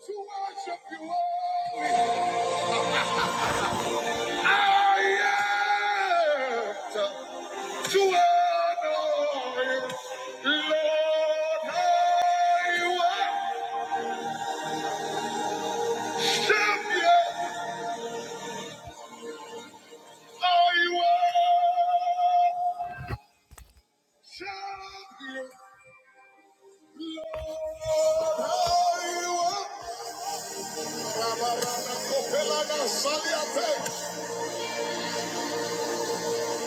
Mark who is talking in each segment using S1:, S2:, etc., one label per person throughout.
S1: To worship you only. I am to honor you. Lord, I worship you. I worship you. Lord, I worship you.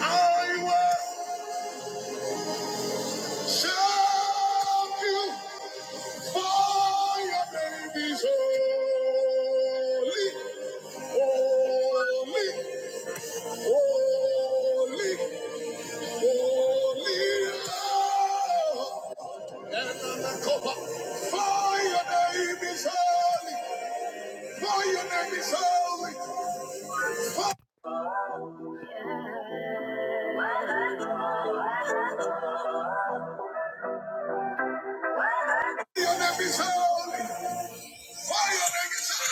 S1: I worship you. For your name is holy, holy, holy, holy. Ananakopa. For your name is holy, for your name is holy. For- Your name is holy, for your name is holy.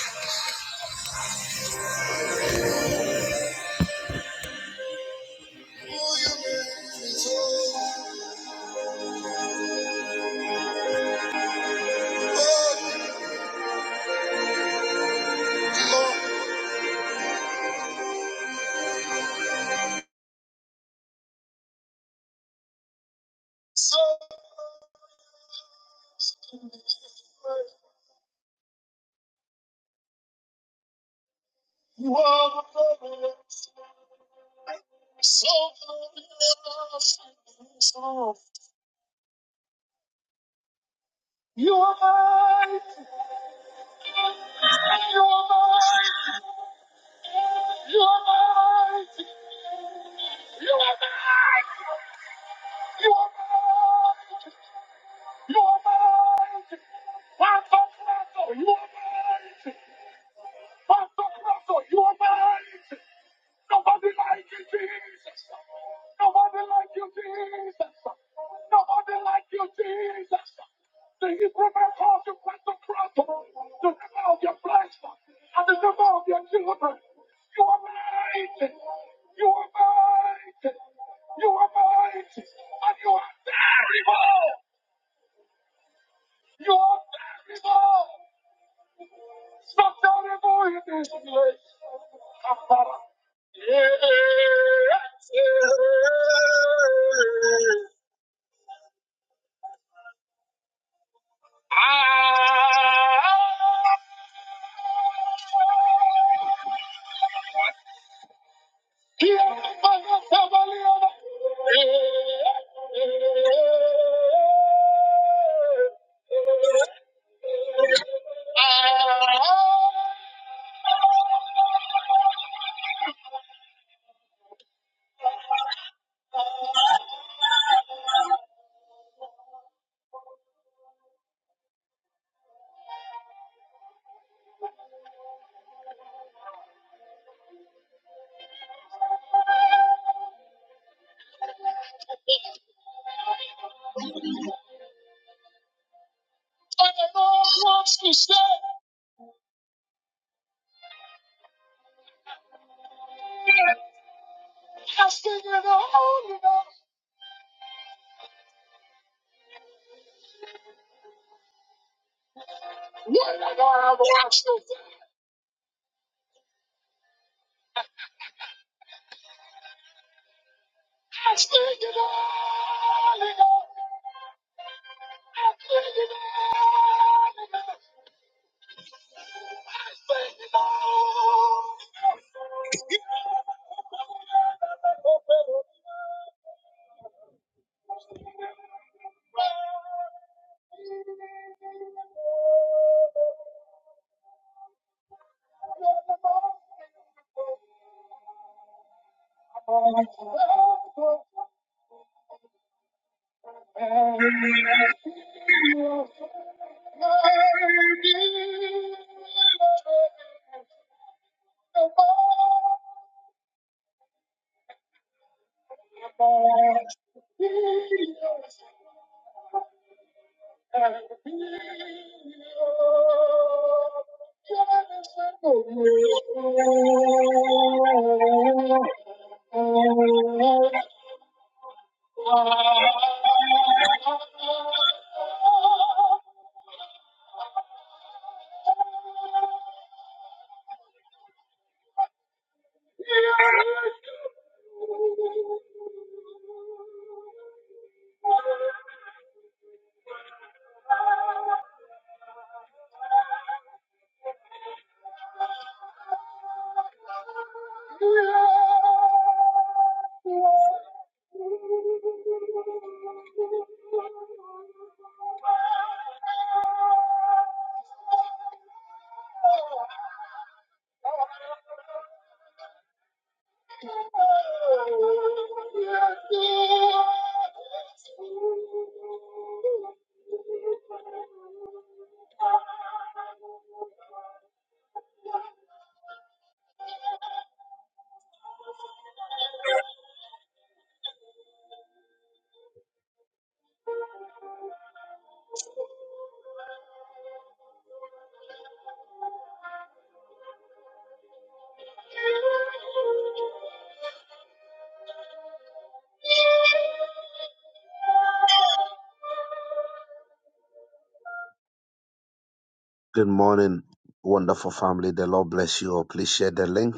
S1: Good morning, wonderful family. The Lord bless you all. Please share the link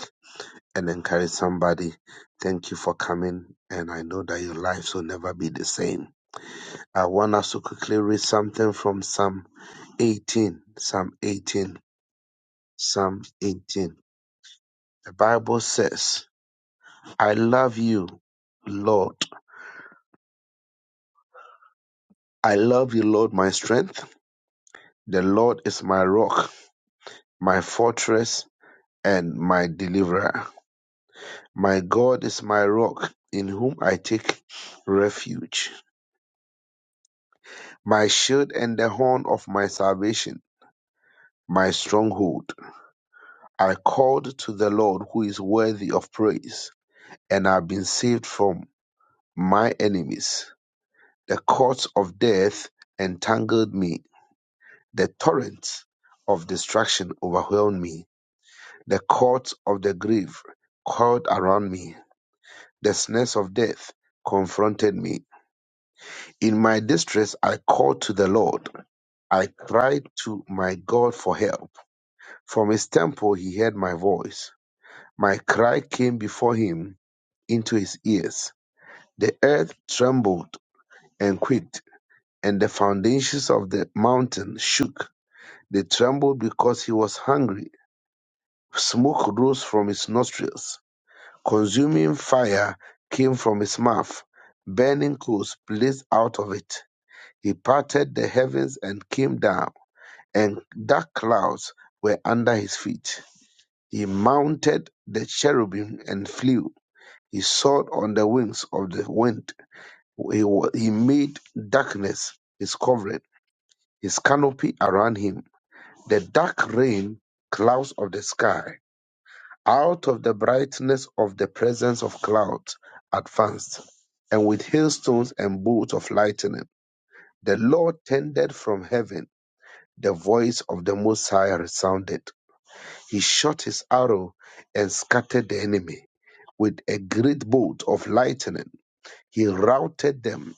S1: and encourage somebody. Thank you for coming, and I know that your lives will never be the same. I want us to quickly read something from Psalm 18. Psalm 18. Psalm 18. The Bible says, I love you, Lord. I love you, Lord, my strength. The Lord is my rock, my fortress and my deliverer. My God is my rock, in whom I take refuge, my shield and the horn of my salvation, my stronghold. I called to the Lord, who is worthy of praise, and I've been saved from my enemies. The cords of death entangled me, the torrents of destruction overwhelmed me, the cords of the grave coiled around me, the snares of death confronted me In my distress, I called to the Lord. I cried to my God for help. From his temple, he heard my voice. My cry came before him into his ears. The earth trembled and quaked, and the foundations of the mountain shook. They trembled because he was hungry. Smoke rose from his nostrils. Consuming fire came from his mouth. Burning coals blazed out of it. He parted the heavens and came down and dark clouds were under his feet. He mounted the cherubim and flew. He soared on the wings of the wind. He, wa- he made darkness his covering, his canopy around him, the dark rain clouds of the sky. Out of the brightness of the presence of clouds advanced, and with hailstones and bolts of lightning, the Lord tended from heaven. The voice of the Most High resounded He shot his arrow and scattered the enemy. With a great bolt of lightning, he routed them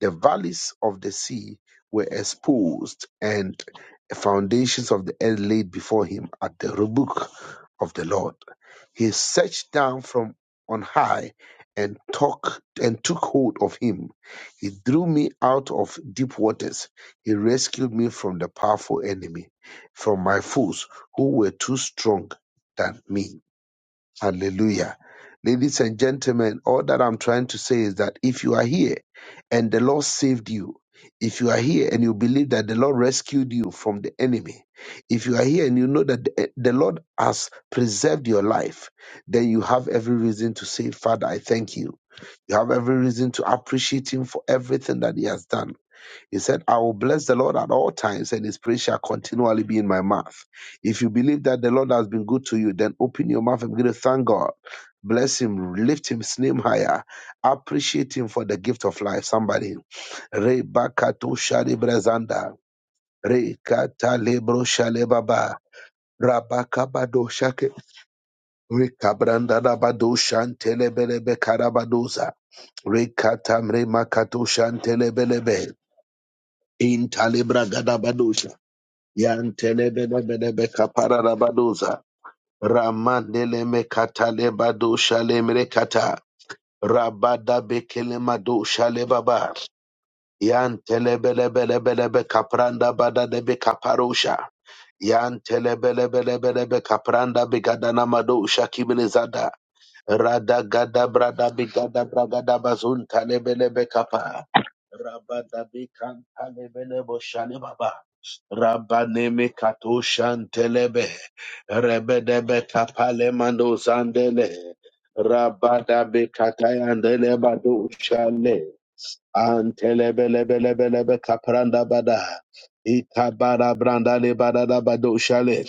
S1: the valleys of the sea were exposed, and the foundations of the earth laid before him at the rebuke of the Lord. He searched down from on high and took and took hold of him. He drew me out of deep waters. He rescued me from the powerful enemy, from my foes who were too strong than me. Hallelujah. Ladies and gentlemen, all that I'm trying to say is that if you are here and the Lord saved you, if you are here and you believe that the Lord rescued you from the enemy, if you are here and you know that the, the Lord has preserved your life, then you have every reason to say, Father, I thank you. You have every reason to appreciate Him for everything that He has done. He said, I will bless the Lord at all times, and his praise shall continually be in my mouth. If you believe that the Lord has been good to you, then open your mouth and begin to thank God. Bless him, lift his name higher, appreciate him for the gift of life. Somebody. Re shale brezanda. Re lebro shale baba. Rabakabado shake. Re rabado shantelebelebe karabadoza. Re makato shantelebelebe. In talebra gadabadosha. Yantelebelebelebe kapararabadoza. Ramandeleme katalebado shalemre kata. Rabada bekelemado shalebaba. Yantelebelebelebelebe kapranda badadebe kaparosha. Yantelebelebelebelebe kapranda begadana madosha kibelezada. Rada gada brada begada bragada bazunta lebelebe kapa. Rabada bekanta lebelebo shalebaba. Rabaneme katoshan telebe. Rebedebe kapale mando zandele. Rabadabe katayandele bado ushale Antelebelebelebelebe kapranda bada. Itabara branda le bada da bado shale.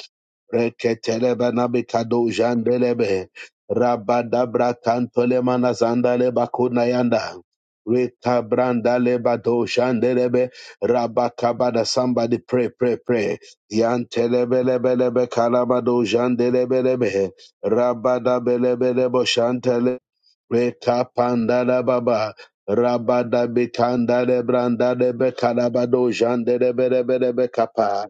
S1: Reketelebe na bikado jandelebe. Rabada brakanto le mana le bakuna yanda. Reka branda le bado jandelebe. Rabakabada somebody pray, pray, pray. Yantelebelebelebe kalabado jandelebelebe. Rabada belebelebo shantele. Reka pandala baba. Rabada bekanda de branda de bekarabado jande de bere bere bekapa.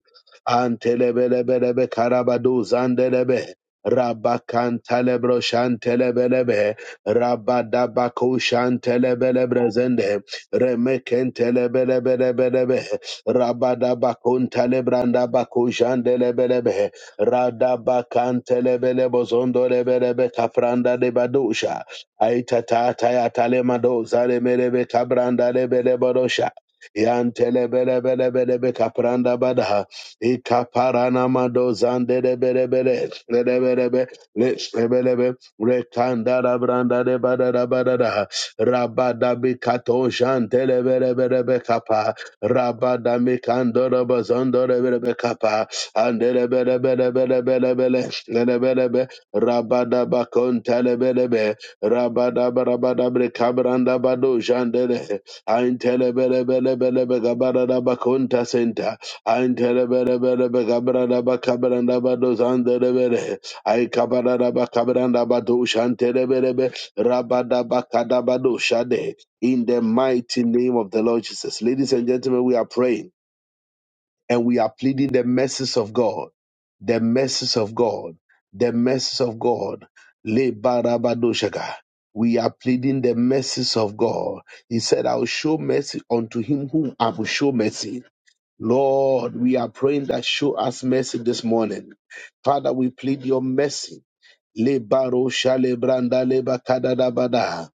S1: Antele bere bere bekarabado zande de be. Rabakanta lebro shantele belebe. Rabada bako shantele belebre zende. Remekentele bele bele bele be. Rabada bakunta lebranda bako jandele belebe. Rada bakantele bele bozondo le bele bekafranda de badusha. Aitata taya tale mado zale merebe kabranda lebe leborosha. Yantele bele bele bele be kapranda badaha. Ikaparana mado zande de bele Lebelebe. Lebelebe. Rekandara branda de badada badadaha. Rabada bi kato jantele bele jantelebelebelebe kapa. Rabada mi kando da bazondo de bele bazondorebe kapa. andele bele Lebelebe. Rabada bakontelebelebe. Rabada barabada brekabranda bado jandele. Antelebelebelebelebegabaradabakunta senta. Antelebelebelebelebegabaradabakabarandabadozandelebele. Aikabaradabakabarandabadoshantelebelebe. Rabadabakadabadoshade. In the mighty name of the Lord Jesus. Ladies and gentlemen, we are praying and we are pleading the mercies of God, the mercies of God, the mercies of God. Le barabadoshaga. We are pleading the mercies of God. He said, I will show mercy unto him whom I will show mercy. Lord, we are praying that show us mercy this morning. Father, we plead your mercy. Le baro shale branda le bakadada bada.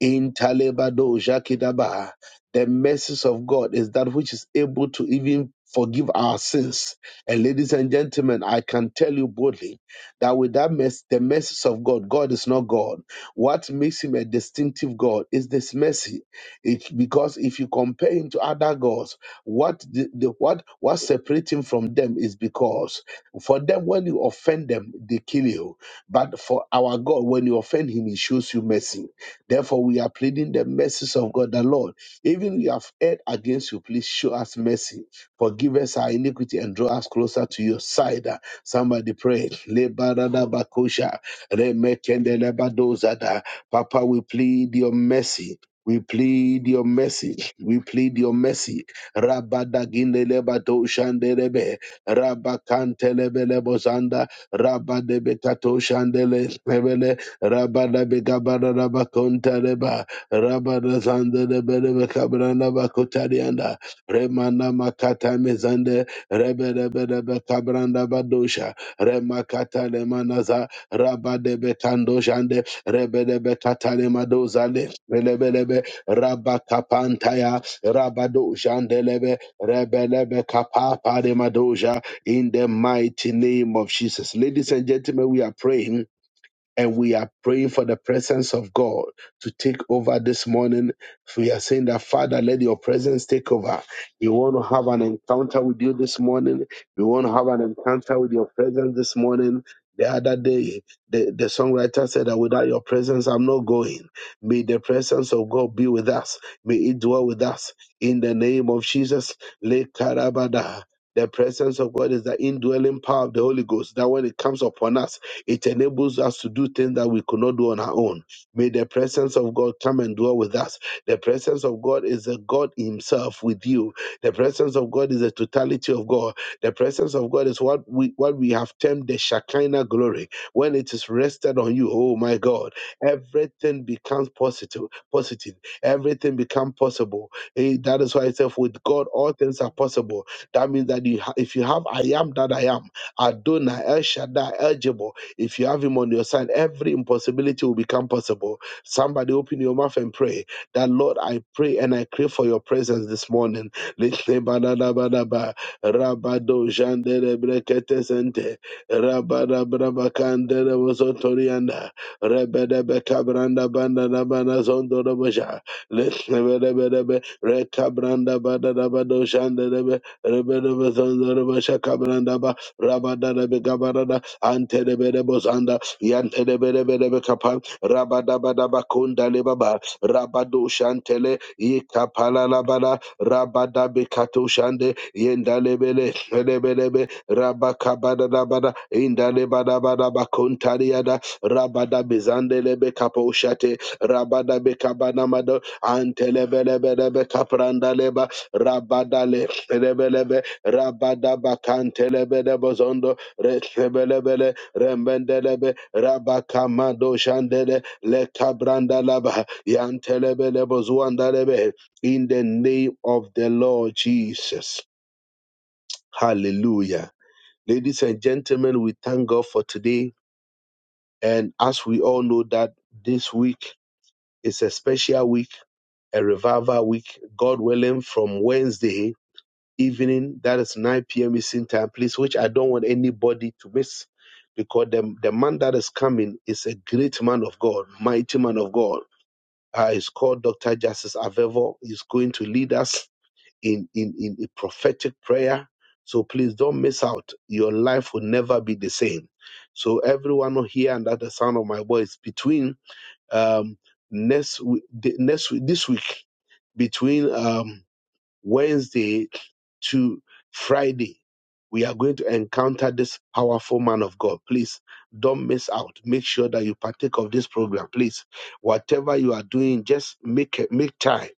S1: In Talebado Jakidaba, the mercies of God is that which is able to even forgive our sins. And ladies and gentlemen, I can tell you boldly that with that mess, the mercies of God, God is not God. What makes him a distinctive God is this mercy. It's because if you compare him to other gods, what the, the what what separates him from them is because for them, when you offend them, they kill you. But for our God, when you offend him, he shows you mercy. Therefore, we are pleading the mercies of God, the Lord. Even we have erred against you, please show us mercy. Forgive us our iniquity and draw us closer to your side. Uh, Somebody pray. Lebaradabakosha, remekendelebadozada. Papa, we plead your mercy. We plead your mercy. We plead your mercy. Rabadaginelebado shandelebe. Rabakantelebelebo zanda. Rabadebekato shandele lebele. Rabadabegabarabakontaleba. Rabadazandelebelebekabrandaleba. Remana Bakotarianda, Remana Makata Mezande, Rebe Rebe Rebe Kabranda Badosha, Remakata Lemanaza, Rabba Debe Kando Jande, Rebe Rebe Katale Madozale, Rebe Rabba Kapantaya, Rabado Jandelebe, Rebe Rebe de Madoja, in the mighty name of Jesus. Ladies and gentlemen, we are praying and we are praying for the presence of God to take over this morning. We are saying that, Father, let your presence take over. We want to have an encounter with you this morning. We want to have an encounter with your presence this morning. The other day, the, the songwriter said that without your presence, I'm not going. May the presence of God be with us. May it dwell with us. In the name of Jesus, Le Karabada. The presence of God is the indwelling power of the Holy Ghost that when it comes upon us, it enables us to do things that we could not do on our own. May the presence of God come and dwell with us. The presence of God is the God Himself with you. The presence of God is the totality of God. The presence of God is what we what we have termed the Shekinah glory. When it is rested on you, oh my God, everything becomes positive, positive. Positive. Everything becomes possible. Eh, That is why it says, with God, all things are possible. That means that you ha- if you have I am that I am, Adonai, El Shaddai, El Jabbar, if you have Him on your side, every impossibility will become possible. Somebody open your mouth and pray that, Lord, I pray and I crave for your presence this morning. Litlebalalabalaba, rabado jandelebrekete sente, rebedebekabrandabandanabanazondoroboja. Lishibidibidibid. Rekabranda badadabado shandadabid. Ribidibizondorobo shakabrandaba. Rabadadabigabarada. Antedibidibozanda. Yantedibidibidibikapan. Rabadabadabakundalibaba. Rabado shantele. Yikapalalabada. Rabadabikato shande. Yendalebele. Shibidibidibid. Rabakabadadabada. Indalebadabadabakuntariada. Rabada bizandelebe kapo shate. Rabada be antelebelebelebe kaprandaleba rabadale rebelebe rabadaba kantelebelebo zondo rebelebele rembendelebe rabakamado shandele lekabrandalaba yantelebelebo zuandalebe in the name of the Lord Jesus. Hallelujah. Ladies and gentlemen, we thank God for today. And as we all know that this week is a special week a revival week, God willing, from Wednesday evening. That is 9 p.m. Eastern time, please, which I don't want anybody to miss because the, the man that is coming is a great man of God, mighty man of God. Uh, he's called Dr. Justice Avevo. He's going to lead us in, in, in a prophetic prayer. So please don't miss out. Your life will never be the same. So everyone here and at the sound of my voice, between um, next week, the- next week, this week between um, Wednesday to Friday, we are going to encounter this powerful man of God. Please don't miss out. Make sure that you partake of this program. Please, whatever you are doing, just make it, make time.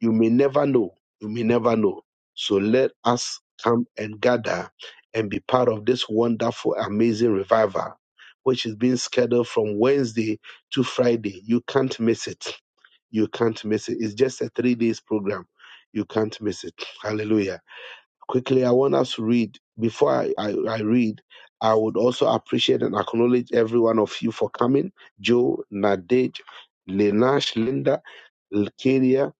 S1: You may never know. You may never know. So let us come and gather and be part of this wonderful, amazing revival, which is being scheduled from Wednesday to Friday. You can't miss it you can't miss it. It's just a three days program. You can't miss it. Hallelujah. Quickly, I want us to read. Before I, I, I read, I would also appreciate and acknowledge every one of you for coming. Joe, Nadej, Lenash, Linda, Lkeria,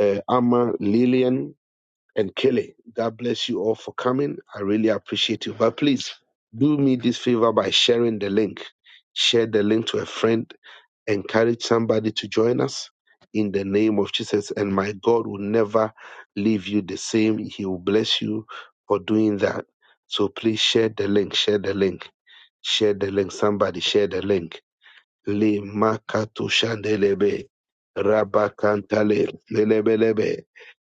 S1: uh, Amma, Lillian, and Kelly. God bless you all for coming. I really appreciate you. But please do me this favor by sharing the link. Share the link to a friend encourage somebody to join us in the name of Jesus. And my God will never leave you the same. He will bless you for doing that. So please share the link, share the link, share the link. Somebody share the link. Le makato shandelebe rabakantale lelebelebe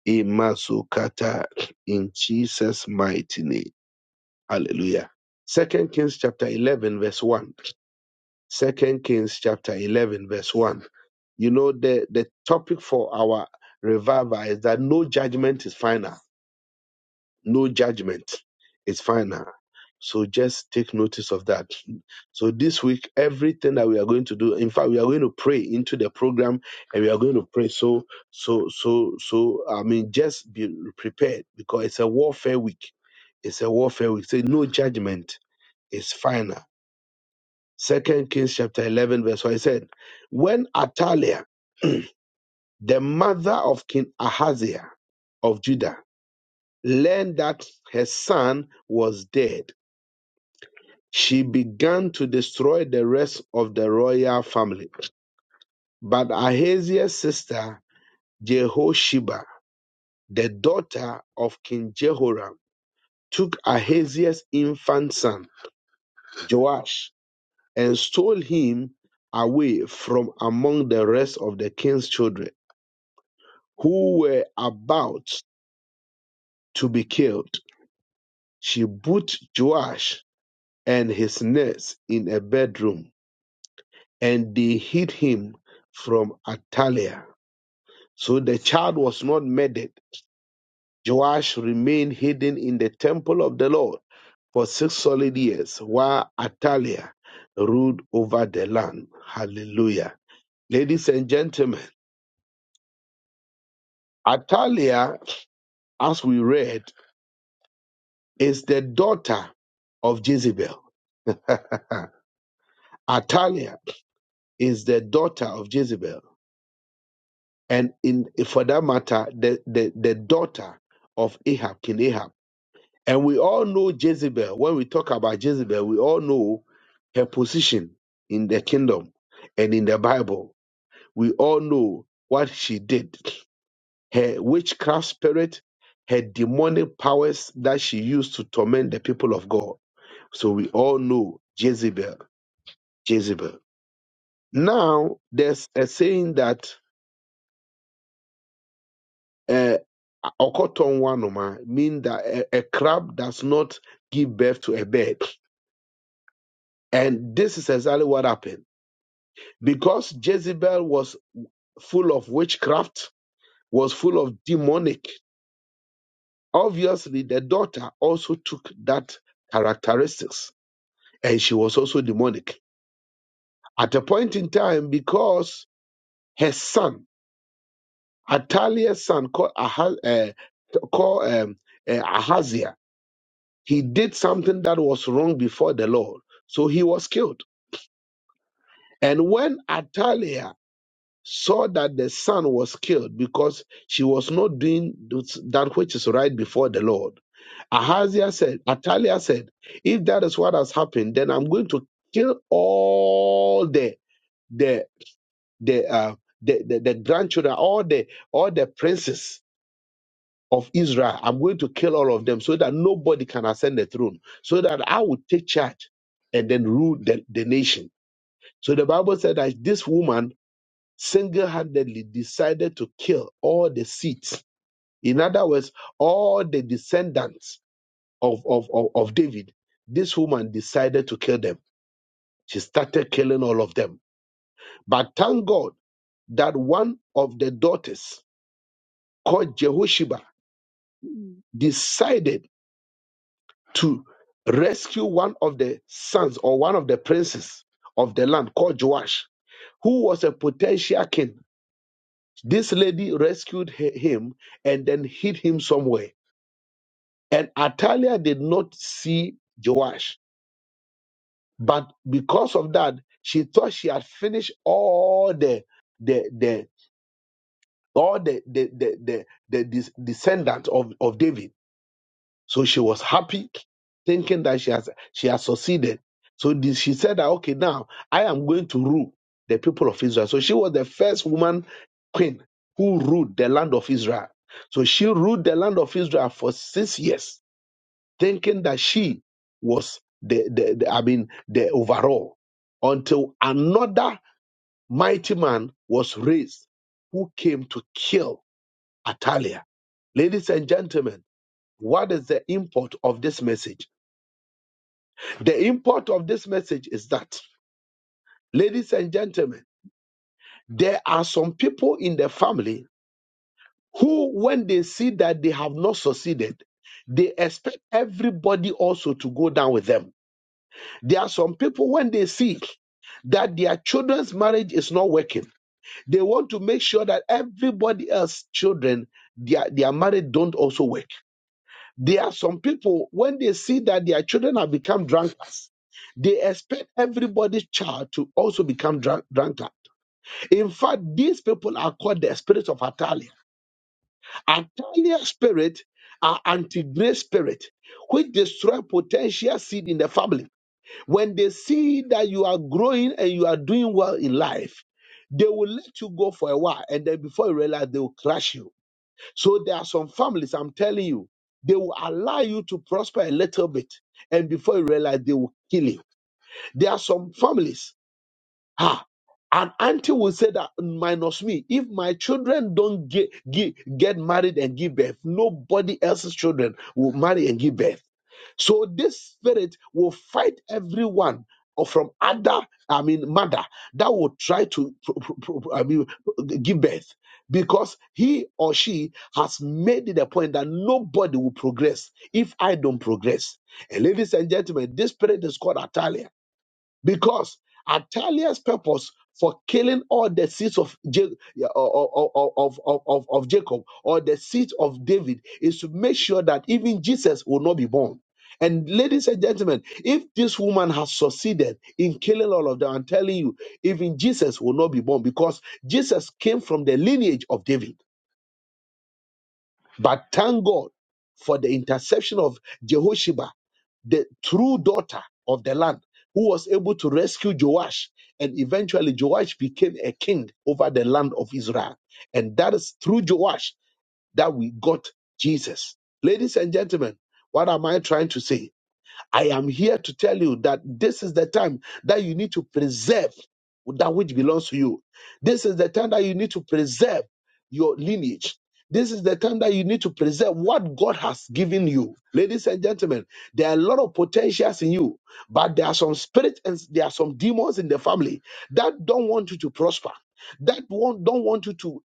S1: imazukata in Jesus' mighty name. Hallelujah. Second Kings chapter 11 verse 1. Second Kings chapter 11 verse 1 you know the the topic for our revival is that no judgment is final no judgment is final so just take notice of that so this week everything that we are going to do in fact we are going to pray into the program and we are going to pray so so so so i mean just be prepared because it's a warfare week it's a warfare week say no judgment is final second kings chapter 11 verse 1 it said when Atalia. The mother of King Ahaziah of Judah learned that her son was dead. She began to destroy the rest of the royal family. But Ahaziah's sister Jehosheba, the daughter of King Jehoram, took Ahaziah's infant son Joash and stole him away from among the rest of the king's children who were about to be killed. She put Joash and his nest in a bedroom, and they hid him from Atalia. So the child was not murdered. Joash remained hidden in the temple of the Lord for six solid years while Atalia ruled over the land. Hallelujah. Ladies and gentlemen, Atalia, as we read, is the daughter of Jezebel. Atalia is the daughter of Jezebel. and in for that matter, the, the, the daughter of Ahab, King Ahab. And we all know Jezebel. When we talk about Jezebel, we all know her position in the kingdom and in the Bible. We all know what she did, her witchcraft spirit, her demonic powers that she used to torment the people of God. So we all know Jezebel, Jezebel. Now, there's a saying that uh, okotonwanoma mean that a, a crab does not give birth to a bird. And this is exactly what happened. Because Jezebel was full of witchcraft, was full of demonic, obviously the daughter also took that characteristics and she was also demonic. At a point in time, because her son, Atalia's son called, Aha, uh, called um, uh, Ahaziah, He did something that was wrong before the Lord, so he was killed. And when Atalia saw that the son was killed because she was not doing that which is right before the Lord, Ahaziah said, Atalia said, if that is what has happened, then I'm going to kill all the the the uh, the, the, the grandchildren, all the all the princes of Israel. I'm going to kill all of them so that nobody can ascend the throne, so that I will take charge and then rule the, the nation. So the Bible said that this woman single handedly decided to kill all the seeds. In other words, all the descendants of, of, of, of David, this woman decided to kill them. She started killing all of them. But thank God that one of the daughters called Jehosheba decided to rescue one of the sons or one of the princes of the land called Joash, who was a potential king. This lady rescued hi- him and then hid him somewhere. And Atalia did not see Joash. But because of that, she thought she had finished all the the the all the the the the, the des- descendants of, of David So she was happy, thinking that she has she has succeeded. So this, she said that okay, now I am going to rule the people of Israel. So she was the first woman queen who ruled the land of Israel. So she ruled the land of Israel for six years, thinking that she was the, the, the I mean the overall, until another mighty man was raised who came to kill Atalia. Ladies and gentlemen, what is the import of this message? The import of this message is that, ladies and gentlemen, there are some people in the family who, when they see that they have not succeeded, they expect everybody also to go down with them. There are some people, when they see that their children's marriage is not working, they want to make sure that everybody else's children, their, their marriage don't also work. There are some people, when they see that their children have become drunkards, they expect everybody's child to also become drunk, drunkard. In fact, these people are called the spirits of Atalia. Atalia spirit are anti-grace spirit, which destroy potential seed in the family. When they see that you are growing and you are doing well in life, they will let you go for a while, and then before you realize, they will crush you. So there are some families, I'm telling you, they will allow you to prosper a little bit. And before you realize, they will kill you. There are some families, Ha! An auntie will say that minus me, if my children don't get, get, get married and give birth, nobody else's children will marry and give birth. So this spirit will fight everyone or from other, I mean, mother that will try to, pro- pro- pro- I mean, give birth because he or she has made it a point that nobody will progress if I don't progress. And ladies and gentlemen, this spirit is called Atalia because Ataliah's purpose for killing all the seeds of, Ja- of, of, of, of of Jacob or the seeds of David is to make sure that even Jesus will not be born. And ladies and gentlemen, if this woman has succeeded in killing all of them, I'm telling you, even Jesus will not be born because Jesus came from the lineage of David. But thank God for the interception of Jehosheba, the true daughter of the land, who was able to rescue Joash. And eventually, Joash became a king over the land of Israel. And that is through Joash that we got Jesus. Ladies and gentlemen, what am I trying to say? I am here to tell you that this is the time that you need to preserve that which belongs to you. This is the time that you need to preserve your lineage. This is the time that you need to preserve what God has given you. Ladies and gentlemen, there are a lot of potentials in you, but there are some spirits and there are some demons in the family that don't want you to prosper, that won't- don't want you to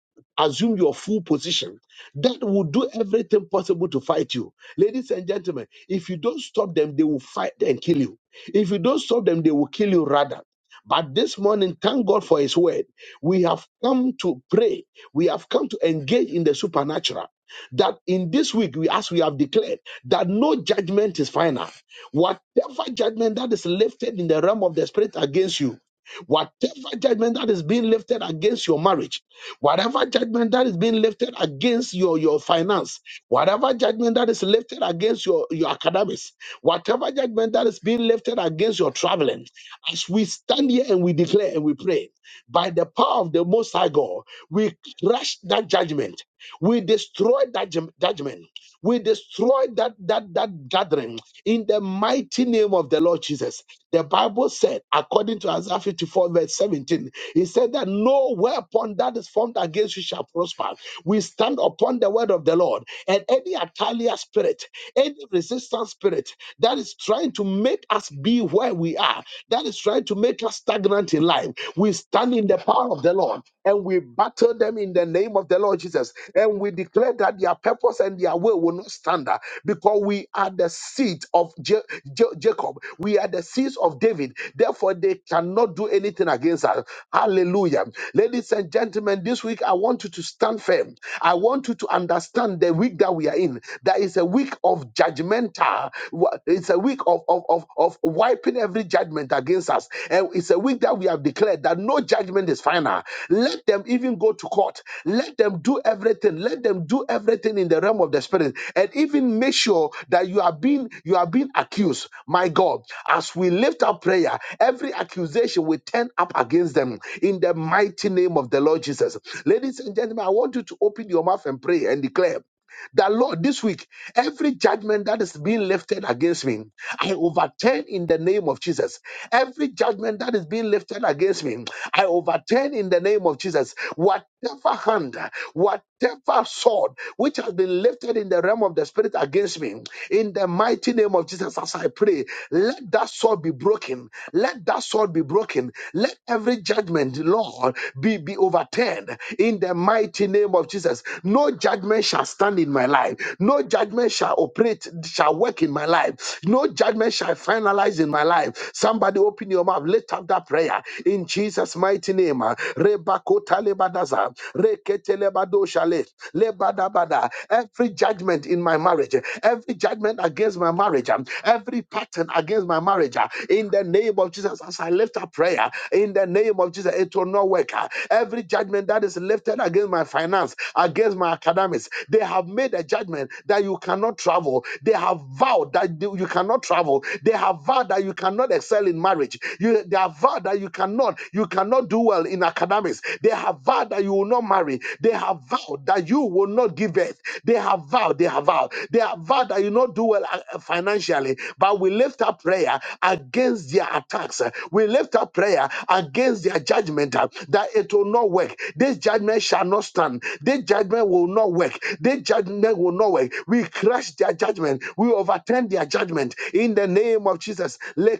S1: assume your full position that will do everything possible to fight you. Ladies and gentlemen, if you don't stop them, they will fight and kill you. If you don't stop them, they will kill you rather. But this morning, thank God for His word. We have come to pray. We have come to engage in the supernatural. That in this week, we, as we have declared, that no judgment is final. Whatever judgment that is lifted in the realm of the spirit against you, Whatever judgment that is being lifted against your marriage, whatever judgment that is being lifted against your, your finance, whatever judgment that is lifted against your, your academics, whatever judgment that is being lifted against your traveling, as we stand here and we declare and we pray, by the power of the Most High God, we crush that judgment. We destroy that judg- judgment. We destroy that, that, that gathering in the mighty name of the Lord Jesus. The Bible said, according to Isaiah 54, verse 17, it said that no weapon that is formed against you shall prosper. We stand upon the word of the Lord, and any Atalia spirit, any resistance spirit that is trying to make us be where we are, that is trying to make us stagnant in life, we stand in the power of the Lord and we battle them in the name of the Lord Jesus. And we declare that their purpose and their will will not stand uh, because we are the seed of Ja- Ja- Jacob. We are the seeds of David. Therefore, they cannot do anything against us. Hallelujah. Ladies and gentlemen, this week I want you to stand firm. I want you to understand the week that we are in. That is a week of judgmental. wa- It's a week of, of, of, of wiping every judgment against us. And it's a week that we have declared that no judgment is final. Let the them even go to court. Let them do everything. Let them do everything in the realm of the spirit, and even make sure that you are being you are being accused. My God, as we lift up prayer, every accusation will turn up against them in the mighty name of the Lord Jesus. Ladies and gentlemen, I want you to open your mouth and pray and declare that Lord, this week, every judgment that is being lifted against me, I overturn in the name of Jesus. Every judgment that is being lifted against me, I overturn in the name of Jesus. Whatever hand, whatever sword which has been lifted in the realm of the spirit against me, in the mighty name of Jesus, as I pray, let that sword be broken. Let that sword be broken. Let every judgment, Lord, be, be overturned in the mighty name of Jesus. No judgment shall shall stand in my life. No judgment shall operate, shall work in my life. No judgment shall finalize in my life. Somebody open your mouth, lift up that prayer in Jesus' mighty name. ah. Rebakota lebadaza, reketelebado shale, lebadabada. Every judgment in my marriage, every judgment against my marriage, ah, every pattern against my marriage, ah, in the name of Jesus, as I lift up prayer, in the name of Jesus, it will not work. ah. Every judgment that is lifted against my finance, against my academics, this. They have made a judgment that you cannot travel. They have vowed that you cannot travel. They have vowed that you cannot excel in marriage. You, they have vowed that you cannot you cannot do well in academics. They have vowed that you will not marry. They have vowed that you will not give birth. They have vowed. They have vowed. They have vowed that you not do well uh, uh, financially. But we lift up prayer against their attacks. uh, We lift up prayer against their judgment uh, that it will not work. This judgment shall not stand. This judgment will not not work. Their judgment will not work. We crush their judgment. We overturn their judgment. In the name of Jesus. Le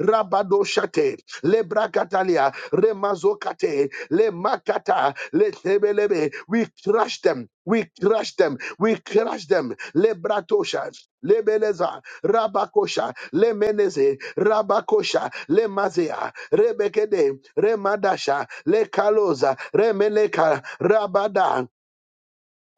S1: rabadoshate, le remazokate, le makata, We crush them. We crush them. We crush them. Le bratosha, rabakosha, le rabakosha, le rebekede, remadasha, le remeneka, rabada,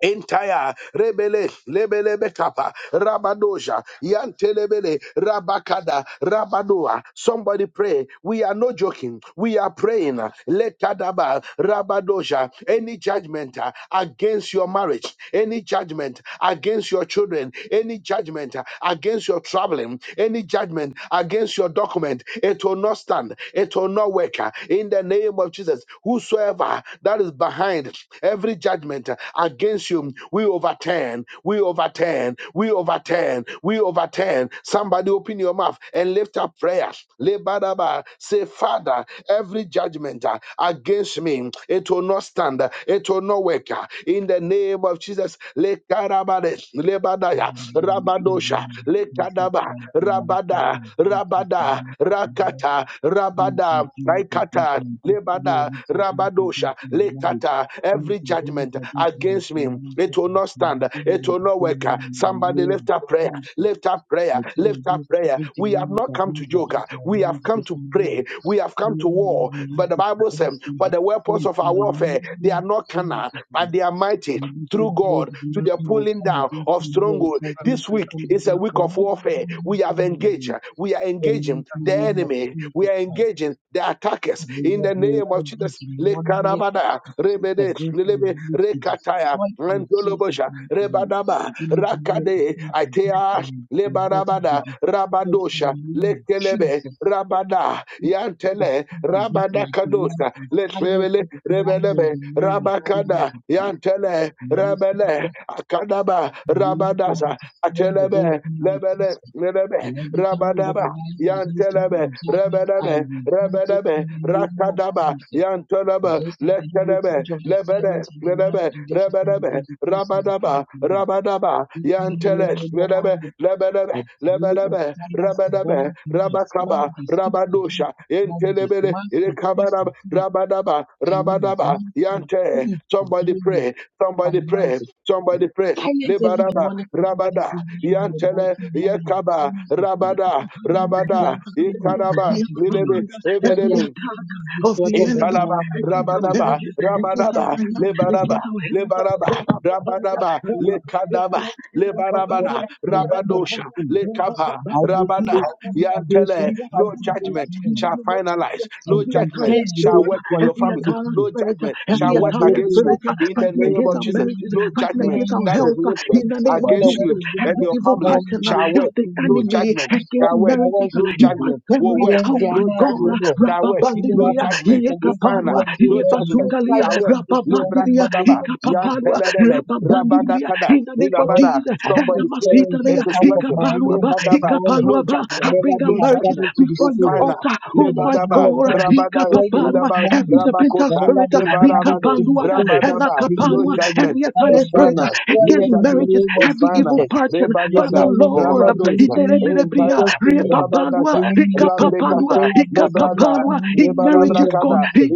S1: entire rebele lebelebe kapa rabadoja yantelebele rabakada rabadoa somebody pray we are not joking we are praying letadaba rabadoja any judgment uh, against your marriage any judgment against your children any judgment uh, against your traveling any judgment against your document it will not stand it will not work uh, in the name of jesus whosoever power that is behind every judgment against you. We overturn, we overturn, we overturn, we overturn. Somebody open your mouth and lift up prayers. Lebadaba. Say, Father, every judgment uh, against me, it will not stand, it will not work. uh, In the name of Jesus, Lekarabade, Lebadaya,
S2: Thank
S1: Rabadosha, Lekadaba, Rabada, Rabada, Rakata, Rabada, Raikata. Lebada, Rabadosha, Lekata, every judgment against me, it will not stand, it will not work. Somebody lift up prayer, lift up prayer, lift up prayer. We have not come to joke, we have come to pray, we have come to war. But the Bible says, For the weapons of our warfare, they are not carnal,
S2: you.
S1: but they are mighty
S2: We do
S1: through
S2: thank you, Lord,
S1: God
S2: that
S1: to the
S2: will
S1: pulling
S2: come
S1: down
S2: against
S1: of
S2: you, Lord.
S1: stronghold.
S2: Nothing
S1: This
S2: will
S1: week
S2: come
S1: is a
S2: against you,
S1: week
S2: Lord.
S1: of warfare. We
S2: Nothing
S1: have engaged.
S2: will
S1: We are
S2: in
S1: engaging
S2: the
S1: the
S2: name of
S1: enemy. We
S2: Jesus
S1: are
S2: Christ.
S1: engaging the attackers
S2: The
S1: in
S2: Lord,
S1: the
S2: may
S1: name of
S2: every
S1: Jesus.
S2: demonic
S1: Lekarabada,
S2: attack
S1: rebede,
S2: against my
S1: lelebe,
S2: village be
S1: rekataya,
S2: destroyed in Jesus'
S1: rentolobosha,
S2: mighty name.
S1: rebadaba,
S2: Any demonic
S1: rakade,
S2: attack against
S1: aitea.
S2: my finances be
S1: Lebarabada,
S2: destroyed in the
S1: Rabadosha,
S2: name of
S1: Lekelebe,
S2: Jesus.
S1: Rabada,
S2: Any
S1: Yantele,
S2: demonic attack against
S1: Rabada
S2: my career
S1: Kadosa,
S2: be silenced
S1: Letrevele,
S2: this morning in
S1: Rebelebe,
S2: the name of
S1: Rabakada,
S2: Jesus
S1: Yantele,
S2: Christ. May
S1: Rebele, Akadaba,
S2: Meaningful
S1: Rabadasa,
S2: discipline against
S1: Atelebe,
S2: enemy
S1: Lebele,
S2: prospect.
S1: Lebele,
S2: And every tongue the
S1: Rabadaba.
S2: rises against them
S1: Yantelebe,
S2: in judgment, I
S1: Rebedebe,
S2: rebuke it in
S1: Rebedebe,
S2: the name of
S1: Rakadaba,
S2: Jesus.
S1: Yantelebe,
S2: This is the
S1: Lekedebe,
S2: heritage of the
S1: Lebede,
S2: servants of the Lord,
S1: Ledebe,
S2: and this is the
S1: Rebedebe,
S2: vindication of the people
S1: Rabadaba,
S2: of God.
S1: Rabadaba,
S2: This name of
S1: Yantele,
S2: the
S1: Ledebe,
S2: Lord,
S1: Lebedebe,
S2: I pray and
S1: Lebedebe,
S2: silence the
S1: Rebedebe,
S2: burning noise. Man,
S1: Rabakaba,
S2: they speak against
S1: Rabadusha,
S2: marriages.
S1: Intelebele,
S2: Man, they speak
S1: Ilkabarab,
S2: against
S1: Rabadaba,
S2: careers,
S1: Rabadaba,
S2: ministry,
S1: Yante,
S2: faith, and
S1: somebody
S2: dealings,
S1: pray, somebody pray,
S2: finances.
S1: somebody
S2: And
S1: pray,
S2: silence every
S1: Lebaraba,
S2: demonic voice this
S1: Rabada,
S2: morning in the
S1: Yantele,
S2: mighty name of
S1: Yekaba,
S2: Jesus. Christ.
S1: Rabada,
S2: Let the
S3: Every
S1: Rabada,
S2: blind spirit in
S1: Ikaraba,
S2: Jesus' name.
S1: Lilebe,
S2: Let their
S1: Lebelebe,
S3: attack
S2: strategies be
S3: of the
S2: thwarted
S1: in
S2: this
S3: enemy
S1: Kalaba,
S2: morning in the
S3: against our
S2: mighty
S1: Rabanaba,
S3: marriages,
S2: name
S3: against our
S2: of
S1: Rabanaba,
S2: Jesus.
S3: finances,
S1: Lebanaba,
S3: against our health.
S1: Lebanaba, Rabanaba,
S2: Let the
S1: Lekadaba, Lebanabana,
S2: voice of the intimacy
S1: Rabadosha,
S2: be.
S1: Lekapa,
S2: I will say
S1: Rabana,
S2: speak to those who
S1: Yantele,
S2: fight
S1: no
S2: against
S1: judgment
S2: me
S1: shall finalize,
S2: and
S1: no
S3: Every
S1: judgment
S3: Italian
S2: contend with
S1: shall
S3: spirit
S2: those who
S1: work in your
S3: every
S2: contend
S1: family.
S2: with
S3: Italian
S2: me.
S1: No
S3: spirit,
S1: judgment
S2: May
S3: every
S1: shall
S2: their
S1: work
S2: road
S3: Italian
S1: against
S2: be
S1: you
S3: spirit
S2: rough
S3: uh,
S2: and
S1: in the
S3: fighting
S1: name
S2: slippery
S3: against
S1: of
S2: in
S3: our
S2: the
S1: Jesus.
S2: name
S3: marriages,
S1: No
S2: of
S3: fighting
S1: judgment
S3: against our
S1: that is
S2: Jesus.
S3: health, uh,
S1: lifted
S3: in the
S2: It's
S3: name of
S2: for the
S1: against
S2: work
S1: you
S3: Jesus,
S2: of their
S1: and
S3: every
S1: your
S2: hands this
S3: evil
S1: family
S2: morning,
S3: pattern uh,
S1: shall
S2: again
S3: of
S2: for
S1: work.
S3: the
S1: No
S2: me.
S3: enemy
S1: judgment
S3: against
S2: Before
S1: shall work.
S2: their
S3: marriages,
S2: works,
S3: uh,
S2: O
S1: No
S3: in
S2: Lord.
S3: my
S1: judgment will
S3: family,
S1: work.
S2: Silence
S3: oh
S2: their
S3: my
S1: No
S2: mouths, O
S3: God,
S1: judgment
S2: Lord.
S1: shall work
S2: Even though
S1: no
S2: I
S3: Rababandilia,
S1: judgment
S2: speak against my
S1: Ifana,
S3: Yekaparua,
S2: mouth, O
S1: no
S2: Lord, may you
S1: judgment.
S3: Yepasutalia,
S2: silence
S1: Shawet,
S2: it this morning
S1: Lebra
S2: in
S3: Rababandilia,
S2: the name
S1: Kadaba,
S2: of
S1: Yan
S3: Ikapaparua,
S2: Jesus.
S1: Pelerele, Rabada
S3: Rababandilia,
S1: Kada,
S3: in the name of
S2: Lord,
S1: Rabada.
S3: Jesus,
S2: I
S3: and
S1: Somebody
S2: set
S1: pray.
S2: fire into
S1: It
S3: Masitalia,
S2: the
S1: is
S2: camp of my
S1: working.
S3: Ikaparua,
S2: enemies this
S1: Rabadaba,
S2: morning.
S1: no
S3: Ikapaluaba. I
S1: judgment,
S2: Wherever
S3: bring our
S2: they
S1: no
S2: have
S3: marriages
S1: judgment.
S2: gathered to
S3: before your
S2: destroy,
S1: Ifana,
S3: altar.
S2: may
S3: Oh
S2: the
S3: my
S1: Lebadaba,
S2: thunder of
S3: God.
S2: God
S1: Rabada,
S2: destroy them
S3: Ikapapanwa.
S2: this
S1: Rabba,
S3: Every
S2: morning.
S3: serpentant
S1: Rabakota,
S2: Wherever
S3: spirit. uh,
S2: they have gathered to
S1: Lebarabade,
S3: Ikapanduada.
S2: destroy,
S3: And
S1: Rabadaba,
S2: may
S1: no
S3: Akapanwa.
S2: the
S1: judgment.
S3: Every
S2: fire
S1: It's
S3: Italian
S2: of God
S3: spirit uh,
S1: final,
S2: destroy
S1: no
S3: against
S2: them in the
S1: judgment.
S3: marriages.
S2: name of
S1: It's
S3: Every evil
S1: final.
S2: Jesus.
S3: pattern.
S2: This
S3: Father
S1: Rebagada,
S2: morning, O
S3: Lord.
S2: Lord,
S3: um,
S2: turn
S1: Rabadosa,
S2: to me and be
S3: Inerebelebria.
S1: Entire,
S2: gracious to me.
S3: Repapanwa.
S2: May
S1: Rabadata,
S2: you listen to my
S3: Ikapapanwa.
S1: Labrekata,
S2: prayer and answer them
S1: Lebrada,
S3: Ikapapanwa.
S2: speedily in
S3: In
S2: the name
S3: marriages,
S2: of
S3: God.
S1: Lebalabrakada,
S2: Jesus.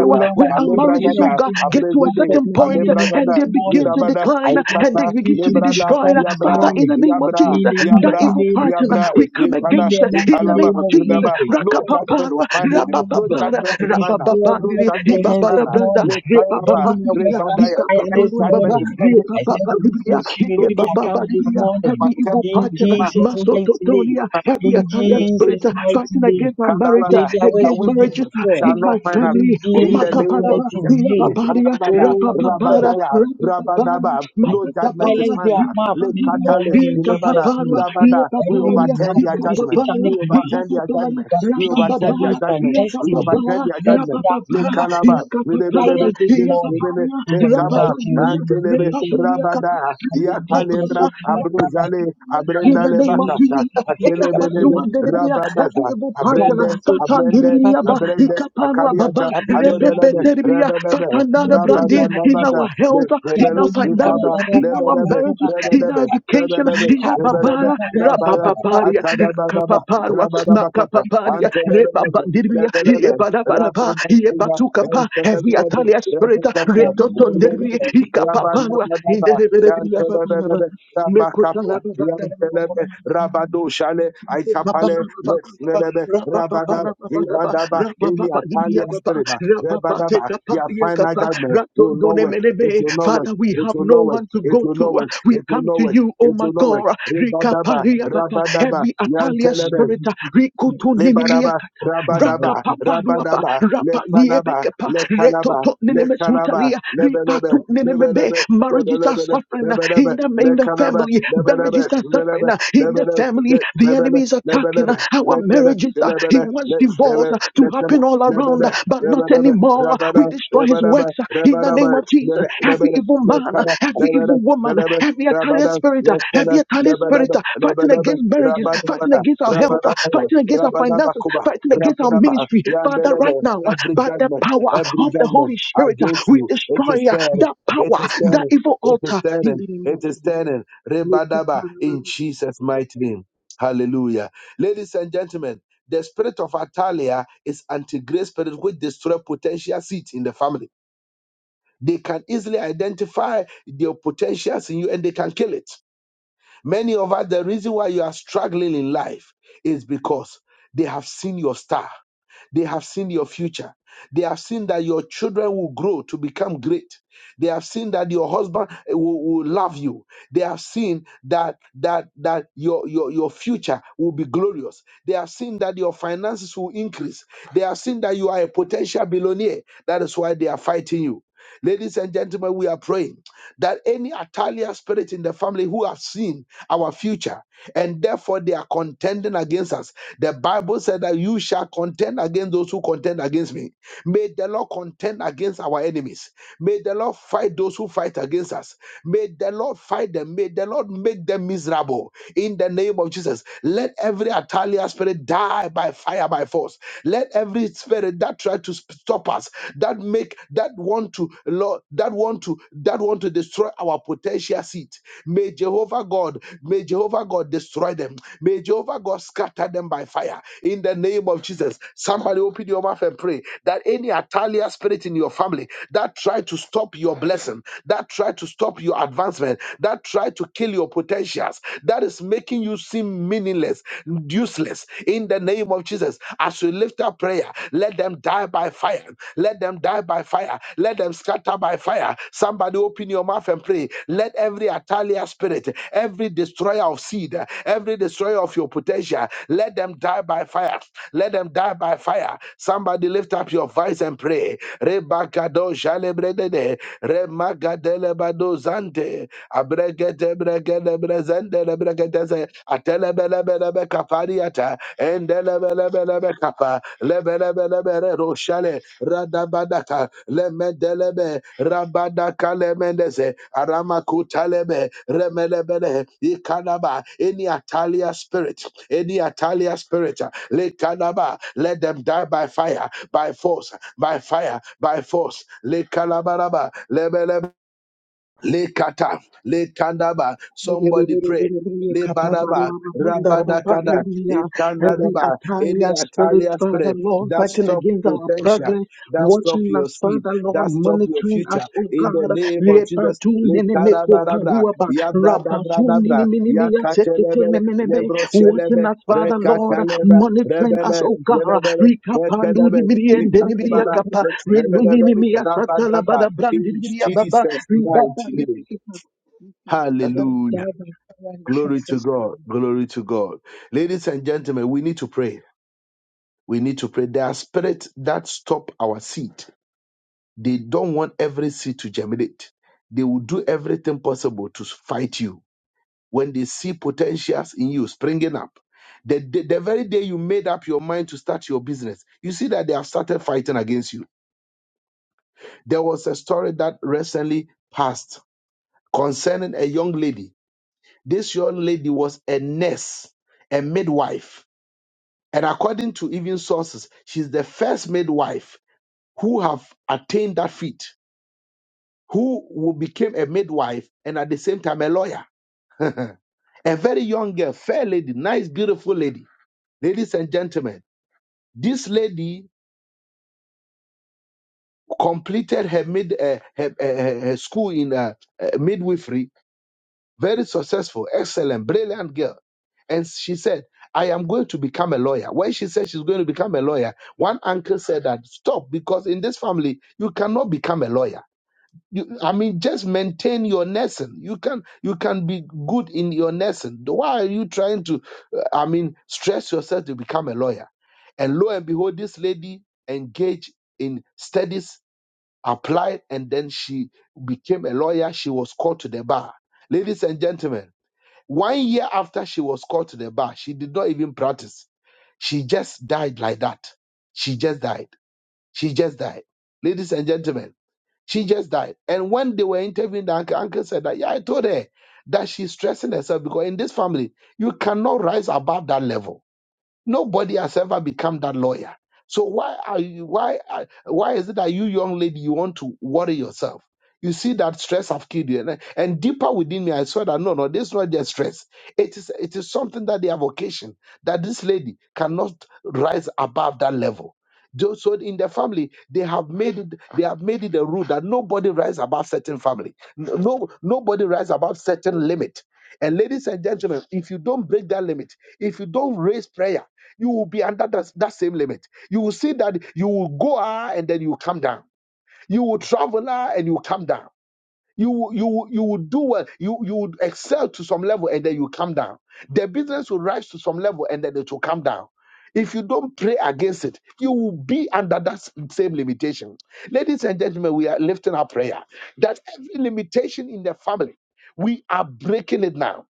S2: O Lord,
S3: Where
S2: I
S3: our
S2: set
S3: marriages,
S2: fire
S3: oh
S1: Alebragada,
S3: God,
S2: into the
S3: get to a
S2: camp of
S1: Abrezede,
S3: certain
S2: my
S3: point
S2: enemies
S3: and
S2: this
S1: Alebragada,
S3: they begin
S2: morning.
S3: to
S1: Yedabada,
S2: I
S3: decline
S2: cast
S3: and they
S1: Yekata,
S3: begin to
S2: confusion
S3: be
S2: in their
S1: Lebrada,
S3: destroyed.
S2: camp this
S1: Yabra,
S3: Father, in
S2: morning.
S3: the name of
S1: Yabra,
S3: Jesus,
S2: In the
S3: that
S1: Yabra,
S2: mighty
S3: evil
S2: name of
S3: partner,
S1: Yabra,
S3: we
S2: Jesus.
S3: come
S2: In
S1: Yekada,
S3: against
S2: the
S3: it in
S2: mighty
S3: the name
S1: Italaba,
S2: name
S3: of
S2: of
S3: Jesus.
S1: Yedaba.
S2: Jesus.
S1: No judgment is
S3: Rakapaparwa,
S1: final.
S2: Lord,
S1: No
S2: God,
S3: rapapapara,
S1: judgment is final.
S2: destroy the
S1: No
S2: work
S3: rapapapandiri,
S2: of
S1: judgment
S2: their
S1: is
S2: hands this
S1: final.
S3: ibabadabranda,
S1: Let
S2: morning. Let
S1: Tayanaba,
S2: your work
S3: repapapandiri,
S2: catch
S1: Rebadaya.
S2: fire
S1: No
S2: this
S3: ikapaparwa
S1: judgment
S3: baba,
S1: is
S2: morning.
S1: final.
S2: I send
S1: No
S3: repapapandiri,
S1: judgment.
S2: confusion
S1: No
S2: into their
S1: judgment. is
S2: camp this
S3: ikepapapandiri.
S2: morning.
S3: Every evil
S2: In
S3: partner,
S1: final.
S2: Jesus' mighty name.
S3: masototonia,
S1: No
S3: every
S2: In
S1: judgment
S3: Italian
S1: is
S3: spirit
S2: Jesus'
S1: final.
S2: mighty
S3: fighting
S2: name.
S3: against my marriage,
S2: May
S1: Kadalada,
S2: their
S1: Your
S2: works
S3: against
S2: be
S3: marriages
S1: wickedness
S3: uh,
S1: shall
S2: destroyed.
S3: in
S1: not
S3: my
S1: find us.
S2: In
S3: family. Oh,
S1: In the
S2: Jesus'
S1: name of
S3: Makabaraba,
S2: mighty
S1: Jesus.
S2: name.
S3: Rababaria,
S1: Ikadabada,
S2: Oh God.
S3: Rabababara,
S1: Rabadaya,
S3: Rabababaria,
S1: Rabadaba.
S2: I
S1: No judgment is
S3: Makatabara,
S2: silence their
S1: final.
S2: mouths this
S3: Rababaria,
S1: Lekatale,
S2: morning in
S1: Ilebada,
S2: Jesus' name.
S3: Ikapapara,
S1: Rabada. We
S2: Every
S3: Ikapabaria,
S1: overturn
S2: mouth,
S1: their
S2: every
S1: judgment.
S3: Ikapapara,
S1: We
S2: satanic mouth
S1: overturn their
S3: Ikapapara,
S1: judgment.
S2: that
S1: We
S2: speaks
S1: overturn their
S3: Rabababa,
S2: against my
S1: judgment. We
S2: destiny,
S1: overturn
S3: Rabababa,
S1: their
S2: let
S1: judgment.
S2: that
S3: Rabababa,
S2: mouth
S1: Lekalaba,
S2: be
S3: Ikapapara,
S1: Lebedebe,
S2: silenced this morning
S1: Lebedebe,
S3: Ikapabaria,
S2: in the
S1: Lekaba,
S2: mighty
S3: Rababaria,
S2: name of
S1: Antulebe,
S2: Jesus.
S3: Rababaria,
S1: Rabada,
S2: I will be
S1: Yakalebra,
S2: careful
S3: Ikapapara,
S2: with my father.
S1: Abruzale,
S2: I can't
S3: in
S2: do
S1: Abrenda
S3: the name
S2: things
S3: of
S2: like this.
S1: Lebakata,
S3: Jesus.
S2: I can't make a man
S1: Atelebelebe,
S2: of my
S3: Ekapasuandelebia,
S2: father. I
S1: Rabada,
S3: Every evil
S2: can't
S3: partner,
S2: do
S1: Abrende,
S2: things like
S1: Abrende,
S2: that. I
S3: Satandelebia,
S1: Abrende,
S2: can't
S3: Ikapanwababa,
S1: Akaliata,
S2: do things like that.
S1: Alebelebe,
S3: Repepetelebia,
S1: Rebelebe,
S3: Satanada
S2: In the
S3: Brandi,
S2: name of
S3: in
S2: Jesus.
S3: our
S1: Rabaganabada,
S3: health, in
S1: Lebele,
S3: our finances,
S1: Ikaba,
S3: in our
S1: Lebelebe,
S3: marriages, in our
S1: Rebelebe,
S3: education,
S1: Rebelebe, Rebelebe,
S3: Iababara,
S1: Rabala,
S3: Rabababaria,
S1: Akadababa,
S3: Kapaparwa,
S1: Rabadabakata,
S3: Makapaparia,
S1: Antelebelebe,
S3: Rebabandelebia,
S1: Lebelebe,
S3: Iebarabaraba,
S1: Rababasina,
S3: Iebatukapa, every
S1: Entelebelebe,
S3: Italian spirit,
S1: Rebekata,
S3: Retotondelebia,
S1: Lebelebe,
S3: Ikapaparwa, in the
S1: Rabanabadaba,
S3: Rebelebia,
S1: Yantelebelebe, Rabakapa,
S3: Mekotala,
S1: Yantelebe, Rabado Shale,
S2: Amen.
S3: Father,
S1: Aikapale, Lexlebe, Rabana, Ibadaba, any Atalia spirit, ma, Rabadaba, their final judgment will not work. It will not work.
S3: we
S1: It
S3: have
S1: will
S3: no
S1: not work.
S3: one to
S1: It
S3: go
S1: will not
S3: to.
S1: work.
S3: We
S1: It will
S3: come
S1: not
S3: to
S1: work.
S3: you, O
S1: It
S3: my
S1: will not work.
S3: God.
S1: Rabadaba,
S3: Rikaparia Baba,
S1: Rabadaba,
S3: every Atalia
S1: Yantelebe,
S3: spirit, Rikutu
S1: Lebaraba, Rabadaba,
S3: rakapaparuapa
S1: Rabadaba, Lekanaba,
S3: rapaniebekapa
S1: Lekanaba,
S3: retoto
S1: Lekanaba,
S3: nenemesutalia
S1: Lebelebe,
S3: ripatu nenemebe
S1: Lebelebe,
S3: marriages are
S1: Lebelebe,
S3: suffering uh,
S1: Lebelebe,
S3: in the in the
S1: Lekanaba,
S3: family
S1: Lebelebe,
S3: marriages are
S1: Lebelebe,
S3: suffering uh, in the
S1: Lebelebe,
S3: family the
S1: Lebelebe,
S3: enemy is attacking uh,
S1: Lebelebe,
S3: our
S1: Lekana,
S3: marriages uh, he
S1: Lebele,
S3: wants
S1: Lekshebe,
S3: divorce uh, to
S1: Lekana,
S3: happen all around
S1: Lebele,
S3: uh, but not
S1: Lebelebe,
S3: anymore
S1: Rabada,
S3: we destroy his
S1: Lebaraba,
S3: works uh, in the
S1: Rabaraba,
S3: name of Jesus
S1: Lele,
S3: every
S1: Lebele,
S3: evil man uh,
S1: Lekana,
S3: every
S1: Lebele,
S3: evil woman,
S1: Lebele,
S3: every Italian
S1: Rabada,
S3: spirit, uh, every
S1: Lekana,
S3: Italian spirit
S1: Lebelebe,
S3: uh, fighting
S1: Lebelebe,
S3: against marriages, fighting
S1: Rabadabada,
S3: against our health, uh,
S1: Rabadabada,
S3: fighting against our finances,
S1: Rabadabakuba,
S3: fighting against our
S1: Rabadaba,
S3: ministry. Father, right
S1: Yandelebe,
S3: now, uh,
S1: every
S3: by the
S1: judgment,
S3: power
S1: every
S3: of the
S1: judgment
S3: Holy Spirit, uh,
S1: against
S3: we
S1: you, it is
S3: destroy uh,
S1: standing,
S3: that
S1: it
S3: power,
S1: is
S3: that
S1: standing,
S3: evil
S1: it is
S3: altar in
S1: standing,
S3: the name
S1: it
S3: of
S1: is
S3: Jesus.
S1: standing, Rebadaba, in Jesus' mighty name. Hallelujah. Ladies and gentlemen, the spirit of Atalia is anti-grace spirit which destroy potential seeds in the family. They can easily identify their potentials in you and they can kill it. Many of us, the reason why you are struggling in life is because they have seen your star. They have seen your future. They have seen that your children will grow to become great. They have seen that your husband eh, will, will love you. They have seen that that that your, your your future will be glorious. They have seen that your finances will increase. They have seen that you are a potential billionaire. That is why they are fighting you. Ladies and gentlemen, we are praying that any Atalia spirit in the family who have seen our future and therefore they are contending against us. The Bible said that you shall contend against those who contend against me. May the Lord contend against our enemies. May the Lord fight those who fight against us. May the Lord fight them. May the Lord make them miserable in the name of Jesus. Let every Atalia spirit die by fire, by force. Let every spirit that tried to sp- stop us us that make that want to lord that want to that want to destroy our potential seed may jehovah god may jehovah god destroy them may jehovah god scatter them by fire in the name of jesus somebody open your mouth and pray that any atalia spirit in your family that try to stop your blessing that try to stop your advancement that try to kill your potentials that is making you seem meaningless useless in the name name of Jesus, as we lift up prayer, let them die by fire. Let them die by fire. Let them scatter by fire. Somebody open your mouth and pray. Let every Atalia spirit, every destroyer of seed, every destroyer of your potential, let them die by fire. Let them die by fire. Somebody lift up your voice and pray. Rebakado jalebredede, remagadele badozante, abregede Yendelebreketeze, Atelebelebelebe kapariata, Endelebelebelebe kapa, Lebelebelebere roshale, Radabadaka, Lemendelebe, Rabadaka lemendeze, Aramakutalebe, Remelebele, Ikanaba, any Italia spirit, any Italia spirit, Lekanaba, let them die by fire, by force, by fire, by force, Lekalabaraba, Lebelebe. Lekata, lekandaba.
S3: Every Atalia
S1: Somebody pray. Le baraba, rabada Lebanaba, rabadakada, ikandadaba. Any
S3: spirit,
S1: Italian
S3: Father
S1: spirit
S3: Lord,
S1: that
S3: fighting
S1: stop
S3: against our
S1: potential,
S3: progress,
S1: that stop
S3: watching
S1: your
S3: us,
S1: seed,
S3: Father Lord,
S1: that stop your
S3: monitoring
S1: future.
S3: us, oh
S1: In
S3: God.
S1: the name of Jesus,
S3: Repatunenemeko
S1: lekadabarabra,
S3: paruaba,
S1: yabradabradabra,
S3: rapatunenemenemea
S1: yakatelebe,
S3: teketenemenebe, Watching
S1: lebrochelebe,
S3: us, Father Lord,
S1: rekatalebe,
S3: monitoring us,
S1: rebele,
S3: oh God.
S1: lelebele, rekedebe, ikadabara,
S3: Rikapandunemiriendenemiriakapa,
S1: rebelebe,
S3: renuninemea
S1: rabadaba.
S3: satalabada
S1: In
S3: brandiriababa,
S1: Jesus' mighty name.
S3: ribabandirikipa. Let them
S1: Hallelujah.
S3: die by fire in
S1: Glory to
S3: Jesus' name.
S1: God. Glory to God. Ladies and gentlemen, we need to pray. We need to pray. There are spirits that stop our seed. They don't want every seed to germinate. They will do everything possible to fight you. When they see potentials in you springing up, the, the, the very day you made up your mind to start your business, you see that they have started fighting against you. There was a story that recently passed concerning a young lady This young lady was a nurse, a midwife. And according to even sources, she's the first midwife who have attained that feat, who who became a midwife and at the same time a lawyer. A very young girl, fair lady, nice, beautiful lady. Ladies and gentlemen, this lady completed her mid uh, her, her, her- her school in uh, uh, midwifery very successful, excellent, brilliant girl. And she said, I am going to become a lawyer. When she said she's going to become a lawyer, one uncle said that stop because in this family you cannot become a lawyer. You, I mean, just maintain your nursing. You can you can be good in your nursing. Why are you trying to, uh, I mean, stress yourself to become a lawyer? And lo and behold, this lady engaged in studies, applied, and then she became a lawyer. She was called to the bar. Ladies and gentlemen. One year after she was called to the bar, she did not even practice. She just died like that. She just died. She just died. Ladies and gentlemen, she just died. And when they were interviewing the uncle, uncle said that, yeah, I told her that she's stressing herself because in this family, you cannot rise above that level Nobody has ever become that lawyer. So why are you why are- why is it that you young lady you want to worry yourself? You see that stress have killed you, and, and deeper within me, I swear that no, no, this is not their stress. It is it is something that they have occasioned that this lady cannot rise above that level. Tho- So in the family, they have made it, they have made it a rule that nobody rise above certain family. No, no- nobody rise above certain limit. And ladies and gentlemen, if you don't break that limit, if you don't raise prayer, you will be under that, that same limit. You will see that you will go high and then you come down. You will travel high and you come down you will- you will- you would do well you you would excel to some level and then you come down the business will rise to some level and then it will come down if you don't pray against it you will be under that same limitation ladies and gentlemen we are lifting our prayer that every limitation in the family we are breaking it now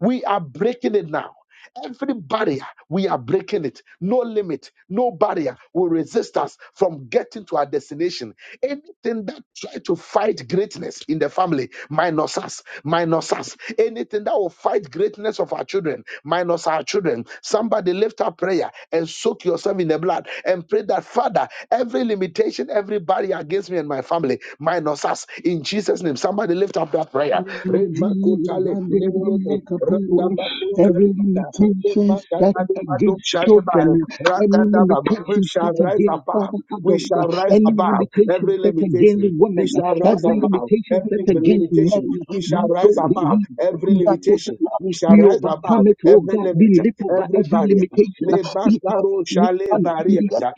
S1: we are breaking it now Every barrier, we are breaking it. No limit, no barrier will resist us from getting to our destination. Anything that try to fight greatness in the family, minus us, minus us. Anything that will fight greatness of our children, minus our children. Somebody lift up prayer and soak yourself in the blood and pray that, Father, every limitation, every barrier against me and my family, minus us. In Jesus' name, somebody lift up that prayer.
S3: Of Jesus, and they bring like a power. Every
S1: We
S3: limitation
S1: shall
S3: set
S1: rise
S3: against children, any limitation set against
S1: above.
S3: father
S1: We
S3: adults,
S1: shall rise
S3: any
S1: above
S3: limitation
S1: every
S3: set against
S1: limitation. We
S3: women,
S1: shall rise
S3: every
S1: above
S3: limitation set
S1: every
S3: against men,
S1: limitation. We shall
S3: we
S1: rise
S3: don't
S1: above
S3: believe.
S1: every
S3: We are total
S1: limitation.
S3: love.
S1: We shall
S3: We
S1: rise above
S3: overcome it, oh
S1: every
S3: God.
S1: limit,
S3: We leap over
S1: every
S3: every
S1: barrier.
S3: limitation. We
S1: Lebakaro shale bariata.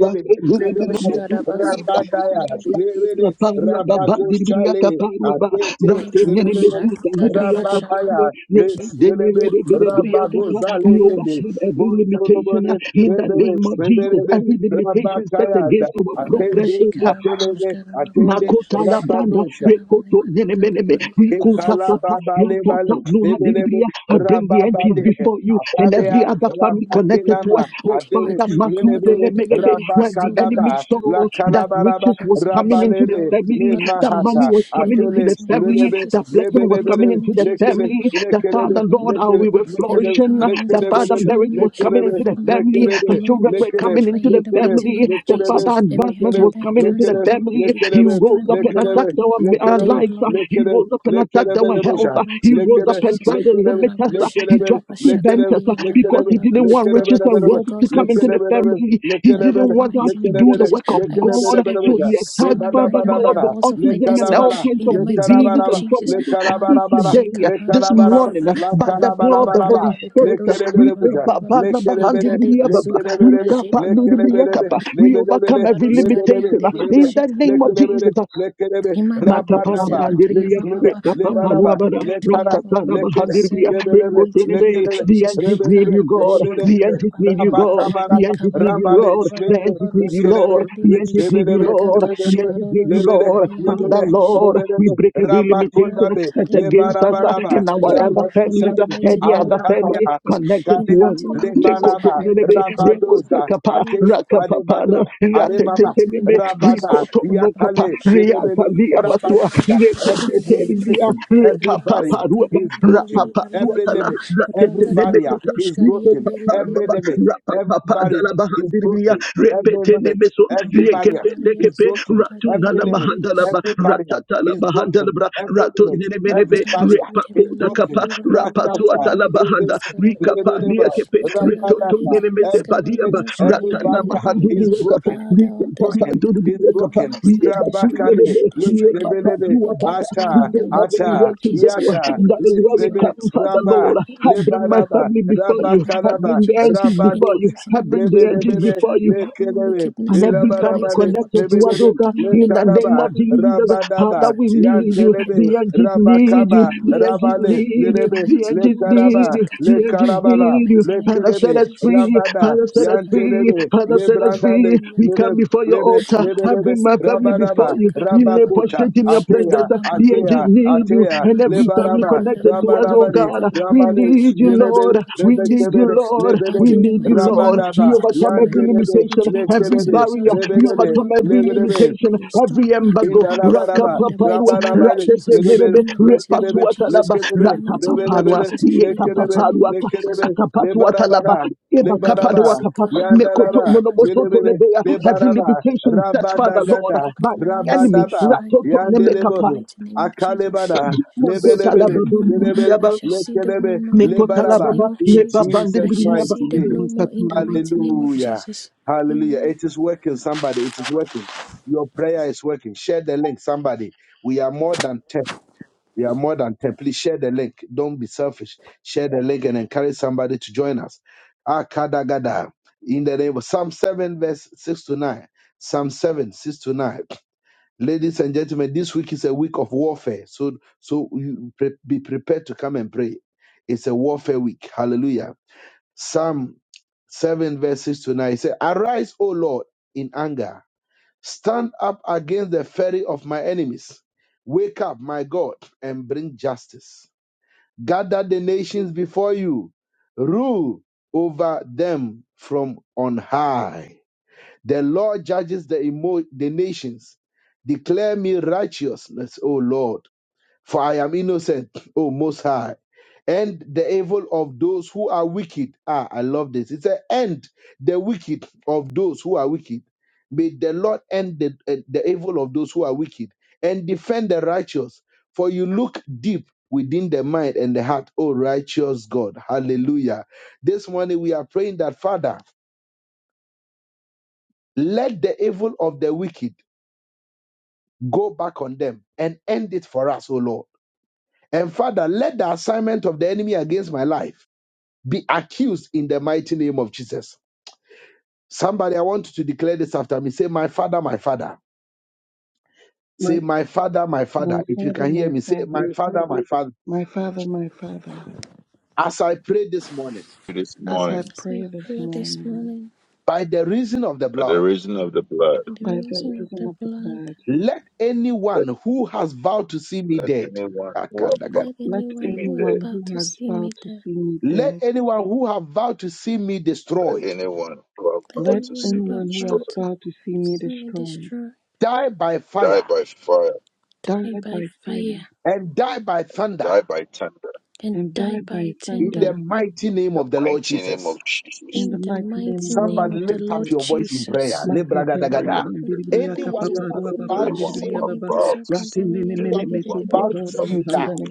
S3: have
S4: Kadosh
S1: endele,
S4: Kadabasuk
S1: rabadaya,
S4: Nibi
S3: Raketia
S1: endele,
S3: parua ba ba
S1: rabato
S3: diriata
S1: shale,
S3: parua ba rake nene
S4: Libadasha
S1: atete,
S3: mezuta libriata
S4: Kadabasha
S3: parua
S1: Rababaya,
S3: re- re-
S1: Lex,
S3: dene re-
S1: lebe
S3: re-
S4: Lika
S3: re- re- briata
S4: Badabadi
S3: pa. We
S4: Kadabush
S1: Rabagozalende,
S3: overcome every limitation uh,
S1: Muntabode,
S3: in the
S1: Rebele,
S3: name of Jesus.
S1: Rebele,
S3: Every limitation set
S1: Rabakayada,
S3: against our progress,
S1: Attende,
S4: Badabashi
S3: oh God.
S4: Kadabadosh
S1: Atelebe, Attende,
S4: Kadababush
S3: Makotala branda
S1: Rabadosha,
S4: Nikanabali
S3: rekoto nenemeneme
S4: Kadabali Kadabush
S3: rikusakapa
S1: Ekalababale,
S3: yakata
S1: Bale,
S3: nuha
S1: Lebelebe,
S3: diribria. I bring the MPs
S1: Rababade,
S3: before you and every
S1: Atalea,
S3: other family
S4: Blah, blah, blah,
S3: connected to
S4: blah.
S1: Rabakelama,
S3: us.
S4: I
S3: Oh
S4: take back,
S1: Adele,
S3: Father,
S4: I
S3: masu
S4: recover
S1: lebe
S4: completely
S3: telemegebe.
S4: everything
S3: When the
S4: stolen or
S3: enemy
S1: Rabakadaba,
S3: saw
S4: destroyed by
S1: La
S4: attack.
S3: that
S1: Calabaraba,
S4: By
S3: riches
S4: the
S3: was coming
S4: resurrection
S3: into the
S4: power
S1: Rabalebe,
S4: of the
S1: Le
S3: family,
S4: blood of
S3: that money
S4: Jesus,
S1: Mahata,
S3: was
S4: in
S3: coming
S4: the
S3: into
S1: Atele,
S3: the
S4: mighty name of
S3: family,
S1: Lelebe,
S4: Jesus,
S3: that
S4: in the
S3: blessing was
S4: mighty
S3: coming
S1: Lebelebe,
S4: name
S3: into
S4: of
S3: the
S4: Jesus.
S1: Lekele,
S4: Blah,
S3: family, the
S4: blah, blah,
S3: Father,
S4: blah, blah,
S3: Lord,
S4: blah,
S3: uh,
S4: blah,
S3: we
S4: blah.
S3: were
S4: Every
S3: flourishing.
S4: power that wants
S3: The
S4: to
S3: Father,
S4: destroy
S3: marriage
S4: me
S3: was coming into the
S4: before my day
S3: family.
S4: of
S3: The
S4: glory,
S3: children were
S4: catch
S3: coming
S4: fire
S3: into
S1: They
S4: in
S3: the
S4: the mighty
S3: family.
S4: name of
S3: The
S4: Jesus.
S3: Father,
S4: Every
S3: advancement was
S4: agenda and
S3: coming into the
S4: counsel of the
S3: family.
S4: wicked to
S3: He
S4: destroy
S3: rose up
S4: my
S3: and
S4: God,
S3: attacked our, our
S4: ordained
S3: lives. uh,
S4: glory.
S3: He rose up and attacked
S4: We
S3: our
S4: pray in
S3: health.
S4: the
S3: uh, He
S4: mighty name
S3: rose
S4: of
S3: up and
S4: Jesus.
S3: tried to limit us. uh, He
S4: Arabashika,
S3: tried to
S4: Rabashaka,
S3: prevent us uh,
S4: Payanda,
S3: because he
S4: Rabababa.
S3: didn't want
S4: I will
S3: riches and
S4: fulfill
S3: wealth to
S4: God's
S3: come into
S4: cons-
S3: into the family. He
S4: life in
S3: didn't
S4: the
S3: want us
S4: mighty
S3: to
S4: name of
S3: do the
S4: Jesus.
S3: work of
S4: I will
S3: God.
S4: sit
S3: So
S4: every
S3: he attacked
S4: servant
S3: Father
S4: riding on
S3: God
S4: the
S3: with
S4: horse of my
S3: autism and
S4: destiny
S3: all
S1: Lekarabara,
S3: kinds
S4: in
S3: of
S4: the mighty name
S3: diseases
S4: of
S1: Lekarabara,
S3: and
S4: Jesus.
S3: troubles. But
S1: Lekarabara,
S3: today,
S4: Arabashika,
S3: uh, this
S1: Lekarabara, Lekarabara,
S3: morning,
S4: Parabababa,
S3: uh, by the power of the
S1: Lakarabara,
S3: Holy
S4: Parababaraba,
S3: Spirit, uh,
S4: Likadoshka,
S3: we
S1: Lekerebuja,
S4: Rabababa,
S1: Lekerebele,
S4: Likade Basuka,
S1: Lekerebele,
S4: Rabashida,
S1: Lekerebele,
S4: Babababa,
S3: we
S1: Lebelebele,
S3: overcome every
S4: Imakabaroska,
S1: Lebelebe,
S3: limitation uh,
S4: Riandere,
S1: Lebe,
S3: in the
S4: Beshika,
S3: name of
S4: Rababa.
S1: Lekerebele,
S3: Jesus.
S1: Lekerebe,
S3: Matapala
S1: Rabadaba,
S4: Imakabodosakataya
S3: Brandirvia,
S1: Lesmele,
S4: bababa. Oh
S3: Ekapapa
S4: Lord,
S1: Lebaraba,
S3: Nuabara,
S4: protect me
S1: Lekara,
S4: and all
S3: Ratatana
S4: that
S1: Lekere,
S4: concern
S3: Brandirvia,
S4: me in the
S1: Lebelebe,
S4: mighty name
S3: Ekotenebe.
S4: of
S1: Lekerebe,
S3: The
S4: Jesus.
S3: angels need
S1: Rebelebe,
S3: you, God. The
S1: Rebelebe,
S3: angels need you,
S4: Karabashikabarabababa,
S3: God.
S1: Rabatabara,
S3: The angels need you,
S1: Rabale,
S3: Lord. The angels need you,
S1: Lekerebe,
S3: Lord. The
S4: likabarabababababababoroskariandiribi,
S3: angels need you, Lord. The
S1: Lekerebe,
S3: angels need you,
S1: lebede
S3: Lord.
S1: lebede
S3: Father,
S4: ragatashkaroroskabariandiribi.
S3: Lord,
S1: lebede
S3: we break every
S1: rabakonda
S3: limitation
S4: Sure,
S1: be
S3: that's
S4: Talia will not
S3: against us
S4: be
S3: uh,
S4: able
S1: lebarabaraba
S4: to
S3: and our
S4: touch me and
S3: other
S4: my family
S3: families
S4: in the
S3: uh,
S1: rabasabe
S3: and
S4: mighty
S3: the
S4: name of
S3: other family
S1: antanya
S4: Jesus.
S3: connected
S4: In the
S3: to
S1: kandida
S3: us
S4: mighty name of Jesus,
S1: lebanaba
S4: I
S3: lekotonelebe
S4: reject the spirit of
S1: rabadoza
S3: rekotakapa
S4: Talia.
S1: ate
S3: rakapapana
S1: adebado
S4: In the
S1: ademama
S4: mighty name
S3: ratetetelebe
S4: of Jesus,
S1: rabana
S4: Rabba
S3: rikotonokapa
S1: yakale lebele
S3: riatalia basua
S1: rabadoza every
S3: letetetelia
S1: limitation every barrier
S3: rekapaparuaba
S1: is broken every
S3: rapapasuatala
S1: limit every barrier
S3: ratetelebekota
S1: is broken
S3: papa
S1: every limit every
S3: papa
S1: barrier
S3: raba
S1: is broken every limit every
S3: rapa
S1: barrier is
S3: Ratu
S1: broken
S3: Ratu
S1: Every
S3: nala
S1: limit,
S3: bahandala ba,
S1: every barrier
S3: ratata la
S1: is
S3: bahandala
S1: broken.
S3: bra.
S1: Every
S3: ratu
S1: limit,
S3: nene Likopapalaba, rapapapadalabahandiribiya, repetenebeso, liekepenekepe,
S4: No
S3: ratunalamahandalaba, ratatalabahandalabra,
S1: every
S3: ratonenemenebe,
S4: charges
S1: barrier
S4: spirit in
S1: is
S4: my life.
S1: broken.
S3: repapodakapa,
S4: Kari Baba, Baba, ba ba ba
S1: Rakata,
S4: ba dika no
S3: rapasuatalabahanda,
S1: Rubente,
S4: skara ba ba ba ba.
S1: Rebeleba,
S3: rikapaniakepe,
S4: Ikara la re
S1: Rabanata.
S4: kari
S3: mese
S1: Every
S4: skara no
S1: limit,
S4: no
S3: padiaba
S4: skari
S1: every
S3: ratana
S1: barrier
S3: mahanduni
S1: is
S3: yakapa
S1: broken.
S3: we
S4: Father, all the
S3: papa
S1: Broken
S4: spirit
S3: duri
S4: of
S1: is
S4: sin in
S3: yakapa
S4: my
S1: broken.
S4: life
S3: we
S4: stand to
S3: basu
S4: destroy me.
S3: nebe
S1: Rabakale,
S3: we
S4: Destroy them
S3: papa
S1: Rebelebe,
S4: before
S3: you
S4: they
S3: are
S4: get
S3: papa
S4: to me
S3: we
S1: Ata,
S4: in the
S3: don't have
S4: mighty name
S3: anywhere
S1: Ata,
S4: of
S3: to go
S4: Jesus.
S1: Yata,
S4: Every
S3: that is why we
S4: conspiracy of
S1: Letrebe,
S3: come
S4: attack
S3: father
S4: of
S1: Rabba.
S3: lord
S4: my
S3: i bring
S4: life
S3: my
S1: Lebalaba,
S3: family
S4: be
S3: before
S4: filled by
S3: you
S4: the
S3: i
S4: blood of
S1: Rabakalaba,
S3: bring the
S4: Jesus.
S3: aunties
S4: In
S1: Rabadu,
S4: the
S3: before you
S4: mighty
S3: i
S4: name of
S3: bring the
S4: Jesus, be
S3: aunties before
S4: destroyed
S3: you
S4: by your own
S3: and
S4: wickedness now.
S3: every
S4: In the
S3: family
S4: mighty name of
S3: connected to
S4: Jesus,
S3: us,
S1: Lebelebe,
S3: oh God, in
S4: demonic
S3: the name
S4: altars
S1: Letanaba,
S3: of
S4: will
S3: Jesus.
S4: place. Please
S1: Rabadaba,
S3: Father, we
S4: tell you
S3: need you.
S4: by the
S1: Yantelebe,
S3: The
S4: power
S3: angels
S4: of God, I
S3: need you.
S1: Rabakaba,
S3: The
S4: command you.
S3: angels
S1: Rabale,
S4: In
S3: need you.
S4: the
S1: Lebe,
S3: The
S4: mighty
S3: angels
S4: name of Jesus,
S3: need
S4: to
S1: Letaraba,
S3: you.
S4: catch
S3: The
S4: fire.
S3: angels
S4: In the
S1: Lekarabala,
S3: need you.
S4: mighty name of
S3: Father, set
S1: Lekelebe,
S3: us
S4: Jesus.
S3: free.
S1: Rabada,
S3: Father, set us free.
S1: Yantelebe,
S3: Father, set us free.
S1: Lebrandale,
S3: We
S1: Lebe,
S3: come before your
S1: Lebe,
S3: altar.
S1: lebe,
S3: I
S1: lebe,
S3: bring my family before
S1: rabaraba,
S3: you. We lay
S1: rabakuta,
S3: prostrate in your
S1: atea,
S3: presence. The angels
S1: atea,
S3: need you,
S1: atea,
S3: and every family
S1: lebaraba,
S3: connected to us, oh
S1: rabaraba,
S3: God. We
S4: Ikabababababababa,
S1: Rabadabadabadabada,
S3: need
S4: my
S3: you,
S4: lost
S1: Lelebe,
S3: Lord. We
S4: opportunities
S3: need
S4: be
S3: you,
S1: Rebekebede,
S3: Lord.
S4: restored back
S3: We
S4: in
S1: Lebedebe,
S4: the
S3: need you,
S4: mighty name
S3: Lord.
S4: of
S1: Rabadaba,
S3: We
S4: Jesus.
S3: overcome
S4: My
S3: every
S4: lost
S1: Yantelebe,
S3: limitation,
S4: opportunities
S3: every
S4: as a
S1: Lekelebe,
S3: barrier.
S4: result of
S3: We
S1: Rebedebe,
S4: fatality
S3: overcome
S4: of my
S3: every
S1: Lebedebe,
S4: life
S3: limitation,
S4: be restored
S3: every
S4: back
S3: embargo.
S4: hundredfold
S1: Indalabaraba,
S4: in the
S3: Rakapaparwa,
S4: mighty name of
S1: Rabarabari,
S4: Jesus.
S1: Rebebe,
S3: ratetenenebe,
S4: In the mighty name of
S1: Lekerebe,
S4: Jesus.
S3: repasuatalaba,
S4: In
S1: Lekerebe,
S4: the mighty name of
S3: ratapapanwa,
S1: Rebebe,
S4: Jesus. In the mighty
S1: Lekerebe,
S4: name
S3: yekapaparwa,
S4: of Jesus.
S1: Lekerebe,
S3: akapasuatalaba,
S1: Lebarabara, Lebaraba,
S3: ebakapaduakapa,
S4: Adebasika, Baba, Baba.
S1: Yandaraba,
S3: mekotononomosoto
S1: Rebebe,
S3: lebea. Every
S1: Lebaraba,
S3: limitation set, Father,
S4: which
S3: Lord,
S4: and the
S1: Rabadagada,
S3: by the
S4: cleanness
S3: enemy.
S4: which
S1: Rabadaba,
S4: I
S3: Ratoto
S4: pray now in
S3: nemekapa,
S4: the
S1: Yandelebo,
S4: mighty name of Jesus.
S1: Akalebara,
S4: If I see them
S1: Lebelebele,
S3: Makotalababa,
S4: no more,
S1: Lebele,
S3: la
S4: I
S3: Baba,
S4: shall see them no
S1: Lekerebe,
S4: more
S3: me
S4: in the
S3: la
S4: mighty
S1: Lebaraba,
S3: baba,
S4: name of
S3: Me
S1: in
S4: Jesus.
S3: baba
S4: I
S1: Jesus'
S3: ndiri
S4: shall
S1: mighty
S3: Mebabandriaba,
S4: see them
S1: name.
S4: no more in the mighty name of
S1: Hallelujah.
S4: Jesus.
S1: Hallelujah.
S4: Amen.
S1: It is working, somebody. It is working. Your prayer is working. Share the link, somebody. We are more than 10. We are more than 10. Please share the link. Don't be selfish. Share the link and encourage somebody to join us. Akadagada. In the name of Psalm 7, verse 6 to 9. Psalm 7, 6 to 9. Ladies and gentlemen, this week is a week of warfare. So, so you pre- be prepared to come and pray. It's a warfare week. Hallelujah. Psalm 7, verse 6 to 9. It says, Arise, O Lord, in anger Stand up against the fury of my enemies. Wake up, my God, and bring justice. Gather the nations before you. Rule over them from on high. The Lord judges the, emo- the nations. Declare me righteousness, O Lord. For I am innocent, O Most High. And the evil of those who are wicked. Ah, I love this. It an "And the wicked of those who are wicked. May the Lord end the, eh, the evil of those who are wicked and defend the righteous. For you look deep within the mind and the heart, O righteous God. Hallelujah. This morning we are praying that, Father, let the evil of the wicked go back on them and end it for us, O Lord And Father, let the assignment of the enemy against my life be accused in the mighty name of Jesus. Somebody, I want you to declare this after me. Say, My Father, my Father. Say, My Father, my Father. If you can hear me, say, My Father, my Father. As I pray this morning,
S5: this morning
S4: So I pray this morning
S1: by the reason of the
S5: by the
S1: blood,
S5: reason of the blood.
S4: by the reason of the blood.
S1: let
S5: Let,
S1: anyone who has vowed to see me
S5: let
S1: dead,
S5: anyone who are about
S1: Akadaga.
S4: Let
S5: to see
S4: anyone
S5: me
S4: who have
S5: dead,
S4: vowed to see me dead,
S1: let anyone who have vowed to see me
S5: let
S1: destroyed,
S5: anyone who are
S4: let
S5: about to see
S4: anyone who
S5: me
S4: have
S5: destroyed,
S4: vowed to see me destroyed,
S1: die by
S5: die
S1: fire
S5: by fire,
S4: die by fire
S1: and die by thunder
S5: die by thunder.
S4: and die by
S1: in
S4: tender.
S1: the mighty
S5: In
S1: name
S5: the
S1: of the Lord
S5: mighty name
S1: Jesus.
S5: of Jesus,
S4: In the mighty name
S1: Somebody
S4: of the
S1: lift up
S4: Lord
S1: your voice in prayer.
S4: Jesus.
S5: the
S3: Makatara
S5: great
S1: Lebragadagada.
S5: Lord, the great-
S3: mabandiriya
S1: Anyone who
S3: kapaparwa
S1: is
S4: in
S3: babandiriya
S4: the
S1: about to
S5: anyone
S1: see you
S5: who
S3: baba ndiribiria
S5: are
S3: baba
S5: about to see
S3: ratendene
S5: me dead,
S3: mene
S1: destroyed,
S5: anyone who are
S1: about to
S3: metsokutana
S1: see
S5: about
S1: you
S5: to
S1: die,
S3: mahandara
S5: be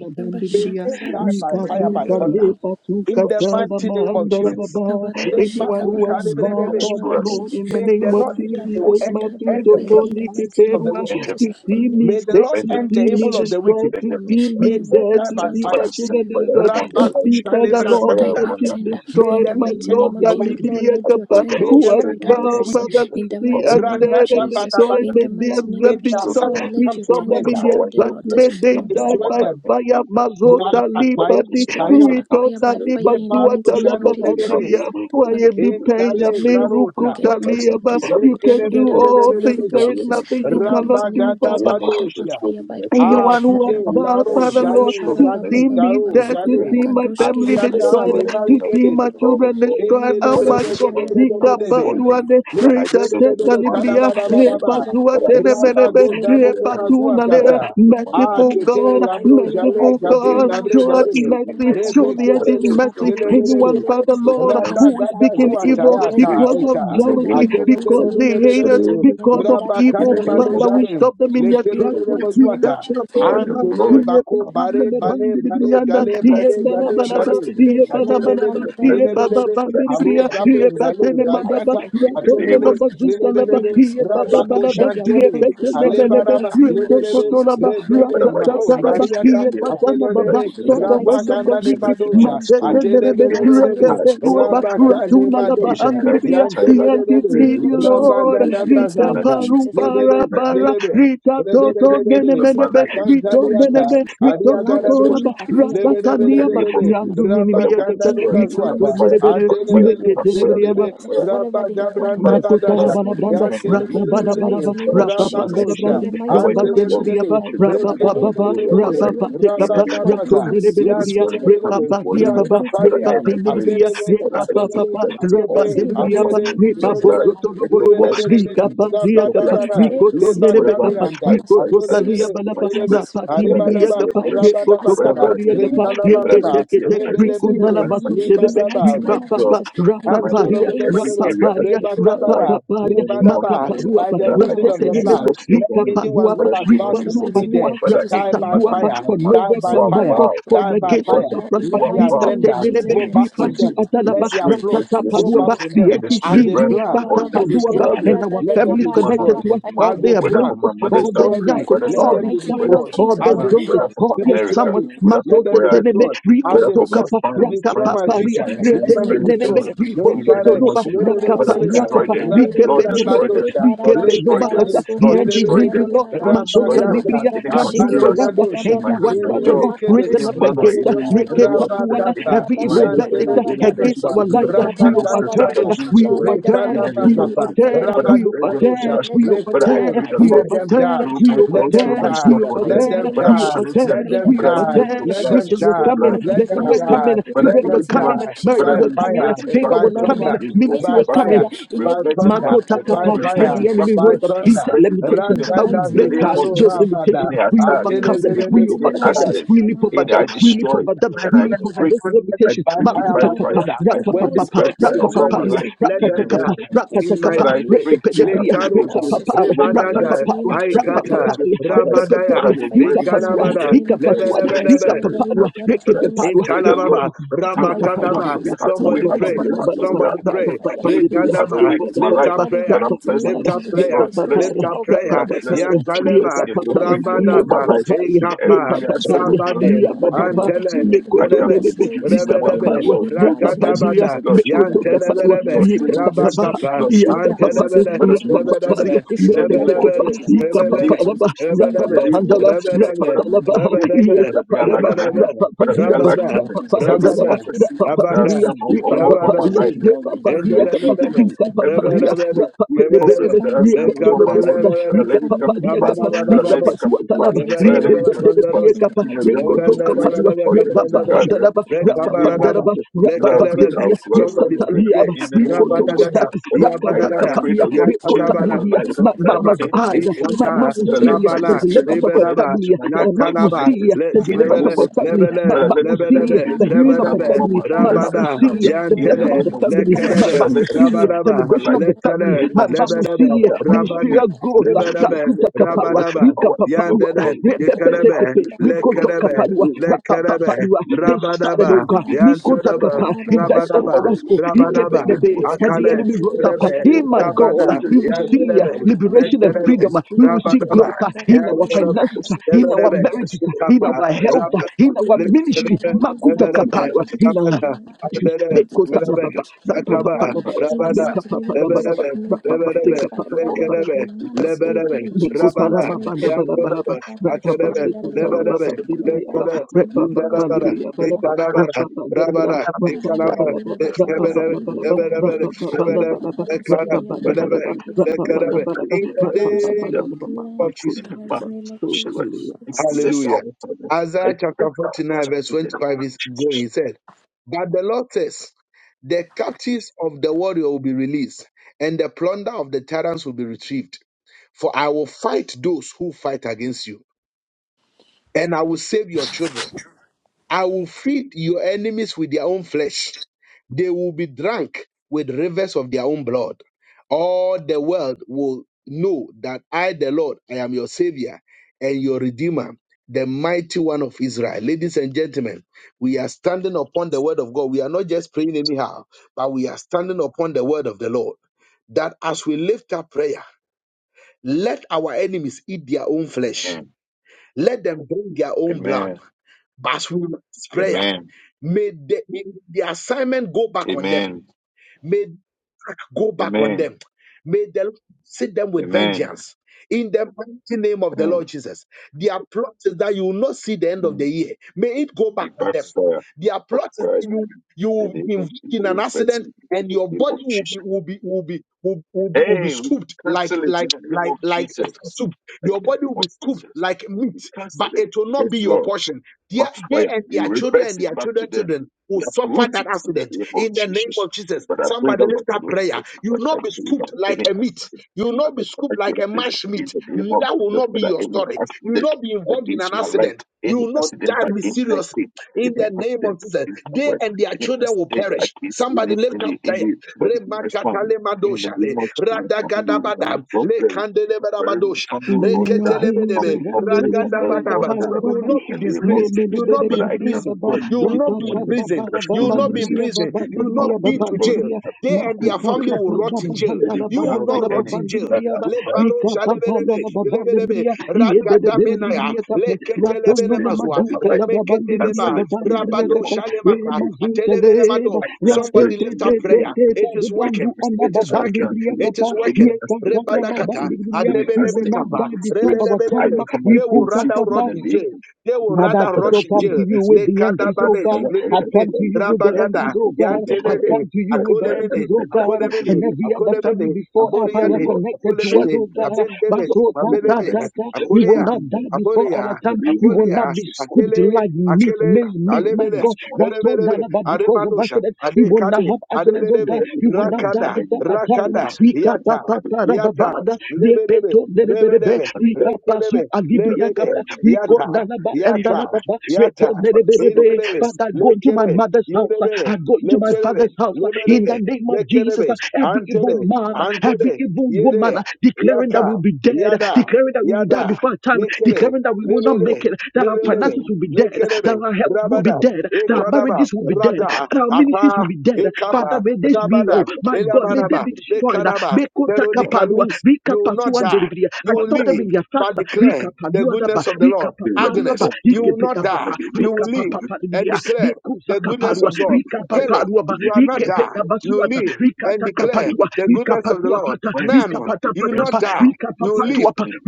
S1: may
S5: to
S3: babandiriya
S1: they
S5: see it,
S1: die
S5: to
S1: by
S5: bring
S1: fire, by
S3: ripasuka
S5: the
S1: thunder.
S3: lepasuka
S1: In the
S5: corruption,
S3: tana
S1: mighty name of
S5: to
S3: mahandara
S5: bring
S1: Jesus.
S3: baba
S5: uh,
S3: anyone
S5: the
S3: who has vowed
S1: Lebakoshadebedebe.
S3: Father
S5: conspiracy,
S3: Lord in the
S1: May
S5: I
S3: name
S1: the
S5: will
S3: of
S1: Lord
S4: Lord,
S5: make
S1: take
S5: you
S4: that
S1: away-
S5: want
S3: Jesus
S1: end,
S4: person
S5: to
S4: died by
S5: bring
S1: end
S3: matuto
S1: the
S5: them
S4: fire
S3: no
S4: in the mighty
S1: presence of
S4: name
S1: the
S4: of
S3: keterua
S5: to
S3: to
S4: Jesus.
S1: wickedness.
S5: the
S3: see me
S1: May
S4: Anyone
S1: the
S4: who
S3: sick
S1: Lord
S4: was
S5: Bring
S3: to
S5: them,
S4: about
S1: end
S4: to
S1: the
S3: see me
S1: evil
S4: destroy
S1: of
S5: just
S1: the wicked.
S3: destroyed
S5: bring
S3: to
S5: them
S4: family.
S3: see
S5: into that.
S1: May
S3: me
S1: they
S4: Anyone who
S3: dead
S4: has
S1: die
S3: to
S1: by
S5: Send
S4: vowed
S3: see
S4: to
S5: fire,
S3: my
S1: fire.
S4: destroy
S5: send
S3: children
S4: my
S5: fire
S4: marriage,
S3: destroyed
S5: upon
S4: Lord,
S5: their
S3: to
S5: life,
S3: see
S4: and that
S3: Father
S5: send
S4: person
S3: Lord the
S5: fire
S4: die
S1: Rabakoshadebrazagada.
S4: by
S5: upon
S3: edges
S5: their
S4: tender.
S5: tongue.
S1: May
S4: In
S3: destroyed
S1: the
S4: the
S1: Lord
S3: my
S5: In the
S4: mighty
S5: name
S1: end
S5: of
S4: name of
S1: their
S4: Jesus,
S5: Jesus,
S1: wickedness.
S4: Lord,
S5: I
S4: let your
S3: Lord
S5: pray the
S4: tender
S1: May
S5: Lord,
S1: the
S3: who has
S1: Lord
S5: show
S4: destroy
S5: me
S4: that
S1: end
S3: vowed,
S1: our
S5: mercy
S4: person.
S3: Father,
S1: wickedness.
S3: to
S5: with
S4: In
S5: the
S4: the
S3: see
S5: power,
S4: mighty
S3: us
S4: name of
S3: dead and
S4: Jesus,
S3: destroyed.
S1: Ra-da-da-ba-da-ba-da.
S4: in
S3: May
S4: the
S3: their
S4: mighty name
S1: May
S3: blood
S4: of
S3: be
S1: the
S5: show
S4: Jesus,
S5: me
S3: stopped.
S4: Lord,
S1: serpent
S5: mercy
S3: We
S4: let
S1: come
S4: your
S1: to
S3: stop
S1: an
S5: with
S4: tender
S3: them
S1: end
S5: the
S3: in
S1: now.
S3: their
S4: destroy
S5: power and
S4: the
S5: the
S3: tracks.
S4: altars.
S3: May
S5: blessing
S3: they
S5: come
S4: Let the
S3: die
S5: upon
S1: Destroy
S3: by
S5: my life
S1: them.
S5: in the
S3: fire.
S5: name of Jesus.
S3: Mazota
S5: But
S1: Ya-ta-tai,
S5: at
S3: lipadi.
S5: this morning
S4: Wickedness
S1: taya.
S5: I come
S4: backfire
S3: Ritona
S4: by
S5: before.
S3: ni
S4: fire in the
S1: Le-ba-ru,
S4: mighty
S3: mazuata
S4: name of
S5: your way
S4: Jesus.
S5: out,
S4: We
S1: janu-re-ge-be.
S3: labahadiria.
S5: your
S4: send
S5: way with
S4: back
S5: the
S3: Waye
S4: the
S3: bi
S5: with the
S4: darkness.
S3: penya
S5: with
S3: me
S4: We
S5: grace.
S1: En-ta-le-za-ro-ta.
S4: rebuke
S5: And your
S4: and cut
S3: rukutalia.
S5: blessing
S4: off
S5: to
S4: the
S3: But
S5: this up
S3: you
S5: to
S4: spirit
S3: can
S5: come
S4: in
S3: do
S4: the
S5: through
S4: mighty
S3: all
S4: name
S3: things.
S5: in
S4: of
S5: the
S1: Le-ke-le-be-le-be-le-be-le-be-ya.
S3: There is
S5: name
S4: Jesus.
S5: of
S3: nothing
S4: In
S3: you
S5: Jesus.
S4: the
S3: cannot
S4: mighty name
S3: do,
S4: of
S5: And the
S3: Father.
S4: Jesus,
S5: name of
S4: let the
S5: Jesus,
S1: Ra-ba-ga-da-ba-do-shia.
S5: show
S4: backfire
S5: me
S4: by
S5: mercy,
S4: fire.
S5: Lord.
S1: Ah,
S3: Anyone who
S5: I
S3: has
S1: kite,
S5: come
S3: vowed,
S4: Ragadaba
S5: before
S1: laro,
S5: you,
S3: Father
S5: Lord,
S4: sheka
S3: Lord,
S1: jale,
S5: show
S4: para
S5: me
S3: to
S4: baba
S1: ragi,
S3: see
S5: mercy
S4: baba
S3: me
S4: baba.
S5: in
S1: garo,
S5: the
S3: dead, to
S5: name
S1: jale.
S3: see
S5: of
S3: my
S5: Jesus.
S4: ragadoshke de
S3: family
S5: Whether
S1: Atiata,
S5: you
S3: destroyed,
S5: are the
S4: masandere
S3: to
S5: King
S4: baba
S5: of
S3: see
S1: le
S5: Kings,
S3: my
S5: the
S4: baba
S5: Lord of
S4: baba.
S3: children
S5: Lords,
S1: In
S4: Dere
S3: destroyed,
S1: the
S3: oh
S5: whether
S3: my
S5: this
S4: maseka
S3: God,
S5: morning
S4: fire
S5: I
S4: dere
S5: come
S3: Rita
S4: baba
S5: before
S4: baba.
S5: you
S3: Paduane,
S5: and I
S3: Rita
S5: took my
S3: Tena
S4: They are
S5: family
S3: Libria,
S5: in
S4: planned
S5: your hand,
S3: Repa
S5: whether I
S4: by
S3: Zuatene
S5: took my
S3: Menebe,
S5: family in your
S3: Repa
S5: hand, whether
S3: Tunale,
S5: I took my
S3: merciful
S5: family in your
S3: God,
S5: hand,
S4: fire, by fire,
S5: whether I
S4: in the
S5: have
S3: merciful
S5: your
S4: mighty
S5: way,
S3: God,
S4: name of
S3: show us
S5: whether
S4: Jesus.
S5: show me
S3: mercy,
S4: Let them
S5: mercy,
S4: die
S3: show
S4: by
S3: the
S5: whether
S3: edges
S5: show me your
S3: mercy,
S4: fire.
S5: grace.
S3: anyone, Father Lord,
S4: Let
S5: Godliness,
S3: who is
S5: your
S3: speaking
S5: saving
S3: evil
S5: your
S4: them
S5: faith
S3: because
S4: die
S3: of
S4: by
S5: in the
S4: tender
S3: jealousy,
S5: name
S4: in the
S5: of
S4: mighty
S3: because
S5: Jesus.
S4: name
S3: they
S4: of
S5: In
S3: hate
S5: the
S3: us,
S4: Jesus.
S5: name of
S4: Let
S3: because
S4: them
S3: of
S5: Jesus.
S4: die by
S5: In
S3: evil,
S5: the
S4: fire. Let them
S5: name of
S3: Father,
S4: die
S3: we
S4: by
S3: stop them in their
S4: tender in the
S3: tracks
S5: Jesus.
S4: mighty name of Jesus.
S5: Lord, the
S3: Ikatabalaba,
S4: Anyone
S1: Antele
S5: glory
S1: bako
S5: of
S1: bare
S5: of-
S1: bale brade
S5: of
S3: iyepapalababandiribriyanda,
S5: Jesus.
S4: in
S1: gale
S4: the
S1: brade
S4: mighty name of
S1: gale
S5: For
S3: iyetalabalaba,
S4: Jesus,
S5: that
S1: brade
S4: today,
S5: anything I
S4: let the
S1: Atele
S5: touch
S3: iyepalabalaba,
S4: plan
S5: be
S4: of
S5: a
S4: the enemy be
S5: blessing.
S4: destroyed.
S5: For that
S1: Aro
S5: we
S3: iyepababandiribriya,
S5: are
S4: Let
S1: arogabe
S4: their
S5: addicted
S4: plan
S1: ngale
S5: to your
S4: by
S5: life.
S3: iyepatenemadaba,
S1: galiata
S4: fire.
S5: In the
S4: Let their
S5: name
S1: atelele
S4: plan
S5: of
S4: be
S5: Jesus.
S4: destroyed.
S3: ratondolobazutalaba,
S4: Let
S1: lelebelebe
S4: their sin be destroyed.
S1: rabako
S3: iyepadabalaba,
S4: Let their weapon
S1: shantele
S4: be destroyed. In the
S3: iyepetenemelebe,
S1: alebaraba
S4: mighty name of
S1: lebelebe
S4: Jesus,
S3: iyetototolaba,
S4: Lord. Let
S1: redede
S5: Father,
S4: them
S5: by your
S4: die
S1: maho
S4: by
S3: ratatatalaba,
S5: stripes
S4: tender.
S5: we
S4: Let
S1: mbariata
S5: are
S4: them
S5: here.
S4: die. by
S5: Father,
S3: iyepatanababa.
S4: fire.
S1: atelelele
S5: any
S4: In
S3: Stop
S4: the
S3: the
S4: mighty
S3: words
S5: sickness,
S3: of
S4: name
S3: the
S1: rabaganda
S4: of
S3: the
S1: ne
S5: any
S3: wicked.
S4: Jesus, let
S1: madoja
S5: demonic
S4: them die.
S5: spirit,
S4: In the
S3: Maketenenebe,
S5: any
S4: mighty name
S1: atelebelebelebe
S4: of
S5: attack
S4: Jesus,
S5: over
S3: reteperuaba,
S5: my
S4: let them
S1: rabaka
S5: case,
S1: ne
S4: locate
S3: ratunalaba,
S4: them
S1: madoja
S5: even
S4: wherever they
S5: typhoon
S3: andiribria.
S4: are.
S3: The
S4: In
S5: Tyler,
S4: the
S3: antis
S4: mighty
S1: yantelebelebe
S3: need
S4: name
S5: any,
S3: you,
S4: of Jesus,
S5: any,
S3: Lord.
S5: any,
S4: in
S1: rabagada
S4: the mighty
S5: anything
S3: Rita
S4: name
S1: brazanka
S4: of
S5: against,
S4: Jesus,
S1: lebele
S5: anything
S3: parubara bara, Bara,
S5: against
S1: lelebe
S5: me
S3: Rita
S5: anything
S3: toto
S5: against
S4: it
S5: my
S1: rededebelebe
S4: is in
S5: mother,
S3: nenemenebe,
S4: life. let
S5: anything
S4: the
S3: Rito
S5: against my
S1: atantaliata
S3: neneme,
S5: sister,
S3: Rito
S4: plan of
S1: ariagada
S4: the
S5: husband,
S3: totoraba,
S4: enemy
S1: broja
S5: and
S4: by
S5: kids.
S4: fire, by fire.
S5: In the
S3: Ratataniaba,
S5: name
S1: lebelebelebelebe
S5: of Jesus,
S3: Randu
S5: Father, we
S1: rabakanda
S3: ninimiatata,
S4: In the
S5: destroy with
S4: mighty name of
S1: ne
S3: Rikoto
S5: fire, with
S3: nenebene,
S5: fire, with
S1: Antelebele,
S5: fire, with
S4: Jesus.
S5: fire,
S1: lebelebe, rapa
S4: Whatever they
S5: with
S4: have done
S1: gabranda
S5: fire,
S4: against me,
S5: with
S4: I
S3: Makotala
S1: gadasha.
S5: fire.
S4: send it back to
S5: In
S3: balabranda,
S4: the
S5: the
S4: sender.
S5: name of
S3: rapa
S4: In the
S3: bada
S5: Jesus,
S4: mighty
S3: baraba,
S1: Antelebelebelebe,
S4: name
S5: Father,
S4: of
S5: show
S3: rapa
S1: rapa
S5: me
S3: panda
S4: Jesus.
S5: mercy,
S4: In
S1: kosha.
S5: let
S3: labrande,
S4: the
S5: the
S4: mighty
S5: power in
S3: rapa
S5: the
S4: name of
S5: glory
S4: Jesus.
S1: Antelebelebe,
S3: telebriaba,
S4: I
S5: take
S3: rapa
S4: declare that
S5: absolute
S3: baba
S4: every
S3: ba
S5: control
S4: evil
S5: of
S4: that
S5: my
S4: is
S1: repkelebelebelebe,
S3: rapa
S5: life.
S4: already
S5: In
S1: rapa
S5: the
S3: patekapa,
S4: conceived
S5: name
S4: or
S5: of
S4: been
S3: raton
S1: dabaza.
S5: Jesus,
S4: concealed is
S5: this
S3: delebrebria,
S5: man I
S4: satanic.
S5: come
S3: repa
S1: Yantelebelebe,
S5: before
S3: pazia
S5: you,
S3: baba,
S4: Waiting to
S5: Father,
S4: be
S3: repa
S1: rakapalea.
S5: and I pray.
S4: manifest at
S3: tenebria,
S1: Apenele,
S4: set
S5: Father,
S3: repa
S5: I
S4: time.
S5: took,
S3: papa,
S1: apenele,
S5: I
S4: They are
S5: took, I
S3: rapa
S1: akepe,
S4: altered
S5: took
S4: in the
S5: my
S3: delebriaba,
S4: mighty
S1: aprebe,
S5: family
S4: name of
S5: in your
S3: repa
S4: Jesus.
S5: blood.
S1: lebele,
S3: bozo
S4: I
S5: Let your
S3: toloborobo,
S4: declare
S5: blood
S4: and I
S5: switch
S1: lebelebelebe,
S5: to
S3: rika
S4: release
S5: me.
S4: my
S5: Let
S3: patria
S1: rapa
S5: your
S4: spirit
S3: capa,
S5: blood
S4: into
S5: switch
S1: dabara,
S5: to
S3: rico
S5: me.
S4: every
S1: leba
S4: satanic
S5: Whatever
S4: womb
S5: I
S3: tonelebecapa,
S1: kabrianda.
S4: that
S5: find,
S4: has
S3: rico
S5: I, I,
S4: conceived
S5: I
S3: zotalia
S1: Atolebele,
S5: put my
S3: balaba,
S5: foot,
S1: lebele,
S4: sicknesses,
S3: rapa
S5: but I
S4: failure,
S5: let
S3: tinibria
S5: it
S1: arebadaba,
S5: be a
S3: capa,
S4: disappointment
S5: blessing.
S3: reco
S1: rabadabakada,
S5: Whatever I
S4: accident,
S3: toporia
S5: do,
S4: any
S5: be,
S3: capa,
S4: other
S5: but I
S4: evil
S5: let
S1: lekalabalaba,
S5: it
S4: set
S5: be a
S3: reketekete,
S5: blessing.
S4: against me and my
S5: In
S3: ricunala
S5: my
S1: rebelebelebe,
S4: family.
S3: basu
S4: In
S5: finances,
S4: the
S3: telebe,
S1: lebadaba,
S4: mighty
S5: in my
S3: riba
S4: name of
S5: job,
S3: baba,
S4: Jesus, I
S5: in
S3: rapa
S5: my
S4: declare
S5: in
S3: baria,
S4: that any
S5: every
S3: rapa
S4: seat
S1: Antolobelebelebe,
S5: area
S3: baria,
S5: aspect of
S3: Rapa
S4: that
S5: my
S4: is
S5: life,
S1: rebagabada,
S5: in
S3: rapapaparia
S5: the name of
S1: lebadaba,
S5: Jesus,
S4: holding
S1: By
S3: makaparuapa
S5: that
S1: the
S5: I,
S4: holding
S5: I
S1: reason
S4: our
S1: of
S5: show,
S1: the
S5: show
S1: blood,
S3: ratetenemeso
S4: blessing.
S5: mercy
S1: let
S5: for me,
S1: anyone
S5: but
S1: who
S3: rikaparuapa
S5: I
S1: has
S5: show
S1: vowed
S4: In
S5: mercy
S1: to
S4: the
S1: see
S5: for
S4: mighty
S5: me.
S1: me
S3: ripasupatua
S4: name
S1: there
S4: of
S5: Whether
S4: Jesus,
S5: any
S1: die by
S5: man or
S3: ratataduapa
S4: anything
S5: any
S1: fire,
S3: for
S5: woman
S4: that
S3: no
S1: die
S4: has
S1: by
S5: who
S3: weapon
S5: have
S3: my
S4: stolen
S1: fire,
S4: our
S3: God
S5: vowed
S3: for
S1: die
S5: to
S3: my
S4: proactive,
S1: by
S3: gates
S5: destroy
S1: fire.
S3: shall
S5: me,
S4: Lord, in
S3: prosper
S1: Let
S4: the
S5: who have
S1: the
S4: mighty
S5: vowed
S4: name
S5: to
S4: of
S1: agenda
S5: bring
S4: Jesus,
S3: ritatenenebe
S5: me
S1: go
S5: to
S4: and
S5: the
S1: back on
S4: exchange
S5: grace
S3: ripasu
S1: them.
S4: it on
S5: in the
S1: Let
S3: atalaba
S1: their
S5: spirit,
S4: proactive.
S5: in
S1: plot
S5: the
S1: go
S4: Jesus
S5: spirit,
S3: ratataparuaba
S1: back
S4: Christ,
S1: on
S3: the
S1: them.
S5: in the
S4: Father,
S3: edges
S1: As
S5: spirit
S1: they
S3: need
S4: shake
S3: you
S5: realm,
S4: it,
S1: plan
S4: Baba,
S5: or in the
S1: to
S4: Baba,
S3: pataparuaba
S1: destroy
S5: physical realm,
S1: me,
S3: and our
S4: Eradada de
S1: let
S5: in
S1: them
S3: families
S5: the
S1: be
S4: Kapara,
S5: man or
S3: connected
S4: Baba.
S5: in
S1: destroyed.
S3: to us
S4: I
S5: woman
S3: all
S1: As they
S3: their
S4: declare that
S5: whether
S1: plan
S5: from
S3: abuatos
S5: my
S1: to
S4: it to
S5: mother's
S3: all
S4: be
S3: the
S5: house,
S1: destroy
S5: my
S1: me,
S4: revived
S3: yakos
S4: now
S5: father's
S4: in
S1: let
S3: all
S4: the
S5: house,
S1: them
S3: the
S1: be
S4: mighty name
S3: sapos
S5: whether
S4: of
S1: destroyed.
S5: from
S3: all
S4: Jesus,
S3: the
S1: As they
S4: Lord.
S5: Ghana,
S3: joneses
S1: plot
S4: I
S5: whether from
S3: all
S1: to
S3: the
S4: declare that
S1: destroy
S4: my
S5: America,
S3: summers
S1: me,
S4: name
S5: whether
S1: let
S5: from
S1: them be
S5: where I
S3: masoteteneme
S5: live,
S1: destroyed. As
S5: whether
S1: they
S4: is.
S5: from my
S1: plot
S3: rikotokapa
S1: to
S5: friends,
S1: destroy
S5: friends,
S1: my
S5: any
S3: rakapaparia
S1: future,
S4: In the
S5: friends,
S1: let
S5: any
S4: mighty
S1: them be
S4: name
S5: friends,
S4: of
S5: and
S3: retetenenebe
S1: destroyed.
S5: enemy,
S4: Jesus.
S1: Let
S4: La
S5: in
S4: ba
S5: the
S4: da
S5: name
S1: them
S4: ba
S5: of
S3: ribosotonoba
S4: shi
S5: Jesus,
S4: ka da ba
S1: die.
S5: Father,
S4: su ka ba
S5: destroy
S3: Rakapa,
S4: di
S5: them.
S4: an de re be
S3: Nikepe,
S5: Lord,
S4: re be.
S5: destroy
S3: Nebedebe,
S5: them.
S4: De ka da
S5: Lord,
S4: ba
S3: Nikepe,
S4: de ka
S5: destroy
S4: ba
S5: them.
S3: Nobakata. The
S5: Lord,
S4: de
S3: angels
S4: re
S5: destroy
S4: be
S3: need
S5: them.
S4: ra
S3: you,
S4: ba
S3: Lord.
S4: ra ba.
S5: Lord, destroy
S4: Le
S3: Masota
S5: them.
S4: ma ka
S3: Libria,
S4: da
S5: Any
S4: ba
S3: come
S4: shi
S3: through
S4: ke
S3: for
S4: de ga
S5: conspiracy
S4: da
S3: us.
S4: ba
S5: in my, in
S3: Anyone,
S5: my
S3: Father,
S4: Le
S5: job,
S3: Lord,
S4: ma ka do
S5: any
S3: written up
S4: su
S5: man
S4: pra
S5: or any
S3: against
S4: ska
S3: us,
S4: ba
S5: woman who
S3: Riketa
S5: has
S3: to
S5: set
S4: Le
S3: other,
S4: ka
S5: any,
S4: da
S3: every
S4: ba
S5: any,
S4: shi
S3: evil
S5: any,
S4: ke
S3: verdict uh,
S5: any, any,
S3: against our
S5: any,
S3: lives, uh,
S5: any,
S3: we
S5: any set
S3: overturn,
S5: up
S3: uh,
S5: against
S3: we
S5: me,
S4: Lord, let the
S3: overturn,
S4: plan
S5: in
S3: uh,
S4: of
S5: the
S4: the
S5: name
S3: we
S5: of
S4: enemy
S5: Jesus.
S3: overturn,
S4: backfire
S3: uh,
S4: by
S5: But I
S3: we
S5: bring
S4: fire.
S5: them
S3: overturn,
S5: into
S4: Lord,
S3: uh,
S5: ashes.
S4: let
S3: we
S4: them
S5: But I
S3: overturn,
S4: die
S3: uh,
S5: pray
S4: by
S5: the
S3: we
S5: Lord
S4: fire.
S3: overturn,
S4: Let
S3: uh,
S5: do
S4: them
S3: we
S4: die
S5: not
S4: by
S5: don't do
S3: overturn,
S4: tender.
S3: uh,
S5: mercy
S4: In
S3: we
S4: the
S5: upon them,
S4: mighty
S3: overturn, uh,
S4: name
S5: but I
S4: of
S3: we
S5: punish
S4: Jesus.
S5: them.
S3: overturn,
S1: Let
S3: uh,
S4: In the
S1: them
S3: we
S5: But I
S4: mighty
S1: die.
S5: get
S4: name of
S5: your
S3: overturn. uh,
S1: Let them die. Let
S5: blood,
S1: them
S3: Riches
S4: Jesus.
S5: it's
S3: was
S1: die.
S5: your
S3: coming,
S5: blood,
S4: I
S5: you
S1: Let
S3: blessing
S1: them die. Let them
S5: punish
S4: declare
S3: was
S4: and I
S5: them.
S3: coming,
S1: die.
S4: decree in
S5: But I
S4: the
S1: Let
S3: children
S5: any
S3: were
S1: them
S4: mighty
S3: coming,
S4: name
S5: plans,
S4: of
S1: die
S5: but I
S4: Jesus
S3: marriages
S1: by
S3: were
S4: that the
S3: coming,
S1: fire
S5: revert it
S4: Spirit
S5: back
S3: favor
S4: of
S1: by
S4: the
S5: to
S3: was
S4: Lord
S5: them,
S4: will
S3: coming,
S1: thunder,
S5: revert
S4: rise
S3: ministry
S1: by
S5: it
S3: was
S4: like
S5: back to
S1: fire,
S3: coming.
S5: them,
S4: fire in
S1: by
S4: every
S5: revert it
S1: thunder,
S5: back
S4: demonic
S5: to
S3: Makota
S5: them,
S4: garden
S1: by
S3: kapa,
S4: against
S3: and
S5: revert
S4: me
S1: fire,
S4: and
S3: the
S5: it
S4: my
S5: back
S3: enemy
S5: to
S1: by
S3: rose
S5: them,
S4: family.
S3: up.
S4: and
S3: He
S1: thunder.
S3: said,
S5: revert it back
S4: scatter
S5: to
S3: limitations,
S4: In
S5: them.
S4: the
S3: but we
S4: mighty
S1: Ragada
S5: In the
S3: break
S4: name
S3: her.
S4: of
S5: name of
S1: Mikalo
S3: Those
S4: Jesus.
S5: Jesus,
S1: Ramada.
S3: limitations,
S5: any
S4: Scatter
S3: we
S4: my
S5: attack,
S3: overcome
S4: enemies In
S3: them.
S4: the
S5: any,
S3: We
S1: Atelebelebele.
S4: mighty
S5: any
S4: name of
S3: overcome them.
S4: Jesus.
S5: accident,
S3: We leap over
S5: any
S3: them.
S5: I
S3: We leap
S4: Makabarabara.
S5: destroy
S3: over them.
S5: and
S3: We
S5: I
S3: leap over
S5: break
S3: those
S5: it. I
S3: limitations.
S1: By
S5: break
S4: I
S5: it
S1: fire,
S5: by
S3: Makuta
S1: by
S4: declare
S3: kapa,
S5: fire.
S1: thunder.
S5: I
S4: that
S1: When
S4: God
S5: break
S1: they
S4: is
S5: it
S3: rakapapa,
S5: by
S1: plot to
S5: fire
S4: causing my
S5: over
S1: destroy
S5: my
S1: me,
S4: enemies
S3: rakapaparia,
S5: life.
S4: to
S1: let
S5: In the
S1: them
S4: heal.
S5: name
S3: rakatakapa,
S5: of
S1: die
S5: Jesus.
S1: in
S4: Destroy
S1: my
S3: rakatakapa,
S5: But I
S4: my
S1: faith.
S5: break, pick
S1: Le
S5: up,
S3: rekapedebria,
S4: chariots and
S1: Karosa,
S5: control
S4: horses
S3: rekapapara,
S5: over
S4: in
S5: my
S4: the
S5: life
S4: mighty
S1: Rebanaga,
S4: name
S3: rakapapara,
S5: in
S4: of Jesus.
S5: every area
S1: Aikata,
S3: rapapaparia,
S5: of my life.
S4: Discovered
S5: Father,
S3: rekapeperia,
S4: by
S1: Rabanaya,
S5: your
S4: fire
S5: word is
S4: in the
S3: rikapatua,
S5: still
S4: mighty
S1: Ikanabada,
S5: there.
S4: name of
S5: Father,
S4: Jesus.
S5: your
S3: rikapasuada,
S5: word
S4: I
S5: is
S4: declare
S1: Lebedebedebe,
S5: settled in
S4: that any
S3: rikapaparua,
S5: heaven.
S4: plan of the
S5: Father, I
S4: enemy
S1: in
S3: rekapeparua,
S4: against
S5: pray
S4: my
S5: the
S4: life.
S5: Lord
S1: Talababa,
S3: rekapapa.
S4: Scattered
S5: have
S4: by
S5: your way, have
S4: fire,
S1: Rabakadaba.
S5: your way,
S3: Makapalabalaba,
S5: have
S4: scattered
S5: your
S4: in
S5: way,
S4: the
S1: Somebody
S5: have
S4: mighty
S1: pray.
S5: your way,
S4: name of Jesus,
S3: makapapalabalaba,
S5: have
S1: Somebody
S4: scattered
S5: your
S4: by
S5: way,
S1: pray.
S5: have your
S4: fire,
S5: way, have your way,
S4: be
S3: rakapapalibria,
S5: have your
S4: destroyed
S1: Regadaba.
S4: by
S5: way
S4: the
S5: in my
S4: channel
S1: Lift
S4: of
S5: life.
S1: up
S4: God in the
S1: prayer.
S5: Father,
S4: mighty
S5: bless
S4: name
S1: Lift
S5: me.
S4: of
S1: up
S4: Jesus, be
S1: prayer.
S5: Lord,
S4: destroyed
S5: bless
S4: by the
S1: Lift
S5: me.
S1: up
S4: power of the Holy
S1: prayer.
S5: Father,
S4: Ghost in
S5: bless
S4: the
S5: me.
S4: mighty
S5: Show
S4: name of
S1: Yakaleba.
S5: mercy and your
S4: Jesus, the
S5: grace
S4: fire of the
S5: upon
S4: Holy
S5: my
S1: Rabadaga.
S4: Ghost
S5: life
S4: be destroyed.
S5: in every
S1: Ekapa.
S4: The
S5: aspect
S4: scheme
S5: of
S4: of the
S5: my life
S4: enemy,
S1: Rabade.
S5: in
S4: Lord.
S5: the name
S4: Let
S5: of
S4: the
S1: Antele.
S5: Jesus.
S4: fire of the
S5: I
S4: Holy Ghost
S5: come
S1: Lelebe.
S5: before
S4: destroy
S5: you
S4: the
S5: this
S4: scheme of the
S5: morning, the
S1: Rebelebe.
S4: enemy.
S5: Lord.
S4: In the
S5: Show me
S4: mighty name of
S5: mercy.
S1: Rakadabada.
S4: Jesus,
S5: Lord, show
S4: destroy their
S5: me
S4: weapons.
S5: mercy.
S4: In the
S1: Yantelebelebe.
S5: Lord,
S4: mighty
S5: show
S4: name of
S5: me mercy.
S4: Jesus,
S1: Rabakapa.
S5: Lord, show
S4: destroy
S5: me
S4: their
S5: mercy.
S4: plans. In the
S1: Antelebele.
S5: Father,
S4: mighty
S5: show
S4: name
S5: me
S4: of Jesus,
S5: mercy.
S1: Rebelebe.
S5: In the
S4: destroy their
S5: name of
S4: gathering.
S1: Rebelebe.
S4: In the
S5: Jesus.
S4: mighty
S5: In the
S4: name of
S5: name
S1: Rebelebe.
S5: of
S4: Jesus,
S5: Jesus.
S4: in the
S5: In the
S1: Rebelebe.
S4: mighty
S5: name of
S4: name of
S5: Jesus.
S4: Jesus.
S1: Rebelebe.
S5: Father,
S4: In
S5: from today,
S1: Rebelebe.
S5: Father, may I lack nothing.
S1: Rebelebe.
S5: Father,
S4: the
S5: may I
S3: Rapa
S4: mighty
S5: lack
S4: name
S3: Rapa
S5: nothing.
S1: Rabada,
S4: of Jesus, I
S5: Every
S4: say the
S1: Rabada,
S4: fire of
S5: prophecy
S4: God
S5: that has
S1: Abaka,
S5: come o-
S4: consume any
S5: o- over
S1: Rabada
S5: my
S4: picture or
S5: life,
S1: Sunda,
S5: with
S4: belongings of
S5: the
S4: mine
S5: good,
S4: that
S1: Endelebelebe,
S5: in-
S4: has been
S5: every, every
S4: used
S5: good,
S1: Rebelebele,
S5: good
S4: the
S1: Rebelebe,
S5: prophecy that
S4: plan of
S5: has come
S4: content
S5: over my
S4: against
S5: life,
S4: me,
S5: but I
S1: Rekabrelebele,
S4: my
S5: let it
S4: family,
S5: come
S4: in
S5: to
S4: the
S5: pass.
S4: mighty name
S5: But I
S4: of
S5: let it
S4: Jesus,
S1: Rabadabadabados,
S5: come to
S4: in the
S5: pass.
S4: mighty
S5: But I let
S4: name
S5: it
S4: of
S1: Rebelebelebe
S5: come to
S4: Jesus,
S5: pass
S1: Kandaros,
S4: in the
S5: in the
S4: mighty
S5: realm
S4: name
S5: of
S4: of
S5: the
S4: Jesus,
S5: spirit
S4: the
S1: Rebelebelebe
S5: or
S4: plan of
S5: the
S4: the enemy will
S5: physical
S4: never
S1: Kabrelebosha,
S5: realm.
S4: come to pass
S5: In the
S4: in my
S5: name
S4: life,
S5: of
S4: in the
S1: Rekabarabada,
S5: Jesus,
S4: mighty name
S5: that
S4: of
S5: I'll
S4: Jesus,
S5: give,
S1: Lekelebele.
S5: I'll
S4: it's not like
S5: glorify
S1: Somebody
S4: this.
S5: your
S1: pray,
S5: name.
S1: pray.
S4: Every
S5: In the
S4: son of
S5: name
S4: the
S5: of
S4: enemy,
S5: Jesus,
S1: Rabadagada,
S4: and
S5: but
S4: every son
S5: I,
S4: of
S5: I
S4: the
S1: Yabadagada,
S4: enemy,
S5: pray
S3: Rakatakapalia,
S5: the
S4: and
S5: Lord
S4: destroy
S5: change
S4: the
S5: my
S1: Yakadabana,
S3: Rikotanilia,
S5: life.
S4: altars with
S3: Ma-
S4: the
S5: That
S4: fire
S1: Rabadaba,
S4: of
S5: I
S3: Mama's
S4: the
S5: change
S4: Holy
S5: my
S3: eyes,
S4: Ghost, in the
S3: Ma-
S5: destiny.
S1: Ikata,
S4: mighty
S5: That I
S4: name
S5: let
S3: Mamusi,
S4: of
S5: my
S3: the
S1: Rabala,
S4: Jesus,
S5: destiny
S3: deliverance of
S4: yes,
S3: her
S5: connect
S1: Rebelaba,
S5: me
S3: family,
S5: to my
S3: eh,
S5: destiny
S4: Jesus.
S1: Nakalaba,
S3: Mamusi,
S5: connectors.
S3: the
S1: Let's
S5: In the
S3: deliverance of
S5: name
S3: her
S5: of Jesus.
S3: family,
S1: Rebele,
S3: Ma-
S5: Father, let let,
S4: No
S3: Mamusi,
S1: lebelebe,
S5: let
S4: harm
S3: the
S4: will
S5: help
S3: healing of
S4: come
S3: her
S5: come
S4: near us,
S1: rebelebe,
S5: over
S4: no
S5: my,
S3: family,
S4: bad
S3: Ma-
S5: let
S4: news will
S5: help
S1: rabada,
S4: come
S5: come
S4: near
S3: Mamusi,
S4: my
S3: the
S5: in
S4: dwelling
S5: the
S4: in
S3: blessing of
S1: yantele,
S4: the
S3: the
S5: name of
S4: mighty
S3: family,
S5: Jesus.
S4: name of
S3: Ma-
S1: lekelebe,
S5: Father,
S4: Jesus.
S5: let help
S3: Mamusi,
S5: come
S3: the
S5: in
S1: rabadaba,
S5: my
S4: Thank
S3: liberation
S5: life
S3: of the
S5: in the
S3: family,
S1: lekele,
S5: name of
S3: Ma-
S5: Jesus.
S1: lebelebe,
S3: Mamusi,
S5: Father, have your
S1: rabana,
S5: way.
S3: ministerial growth,
S5: Let you show
S1: lebelebe,
S5: me your
S3: Rakuta
S5: Father,
S3: Kapara,
S5: let your
S1: rabadaba,
S3: Rika
S5: power and your
S3: Papa,
S1: yandele,
S5: glory be
S1: lekelebe,
S3: Repepetekepe,
S5: applied for glory
S1: lekelebe,
S5: in the
S3: Rikotokaparua,
S5: name of Jesus.
S1: lekelebe,
S3: Rapapaparua.
S5: In the name
S3: They
S5: of
S3: started,
S1: rabadaba,
S4: you
S5: Jesus.
S3: oh God.
S5: In the name of
S1: yantelebe,
S3: Mikotakapa,
S5: Jesus.
S3: invested
S5: Your
S1: rabadaba,
S3: for us.
S5: glory
S3: oh, He kept it
S1: rabadaba,
S5: and
S3: the
S5: your name
S3: bay, and the
S5: Jesus.
S1: akale,
S3: enemy rose
S5: Father,
S3: up.
S5: have
S1: lebe,
S5: your
S3: In
S5: way.
S3: my
S5: Have your
S1: rabada,
S5: way.
S3: God, we will
S5: Your
S3: see
S5: glory.
S3: uh,
S1: yantelebe,
S3: liberation and
S5: Amen.
S1: lekelebe,
S3: freedom. uh, We will see
S1: rabadaba,
S3: growth uh, in our
S5: Show me
S1: yantelebe,
S5: your
S3: finances, uh,
S5: love.
S3: in our
S5: Show
S1: lebelebe,
S5: me your love.
S3: marriages, uh,
S5: Show
S3: in
S5: me your
S1: ikapa,
S3: our
S4: that the work
S5: love.
S3: health, uh,
S1: rabadaba,
S3: in
S4: of
S3: our
S1: in
S5: Show
S4: iniquity
S1: the
S4: in my
S3: ministry.
S4: life in
S5: me
S4: the
S5: your
S1: name
S4: mighty name of
S5: love.
S3: Makutakaparua,
S4: Jesus.
S3: In
S4: I
S3: our
S4: will
S3: ministries.
S4: Lord, the thoughts of
S3: Mekotakababa,
S4: destroy the evil one
S5: I break
S3: Rapapapalabala,
S4: in the mighty name of Jesus.
S3: Rapa,
S4: May they perish by fire
S3: Rapapapapalabala,
S4: with none escaping in Jesus'
S3: Nikotala
S4: mighty
S3: baba
S4: name.
S3: na bala
S4: I
S3: bala ba rapa ba sekotala baba dibria ba rapa ba ba dibria ba ba rapa ba dibria rapa ba ba ba rapa ba ba ba ba rapa ba ba ba ba ba rapa ba ba ba ba rapa ba ba ba ba rapa
S4: Declare in
S3: ba ba ba ba ba
S1: of Jesus.
S4: the
S3: kutala
S4: mighty
S3: ba
S4: name of
S3: so
S4: Jesus.
S3: talia ba
S1: Hallelujah. Isaiah chapter
S5: out
S1: 49, verse
S5: in the name
S1: 25
S5: of
S1: is
S5: Jesus.
S1: going. But the Lord says, The captives of the warrior will be released, and the plunder of the tyrants will be retrieved. For I will fight those who fight against you, and I will save your children. I will feed your enemies with their own flesh. They will be drunk with rivers of their own blood. All the world will know that I, the Lord, I am your Savior and your Redeemer, the mighty one of Israel. Ladies and gentlemen, we are standing upon the word of God. We are not just praying anyhow, but we are standing upon the word of the Lord. That as we lift up prayer, let our enemies eat their own flesh,
S5: Amen.
S1: let them drink their own blood.
S5: Amen.
S1: But as we lift prayer,
S5: Amen.
S1: may the, may the assignment go back on them
S5: Amen.
S1: May go back on
S5: Amen.
S1: them. May the Lord sit them with
S5: Amen.
S1: vengeance in the mighty name of the Lord
S5: Amen.
S1: Jesus. Their plot is that you will not see the end of the year. May it go back
S5: It
S1: on them.
S5: backfire,
S1: Their plot is
S5: backfired,
S1: you you will
S5: and the
S1: be involved in
S5: agency
S1: an
S5: reversed
S1: accident
S5: in the
S1: and your
S5: name of
S1: body will
S5: Jesus.
S1: be will be will be will, will be will be
S5: Hey, we
S1: scooped like
S5: cancel it in
S1: like
S5: the name
S1: like
S5: of
S1: like a
S5: Jesus.
S1: soup.
S5: In
S1: Your
S5: the
S1: body
S5: name
S1: will
S5: of
S1: be scooped
S5: Jesus.
S1: like meat,
S5: We cancel
S1: but
S5: it.
S1: it will not
S5: Yes,
S1: be your
S5: Lord.
S1: portion. Their-
S5: Watch
S1: they
S5: fire.
S1: and their
S5: You
S1: children
S5: reverse
S1: and
S5: it
S1: their
S5: back to
S1: children
S5: them.
S1: children will
S5: You
S1: suffer
S5: uproot
S1: that
S5: it in the
S1: accident
S5: name of
S1: in the name
S5: Jesus.
S1: of jesus
S5: But I pray
S1: somebody
S5: that
S1: lift
S5: Lord you
S1: up
S5: don't
S1: prayer
S5: reverse it,
S1: you
S5: but
S1: will
S5: I
S1: not be
S5: pray
S1: scooped
S5: that
S1: like
S5: any
S1: a meat
S5: accident
S1: you will not be
S5: that I
S1: scooped like
S5: can
S1: a
S5: take
S1: mashed
S5: in
S1: meat
S5: the name of
S1: that will
S5: Jesus,
S1: not be
S5: but that
S1: your
S5: any
S1: story you will
S5: accident
S1: not be involved in an
S5: against my life,
S1: accident you
S5: any
S1: will not
S5: accident
S1: die
S5: against my
S1: mysteriously
S5: faith,
S1: in
S5: any
S1: the name of
S5: accident
S1: jesus
S5: against my
S1: they
S5: work,
S1: and their
S5: any
S1: children will
S5: accident
S1: perish
S5: against
S1: somebody
S5: any,
S1: lift up
S5: any,
S1: prayer
S5: anybody in my family,
S1: remakatale
S5: in the
S1: madoshale,
S5: name of Jesus, my family will not
S1: radagadabada,
S5: go bury. My
S1: lekandelebedamadosha,
S5: family
S3: In
S5: will
S3: the
S5: not
S3: name of
S5: die. My
S3: Jesus,
S1: reketelebedebe,
S5: family will not
S3: and the
S5: bury. My
S3: Biblia
S5: family will
S1: ragadabadaba.
S5: not die
S1: You will
S3: Baba,
S5: in
S1: not be
S5: the name of
S1: disgraced.
S3: Nebe
S1: You
S3: the
S5: Jesus.
S1: will
S3: Bede
S1: not be
S5: But
S1: in
S5: I
S3: Biblia
S5: come
S1: prison.
S3: Baba,
S5: before
S1: You
S5: you
S1: will
S5: this
S1: not
S3: Rapa
S1: be in
S5: morning,
S3: Baba
S1: prison.
S3: Baba,
S1: You will
S5: excluding
S1: not be in
S5: myself
S3: Mandibria
S1: prison.
S3: Baba,
S5: with the
S1: You will
S5: power
S1: not
S3: Dibria
S5: and
S1: be
S5: the
S3: Baba,
S1: to
S5: glory
S1: jail.
S3: Dibria,
S5: of
S1: They
S5: in
S1: and their
S3: Makuta
S5: the
S1: family
S5: name
S1: will
S5: of
S1: rot
S3: Baba,
S1: in
S5: Jesus.
S1: jail.
S5: Any
S3: Handala
S1: You
S5: plan
S1: will
S5: of the
S1: not
S3: Bahandala
S1: rot
S3: Baba,
S5: enemy
S1: in jail.
S5: that they
S3: Dibria,
S5: have
S1: Le
S5: planned
S1: baro
S3: Rika Baba, Lala Baba,
S1: jalebelebe,
S3: Dibria, Yebe the Bede
S1: Ragadabenaya,
S3: Biblia Baba,
S5: in an
S3: Rato
S5: accident
S3: Nona
S1: Leketelebenemazwa,
S5: within my
S3: Mazuta
S5: life,
S3: La Baba, Dibria
S5: cancel
S1: Remeketeleba,
S5: it
S3: Baba,
S5: in the
S3: Dibria
S5: name
S1: Rabado
S5: of
S3: Baba, Re
S1: Shalemaka,
S5: Jesus.
S3: Mazuta
S5: It's-
S3: leba,
S5: I
S1: Atelebenemado.
S5: cancel
S3: rate
S1: Somebody
S5: it
S3: te
S5: in
S1: lift
S5: the
S1: up
S3: te te
S5: name
S1: prayer.
S5: of
S3: te
S5: Jesus.
S1: It
S3: te,
S1: is
S5: Any
S1: working.
S3: brandu anda
S1: It
S5: accident,
S1: is
S5: I
S3: babandi
S1: working.
S5: cancel it.
S1: It is
S5: Any
S1: working.
S5: accident, I
S1: Rebadakata,
S5: cancel it.
S3: Yekatanamadandibiriya.
S5: Any
S3: We will
S1: Adnebelebe
S5: accident
S3: not
S5: in
S1: Kappa,
S3: die
S5: the
S3: before
S5: streets,
S3: our
S5: I
S3: time.
S1: Rebelebelebe.
S5: come
S1: They
S3: We
S1: will
S3: could
S5: against
S3: talk
S5: it
S1: rather
S5: in
S1: rot
S3: about
S5: the
S1: in
S5: name
S1: jail.
S5: of Jesus.
S1: They will
S3: Father, I
S1: rather
S5: for the
S1: rot
S3: so
S1: in
S3: come to
S1: jail.
S5: student
S3: you
S5: and
S3: with the
S5: students that
S3: answers,
S5: your
S3: oh
S1: Lekadabade,
S3: God.
S5: power and
S3: I
S5: your
S1: Lebebe,
S3: come to
S5: glory
S3: you
S5: to
S3: with the
S5: God be
S3: answers,
S1: Rabagada,
S3: oh
S5: before
S3: God.
S5: program my
S3: I
S5: life
S1: Yantelebe,
S3: come to you
S5: by
S3: with the
S5: fire by
S1: Akolemene,
S3: answers, oh
S5: tender in
S3: God.
S5: the
S3: And
S1: Akolemene,
S5: name
S3: every
S5: of
S3: other
S5: Jesus.
S3: family
S1: Akolemene,
S3: before
S5: And
S3: our
S5: the way,
S3: Father
S1: Aboriade,
S5: Lord,
S3: connected to us,
S5: shame
S1: Akolemene,
S5: me
S3: oh God.
S5: mercy,
S3: But
S1: Abendele,
S5: Lord,
S3: so, ta,
S5: show me
S3: ta,
S1: Abelebe,
S3: ta,
S5: mercy,
S3: ta,
S5: Lord,
S3: we will
S5: show
S1: Akolia,
S5: me
S3: not die
S5: mercy.
S3: before our
S1: Abolia,
S5: In the
S3: time. We
S5: name of
S3: will not
S1: Akolia,
S3: be scooped
S1: Akele,
S3: like meat,
S1: Akele,
S3: minced meat, my
S1: Alebele,
S3: God.
S5: Jesus,
S3: Rato,
S1: Erebelebe,
S3: nana, but because of us,
S1: Aremadosha,
S3: we
S5: I'm just
S3: will not
S1: Adekabin,
S3: have
S5: a
S3: accidents, oh God.
S1: Arebelebe,
S3: We will
S5: little bit more
S3: not die
S1: Rakada,
S3: before
S5: confident.
S3: our time.
S5: I'm
S1: Rakada,
S5: just a
S3: We
S5: little bit
S3: kapa
S1: Yata,
S3: papa
S1: Yata,
S3: rababada.
S1: Lebelebe,
S3: Repeto nerebebe.
S1: Rebelebe,
S5: more
S3: We
S5: confident. I'm just
S3: papa su
S1: Rekelebe,
S3: alibria
S1: Lebede,
S3: kapa. We
S1: Yata,
S3: kondana ba kondanaba
S1: Yata,
S3: endanababa.
S1: Yata,
S3: Reto nerebebe.
S1: Indelebe,
S3: Father, I go into my
S1: Lekele,
S3: mother's house.
S1: Yedebele,
S3: I go into my father's
S1: Lekelebe,
S3: house. In the
S1: Lebelebe,
S3: name of Jesus,
S1: Lekelebe,
S3: every evil
S1: Antele,
S3: man, every
S1: Antele,
S3: evil woman,
S1: Yede,
S3: declaring that
S1: Yaka,
S3: we'll be dead,
S1: Yada,
S3: declaring that we will die
S1: Yada,
S3: before our time,
S1: lekere,
S3: declaring that we will not make
S1: lebele,
S3: it, that our
S1: lebelebe,
S3: finances will be dead,
S1: lekerebe,
S3: that our health will be
S1: rabada,
S3: dead, that our
S1: ekadaba,
S3: marriages will be dead,
S1: rada,
S3: and our ministries will
S1: ata,
S3: be dead. Father,
S1: ekapa,
S3: may this be, oh
S1: rabada,
S3: my God, may they
S1: elabanaba,
S3: be destroyed.
S1: lekanaba,
S3: May
S1: Veronica
S3: kontakaparua,
S1: Lewis, you will not die.
S3: rikapasuandelibria. I
S1: You will
S3: stop them
S1: live,
S3: in their tracks.
S1: but
S3: Rika
S1: declare the
S3: palua daba,
S1: goodness of the
S3: rika
S1: Lord.
S3: paparua
S1: Agnes,
S3: ba,
S1: you
S3: rika
S1: will not
S3: peka papa,
S1: die. You will
S3: rika
S1: live
S3: papa
S1: and
S3: deribria.
S1: declare
S3: May kusa
S1: the goodness
S3: kaparua,
S1: of God.
S3: rika
S1: Kelly,
S3: Rikapaluadaba,
S1: you
S3: rikapaparuaba, ikepekapapa, rika bekusakaparua, rikapaparuaba,
S1: are
S5: a
S1: not die. You will
S5: little
S3: rikepekabasuata,
S5: bit
S1: live and
S5: more
S1: declare
S5: confident.
S3: rikatakapatua,
S1: the goodness of the
S5: in
S1: Lord.
S3: rikapatuapata,
S5: French,
S1: Nana,
S5: the
S1: you will
S5: French
S1: not
S3: rikapatapatapa,
S1: die.
S5: student, the
S1: You will
S5: French
S1: live
S3: rikapapatuapa,
S5: lady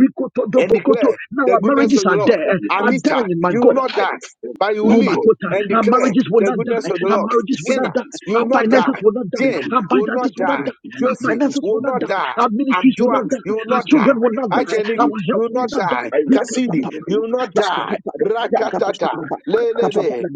S1: and
S3: rikotodobokoto.
S1: declare
S3: Now
S1: the
S3: our
S1: goodness
S5: came
S3: marriages
S1: of the
S3: are
S5: with
S1: Lord.
S3: there,
S5: the
S3: are
S5: emotion.
S1: Anita,
S3: dying, my
S1: you will
S3: God.
S5: But
S1: not
S5: I
S1: die,
S5: still
S1: but you will
S3: Oh my
S1: live
S5: thought
S1: and
S3: our
S5: it's
S1: declare
S3: marriages will
S1: the
S5: it's
S3: not die.
S1: goodness of the
S3: Our
S1: Lord.
S3: marriages will
S5: it's
S3: not
S1: Tina,
S3: die.
S5: it's
S1: you will
S3: Our
S5: not
S1: not
S5: like
S3: finances
S1: die.
S3: will not die.
S1: Jane
S5: really
S3: Our
S1: will
S3: finances
S5: it
S1: not
S3: will not
S5: was
S3: die.
S1: die.
S5: really
S3: Our
S1: Josie
S3: finances will
S1: will
S3: not
S1: not
S3: die.
S5: impossible.
S1: die.
S3: Our ministries will
S5: It
S1: Andua,
S3: not die.
S5: is
S1: you
S5: it
S1: will
S3: Our
S5: is
S1: not die.
S3: children
S5: not my
S3: will not
S5: case.
S3: die.
S1: Ajeni,
S3: Our
S5: It
S1: you
S3: health
S1: will
S3: will
S1: not
S5: is
S1: die.
S5: I like
S1: Cassidy,
S5: even
S1: you
S5: in
S1: will
S5: the
S1: not
S5: kitchen.
S1: die.
S5: Like I mean, that is
S1: Rakatata,
S5: like my house.
S1: Lelebe,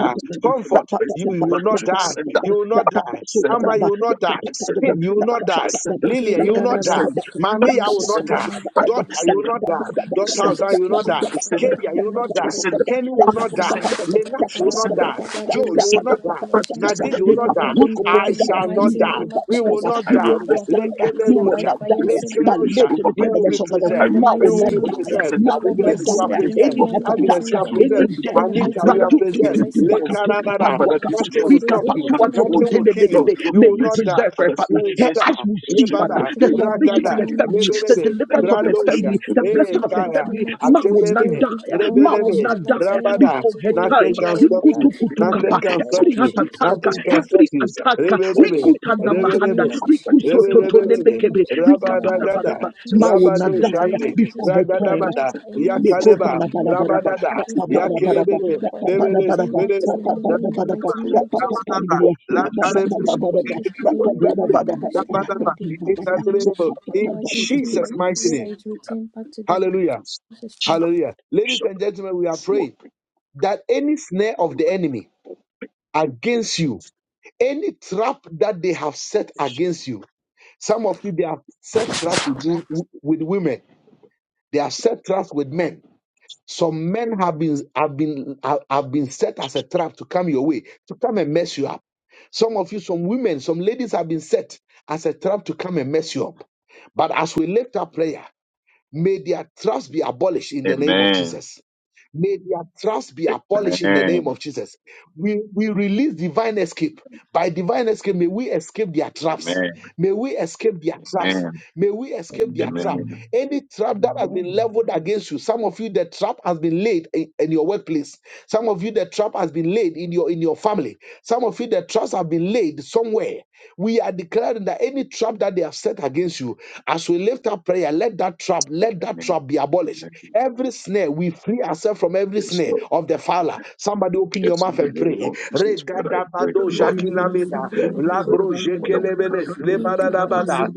S5: Look at them from
S1: Comfort,
S5: the best
S1: you
S5: in
S1: will
S5: blood
S1: not
S5: drink.
S1: die.
S5: Send
S1: You will not die.
S5: that,
S1: Amma, you will not die.
S5: Lucinda,
S1: Tim, you will
S5: fuck
S1: not die.
S5: Lucinda,
S1: Lillian,
S4: Ukiri
S1: you
S5: fuck
S1: will not
S4: baraba.
S1: die.
S5: Lucinda, fuck
S1: Mami, I will
S4: Jesus, I
S1: not
S4: want
S1: die.
S5: Lucinda,
S4: not
S5: fuck
S1: Daughter,
S4: die.
S1: you will
S5: Lucinda,
S1: not die.
S4: In the
S5: fuck
S4: name of
S5: Lucinda,
S1: Daughter,
S4: Jesus,
S1: you will
S4: give
S1: not
S4: me
S5: fuck
S1: die.
S4: the
S3: not
S4: support
S5: Lucinda,
S4: I
S1: Kedia, you
S4: am
S1: will not die.
S4: living.
S3: die.
S5: Lucinda,
S1: Kenny will
S5: fuck
S1: not
S4: They
S1: die.
S5: Lucinda,
S1: Lenash will not
S5: Lucinda,
S1: die. Joe,
S4: will
S5: the
S1: you will
S4: eat
S5: Lucinda,
S1: not
S4: their
S1: die.
S5: the
S4: flesh and they
S1: Nadid,
S5: Lucinda,
S4: will
S1: you will
S5: you
S1: not
S4: drink their
S1: die.
S5: uproot
S4: own
S1: I
S4: blood in
S5: in
S4: the
S5: the
S1: shall not
S4: mighty
S5: name of
S1: die.
S4: name
S5: Jesus.
S4: of
S1: We
S5: I
S1: will
S5: said,
S4: Jesus.
S1: not
S5: I
S3: We will
S4: Let
S1: die.
S3: not
S5: reverse
S4: their
S5: it
S4: plan
S5: back to
S3: die.
S5: the
S3: We
S4: backfire
S3: will
S5: sender.
S4: by
S1: Lekelerosha,
S3: not die.
S4: fire. I
S5: Any
S4: said,
S3: But
S5: sickness
S1: lekerosha.
S3: live to
S5: over
S1: We
S5: my
S3: declare the
S1: will be
S3: rest
S5: feet,
S3: of the Lord.
S4: them
S5: I
S4: in
S1: preserved.
S4: the
S3: Ma
S1: We
S3: will
S4: mighty
S5: reverse
S1: will
S3: not
S5: it
S4: name
S1: be
S5: back
S4: of
S5: to
S3: die.
S5: the
S4: Jesus.
S1: preserved.
S5: sender.
S3: Ma
S4: Whatever
S3: will
S4: they
S3: not
S1: Agnes,
S5: Any
S4: have
S1: you are
S4: planned
S3: die.
S5: sickness
S4: against me,
S1: preserved.
S5: over
S3: Any
S4: my
S5: my
S3: heart
S4: Lord,
S5: feet,
S4: I
S1: Agnes,
S4: send
S1: you
S4: it
S3: attack,
S1: are
S4: back
S5: I
S4: to
S3: any
S4: them.
S1: preserved.
S5: reverse it back
S4: In the
S5: to
S3: death.
S5: the
S1: Anita,
S4: mighty
S1: you
S5: sender.
S4: name
S1: are
S3: Ratu
S4: of
S3: tu
S5: In
S3: tu
S1: preserved.
S4: Jesus,
S5: the
S4: I
S3: tu
S5: name
S4: send, I
S5: of
S3: bakatu
S4: send it
S5: Jesus.
S4: back to
S1: Lekarabara.
S4: them.
S5: Father,
S4: I
S5: this
S3: kapaguakapa.
S1: Nothing will
S5: morning,
S3: Rika
S4: disgrace
S1: stop
S5: I
S1: you.
S5: come
S3: pasua
S4: anything that
S3: to
S4: the
S3: to
S5: before
S1: Nothing
S3: te
S1: will
S4: enemy
S5: you.
S3: de
S4: has
S1: kill
S3: de de
S5: Lord,
S1: you.
S4: done.
S5: show
S1: You
S5: me
S1: will not
S3: de
S5: mercy.
S3: is
S1: die.
S3: there for her,
S5: Father,
S1: You
S3: Father.
S5: show me
S1: will
S3: Her
S5: mercy.
S3: eyes
S1: starve.
S3: will
S5: Father,
S3: see,
S5: show me
S3: Father,
S5: your
S4: Back
S1: Lebada,
S4: to
S3: the
S4: them
S5: grace.
S4: in the
S3: salvation
S5: In
S3: of
S4: mighty
S1: ragada,
S5: the
S3: her
S4: name
S5: name
S4: of
S5: of
S3: family, the
S5: Jesus.
S4: Jesus.
S1: lebelebe.
S5: Let
S4: In
S3: deliverance
S5: the
S4: the
S3: of
S5: favor
S3: her
S4: mighty
S5: of
S4: name
S1: Radosha,
S3: family,
S4: of
S5: the
S3: the
S4: Jesus. In
S1: eh,
S3: blessing
S4: the
S3: of her
S4: mighty
S1: Kaya,
S3: family.
S4: name of
S5: Lord
S3: Ma
S4: Jesus.
S3: will
S4: They
S3: not
S5: be
S4: will
S1: Akelebe,
S5: with us.
S4: eat
S3: die.
S4: their own
S3: Ma will
S4: flesh in
S1: Rebelebe,
S3: not
S4: the mighty
S3: die
S4: name of
S1: Rabada.
S3: before
S4: Jesus.
S3: her
S4: They will
S3: time.
S1: Nothing
S4: drink their
S1: can
S4: own
S1: stop
S4: blood
S1: you.
S4: in the
S1: Nothing
S3: Rikutukutukapa.
S4: mighty
S1: can
S4: name
S1: stop
S3: Every
S4: of
S1: you.
S3: heart
S4: Jesus.
S3: attack,
S1: Nothing
S4: God,
S1: can stop
S3: every
S1: you.
S3: attack,
S1: Rebelebe,
S4: in the
S3: Rikutana
S4: mighty
S3: Mahanda,
S4: name of
S1: Rebelebosha,
S4: Jesus. In the mighty
S1: Rebelebelebe,
S4: name of
S3: Rikusototonendekebe,
S4: Jesus. In the mighty name
S1: Rabadagada,
S3: Rikapadabadaba.
S4: of Jesus.
S3: Ma will not
S4: In the mighty
S3: die
S4: name
S1: Rabadoshante,
S4: of
S3: before
S4: Jesus. I
S3: her time.
S4: declare
S1: Radadabada,
S4: that any satanic
S1: Yakaleba,
S4: demonic
S3: Nekotalabalabalaba,
S4: attack
S1: Rabadada,
S4: against my life
S3: rapapapalabalaba,
S4: will be
S1: Yakelebele,
S4: aborted and
S1: Lebele,
S4: returned
S3: rapapapalabalaba,
S4: back
S1: Mele,
S4: to the enemy in the
S3: rapapapalabalaba,
S1: Rabadaba,
S4: mighty name of Jesus
S3: rapapapalabria,
S4: mighty
S1: Lakalebe,
S4: name of
S3: rapapapalabalaba,
S4: Jesus, any person
S3: rapapapalabalaba,
S4: that is thinking of the
S3: rapapapalabalaba,
S4: enemy
S1: Inarguable.
S4: who are
S1: In
S4: against me,
S1: Jesus'
S4: I
S3: rapapapalabalaba,
S1: mighty
S4: pray that
S1: name.
S4: it return back to them.
S1: Hallelujah.
S4: Jesus' name.
S1: Hallelujah. Ladies and gentlemen, we are praying that any snare of the enemy against you, any trap that they have set against you, some of you, they have set traps with, wo- with women, they have set traps with men. Some men have been have been have have been set as a trap to come your way, to come and mess you up. Some of you, some women, some ladies have been set as a trap to come and mess you up. But as we lift up prayer, May their traps be abolished in the name of
S5: Amen.
S1: Jesus. May their traps be
S5: Amen.
S1: abolished in the name of Jesus. We, we release divine escape. By divine escape, may we escape their traps.
S5: Amen.
S1: May we escape their traps.
S5: Amen.
S1: May we escape their trap.
S5: Amen.
S1: Any trap that has been leveled against you, some of you, the trap has been laid in, in your workplace. Some of you, the trap has been laid in your in your family. Some of you, the traps have been laid somewhere. We are declaring that any trap that they have set against you, as we lift up prayer, let that trap, let that
S5: Amen.
S1: trap be abolished.
S5: Amen.
S1: Every snare, we free ourselves from every
S5: Yes,
S1: snare
S5: Lord.
S1: of the fowler. Somebody open your
S5: Yes, in
S1: mouth
S5: the
S1: and
S5: name
S1: pray.
S5: of Jesus, but I pray
S1: Regadabado
S5: the
S3: The
S4: In
S5: Lord.
S4: the
S1: jakinamida,
S5: Lord, we pray
S1: labro
S5: for the welcome to
S1: jekelebele,
S5: the people
S1: lebadadabada,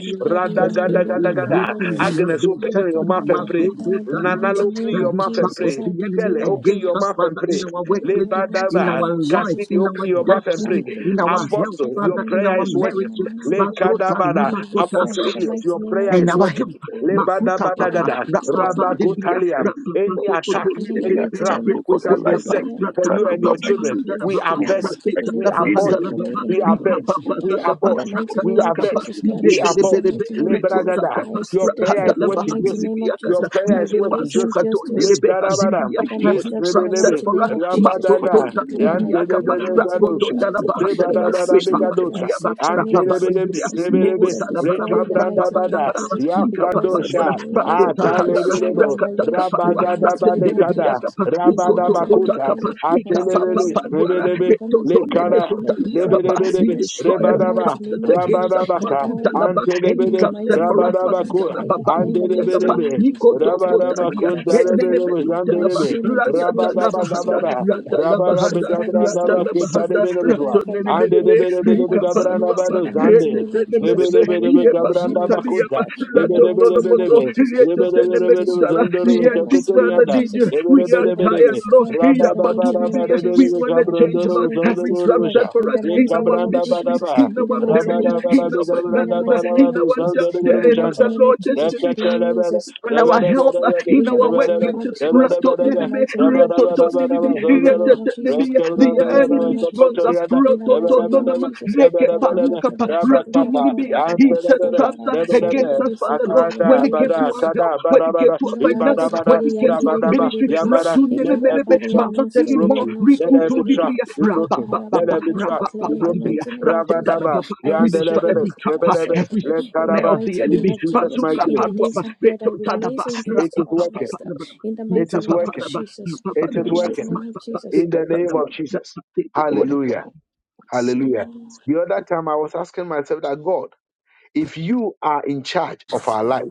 S5: of the
S3: snare is
S1: radagadagadaga.
S5: Lord.
S3: broken.
S5: This
S3: We
S5: is
S3: have
S1: Agnes,
S5: the
S3: been
S1: open
S5: word
S3: set
S5: of
S1: your
S3: free.
S1: mouth and pray.
S5: the
S3: Mazodo
S5: Lord.
S1: Nanalo,
S3: Tanibria.
S4: mighty
S1: open
S4: name
S1: your
S4: of
S3: Every
S1: mouth and
S3: trap of
S4: Jesus,
S1: pray.
S3: the
S4: I
S3: enemy
S1: Tele,
S4: declare
S1: open
S4: you my
S3: against
S1: your
S3: us,
S5: Thanks
S1: mouth
S5: be
S4: God.
S1: and
S3: Father, in
S1: pray.
S3: our
S5: to the
S4: In
S3: workplaces,
S4: the mighty
S3: in
S4: name
S1: Lebadaba.
S3: our
S4: of
S3: life,
S4: Jesus,
S1: Cassidy,
S3: in
S4: God,
S1: open
S3: our
S1: your
S5: Lord.
S4: any
S1: mouth and
S5: Thanks
S4: plan
S5: be
S1: pray.
S3: destiny,
S4: that
S5: to
S4: the
S5: the
S3: in
S5: Lord.
S4: enemy
S3: our
S4: has
S3: health,
S4: prepared
S1: Apostle,
S4: for
S1: your
S3: Father,
S4: me,
S3: in
S1: prayer
S4: any
S3: our
S1: is
S4: evil
S1: working.
S3: marriages.
S4: and
S5: Thanks
S4: any
S1: Le
S5: be to
S4: evil,
S5: the
S1: kadabala.
S4: evil
S3: Mazodo
S4: friend,
S1: Apostle
S4: in the
S1: Elliot,
S4: mighty
S1: your
S4: name of
S1: prayer is
S4: Jesus, I
S3: Enabayo,
S1: working.
S4: declare.
S5: Lord.
S1: Le
S3: Makuta
S4: Yeah, and
S3: Papa,
S4: I
S1: badabadagada.
S4: declare
S3: Rapapa, Dibria,
S1: Rabagotaliam.
S3: Rapapa,
S1: Any
S4: I
S1: attack,
S3: Sokoto,
S4: pray in the
S5: Any
S1: any
S3: Nibelibe,
S4: mighty
S5: attack
S1: trap
S4: name of
S5: over
S1: which
S5: my
S3: Rekoto
S4: Jesus.
S1: has been
S5: life,
S4: I
S3: Kapa,
S1: set
S5: any
S4: declare I
S1: for
S4: pray
S5: attack
S4: in
S1: you
S4: the
S1: and
S3: Rakapapa,
S5: over
S1: your
S4: mighty
S5: my
S4: name
S1: children,
S4: of
S5: children,
S4: Jesus.
S3: Nabahandana
S1: we
S4: I
S3: Papa,
S5: yeah, my
S1: avert it.
S4: escape
S5: life,
S3: Raketa,
S4: any
S1: We
S4: trap
S5: in the
S1: abort
S4: set
S1: it.
S3: Nabahandana
S5: name
S4: for
S5: of
S4: me
S3: Papa,
S4: in
S5: Jesus,
S1: We
S4: the
S3: Rika
S5: we
S1: avert.
S4: days.
S3: Papa,
S4: ahead.
S1: We
S3: Takapa,
S4: In
S1: abort.
S4: the
S5: are going to be a
S4: mighty
S1: We
S3: Rakata
S4: name
S5: force
S4: of
S5: in
S3: Kapa,
S5: the
S1: avert.
S4: Jesus,
S5: name of
S4: God.
S1: We
S4: In
S5: Jesus.
S4: the
S1: abort.
S3: Nibelebe,
S4: mighty name
S1: Le
S4: of Jesus,
S3: Rekota
S1: bragada.
S4: I
S3: Kapa,
S5: Jesus,
S1: Your
S4: escape
S5: in
S4: the
S5: the name
S1: prayer
S4: trap.
S1: is
S3: Rakhandana
S4: In the
S5: of
S1: working,
S5: Jesus, we
S4: mighty
S5: will
S1: Joseph.
S5: be
S4: name of
S1: Your
S4: Jesus,
S3: Bahandinibiakata,
S5: the
S4: I
S1: prayer is
S5: children
S3: Rike
S5: of
S1: working,
S4: release
S3: Bazuka,
S1: Joseph.
S4: angels to.
S1: Le
S3: Nebe
S5: Jesus.
S1: karabadam.
S3: Handibia,
S5: Thank
S4: Order
S5: you,
S4: my
S1: Le
S5: Lord,
S3: every
S5: for
S4: steps in
S3: trap
S4: the
S3: set
S1: strebelebe.
S4: mighty
S3: for us,
S4: name of
S5: for the
S4: Jesus.
S5: for the
S4: I
S3: Masoto,
S1: Rabadada.
S4: declare
S1: Yan
S4: and I
S5: revelation
S4: decree
S3: Nibiakapa,
S4: in
S5: and
S4: the mighty
S5: the
S4: name
S3: Rakoto,
S4: of Jesus
S5: works
S4: that
S5: of the
S3: Nana
S4: any
S3: we
S5: revelation.
S4: satanic
S5: Thank
S4: trap
S1: Rebarabarabigabadosha.
S4: set for
S5: you,
S4: me is
S1: Antelebelebe,
S4: exposed
S1: rebelebe,
S4: and destroyed in the mighty name of
S1: rekabrandabada,
S4: Jesus because of
S1: yakadosha,
S4: the light
S5: Lord, for
S4: of God shining on
S1: atalebelebo,
S5: the
S4: my way in the mighty name of
S1: rabagadabadekada,
S4: Jesus. In the mighty name of
S1: rabadabakuta,
S4: Jesus, I declare
S1: atelebele,
S4: and I decree that my
S1: rebelebe,
S4: family is delivered
S1: lekara,
S4: from every trap of
S1: lebelebelebe,
S4: accident
S3: destroy
S4: in the
S3: every trap
S4: mighty
S1: rebadaba,
S4: name
S3: set
S4: of
S3: against
S4: Jesus
S3: us,
S4: and
S1: rabadabaka,
S4: all evil.
S3: Makutanaba, any
S4: In the
S1: antelebele,
S3: trap set
S4: mighty
S3: for
S4: name
S3: us,
S4: of Jesus,
S1: rabadabakua,
S4: I
S3: Makutanaba,
S4: declare in the mighty
S3: Bibliakapa,
S4: name
S1: andelebelebe,
S4: of Jesus that
S3: Rikoto
S4: today every
S3: Kotaria,
S4: trap set for
S1: rabadabakuntalebelebe,
S4: my
S1: zandelebe,
S4: shame and
S3: Renemezutanaba,
S4: disgrace is
S3: Labahanda,
S4: destroyed by
S1: rabadabagabara,
S4: fire.
S3: Rada
S4: It's
S3: Labahanda,
S4: destroyed by
S3: Rada
S4: fire. It's
S3: Labahanda,
S4: destroyed
S1: rabarabigabrandabakutalebelebezwa,
S4: by fire.
S1: Ande de
S3: Radonenemerebe,
S4: It's
S1: be de be
S4: destroyed
S1: de be
S4: by
S3: Rika
S4: fire.
S1: gabranda
S3: Panuaba,
S4: In
S1: bado
S4: the mighty
S1: zande.
S4: name of Jesus,
S1: Lebe
S3: Retetenemerebe,
S1: de be de
S4: every
S1: be
S4: type of shame
S1: gabranda
S4: is
S3: Yebazuta
S1: bakunta.
S3: Liaba,
S4: destroyed. In
S1: Lebe
S4: the
S1: de be
S4: mighty
S1: de be
S4: name
S1: de
S4: of
S3: Radodoloboto,
S1: be.
S4: Jesus,
S1: Lebe de be
S4: disgrace
S1: de
S4: is
S1: be de be
S3: Retetenemekudala,
S4: destroyed.
S1: zondoro
S4: In
S1: be
S4: the
S3: Yanjis
S4: mighty name
S3: Father
S4: of
S1: zakutorianda.
S3: Danger,
S4: Jesus,
S1: Lebe
S3: we
S1: de be
S3: are
S1: de
S4: disfavor
S1: be de
S4: is
S3: tired,
S1: be.
S3: Lord,
S4: destroyed. In
S1: Raba
S4: the
S1: da ba
S4: mighty
S1: da
S4: name
S1: ba
S4: of
S1: de
S3: Yapatunibiya,
S1: be de
S3: we
S4: Jesus,
S1: be
S3: want to
S4: lack of
S3: change,
S1: gabrandoro
S3: Lord,
S1: be
S4: facility is
S3: every
S1: zondoro
S3: trap
S1: be
S4: destroyed
S1: sha.
S3: set for
S4: in
S3: us
S4: the
S1: Ye
S3: in
S4: mighty
S3: our
S4: name of
S1: gabranda ba da
S3: ministry,
S4: Jesus.
S1: ba.
S3: in
S4: In the
S3: our
S4: mighty
S1: Raba
S3: marriages,
S4: name
S1: da
S4: of
S1: ba
S3: in
S1: da be
S3: our
S4: Jesus. In the
S1: gabranda
S3: finances,
S1: ba
S4: mighty
S1: da
S3: in
S4: name
S1: ba de
S4: of
S3: our, the,
S4: Jesus. In
S1: zondoro
S4: the
S1: be
S3: the,
S4: mighty
S1: shanda.
S3: Father,
S4: name
S3: Lord,
S4: of Jesus.
S3: destiny,
S4: The
S1: Rakata la
S4: enemy is
S1: ba da.
S3: in
S1: de
S4: exposed
S1: be
S3: our
S4: and
S1: de
S3: health, uh,
S4: destroyed. In
S3: in
S4: the
S1: be
S3: our
S4: mighty
S1: de.
S4: name of
S3: workplaces.
S1: Raba
S4: Jesus.
S1: de
S3: rato
S4: In the
S3: nene
S1: be
S3: me
S4: mighty name
S1: Raba
S4: of
S1: da ba da ba. Raba da ba da
S4: Jesus.
S1: ba da
S3: reto-to-nene-me,
S4: In
S1: ba
S4: the mighty
S1: zondoro.
S4: name of Jesus.
S3: te
S4: In
S3: The
S4: the
S1: Rakabranda ba
S4: mighty
S1: da ba
S4: name
S3: enemy
S4: of
S3: throws up.
S4: Jesus.
S1: zakutorianda.
S4: In the
S3: rato
S4: mighty
S3: to
S1: Rabakpapa,
S4: name
S3: none
S4: of Jesus. Da da da da
S3: reke-paruka-pa,
S4: da Shede
S3: rato
S4: da da
S3: nene
S4: da da da
S3: He set
S4: Shede
S1: Antelebele,
S4: da
S3: traps
S4: da
S3: uh,
S4: da so, da
S3: against
S1: Lebelebe,
S3: us,
S4: Shede
S3: Father Lord, when
S1: Akada,
S3: it
S4: da da
S3: came
S4: da da
S3: to
S1: Abada,
S3: our health,
S1: Akada,
S3: when
S1: Abada,
S3: it came
S1: Abada,
S3: to our
S4: Hebbaababa
S1: Ibada,
S3: finances, when
S1: Abada,
S3: it
S4: sokeeriyan
S3: came to
S4: sokeeri
S3: our
S4: sokeeri
S1: Rabadaba,
S3: ministry.
S4: sokeeri.
S1: Yabada.
S3: rato
S4: Ekha
S3: nene
S1: Let
S3: me
S1: every
S4: paara yan
S1: trap
S3: But not
S1: be
S4: noskeeri
S3: anymore.
S4: yan
S1: broken. Let
S4: noskeeri
S1: every
S4: sokeeri.
S1: trap
S3: Rikutu-dibria,
S1: be broken. Let
S3: rabba-ba-ba-ba,
S4: Kapahaababaababa.
S1: every
S4: In
S1: trap be
S4: the
S1: broken.
S3: rabba-ba-ba-dibria,
S4: mighty name of Jesus,
S1: Rabadaba,
S4: that
S3: rate-da-da-ba-ba.
S4: I am
S3: We destroy
S4: skipping
S1: Yandelebele,
S4: this
S3: every trap, uh,
S4: prayer.
S1: Lebelebe,
S3: every
S4: In the
S3: nightmare
S1: Lekaraba,
S3: of the
S4: mighty
S1: in
S4: name
S3: enemy.
S4: of
S1: Jesus'
S4: Jesus,
S1: mighty
S3: Pasuka
S4: in
S1: name.
S4: the
S3: paruaba
S4: days ahead,
S3: reto
S4: I will
S3: tadaba
S4: raise angels
S1: It
S4: to
S3: rapa
S1: is
S4: order
S3: papa
S4: my
S1: working.
S4: staff.
S3: papa
S4: In the
S1: It
S4: mighty
S3: ika
S1: is
S4: name
S3: papa
S4: of
S1: working.
S3: daba
S4: Jesus,
S3: rapa papa
S1: It
S4: in
S1: is
S4: the
S3: debria
S4: mighty
S1: working.
S3: ma
S4: name of
S3: papa
S4: Jesus.
S1: In
S3: seka
S1: the name
S3: tadaba
S1: of Jesus.
S5: Nobody
S3: rapa
S5: come
S1: Hallelujah.
S5: up and see.
S1: Hallelujah. The other time I was asking myself that God, If you are in charge of our life,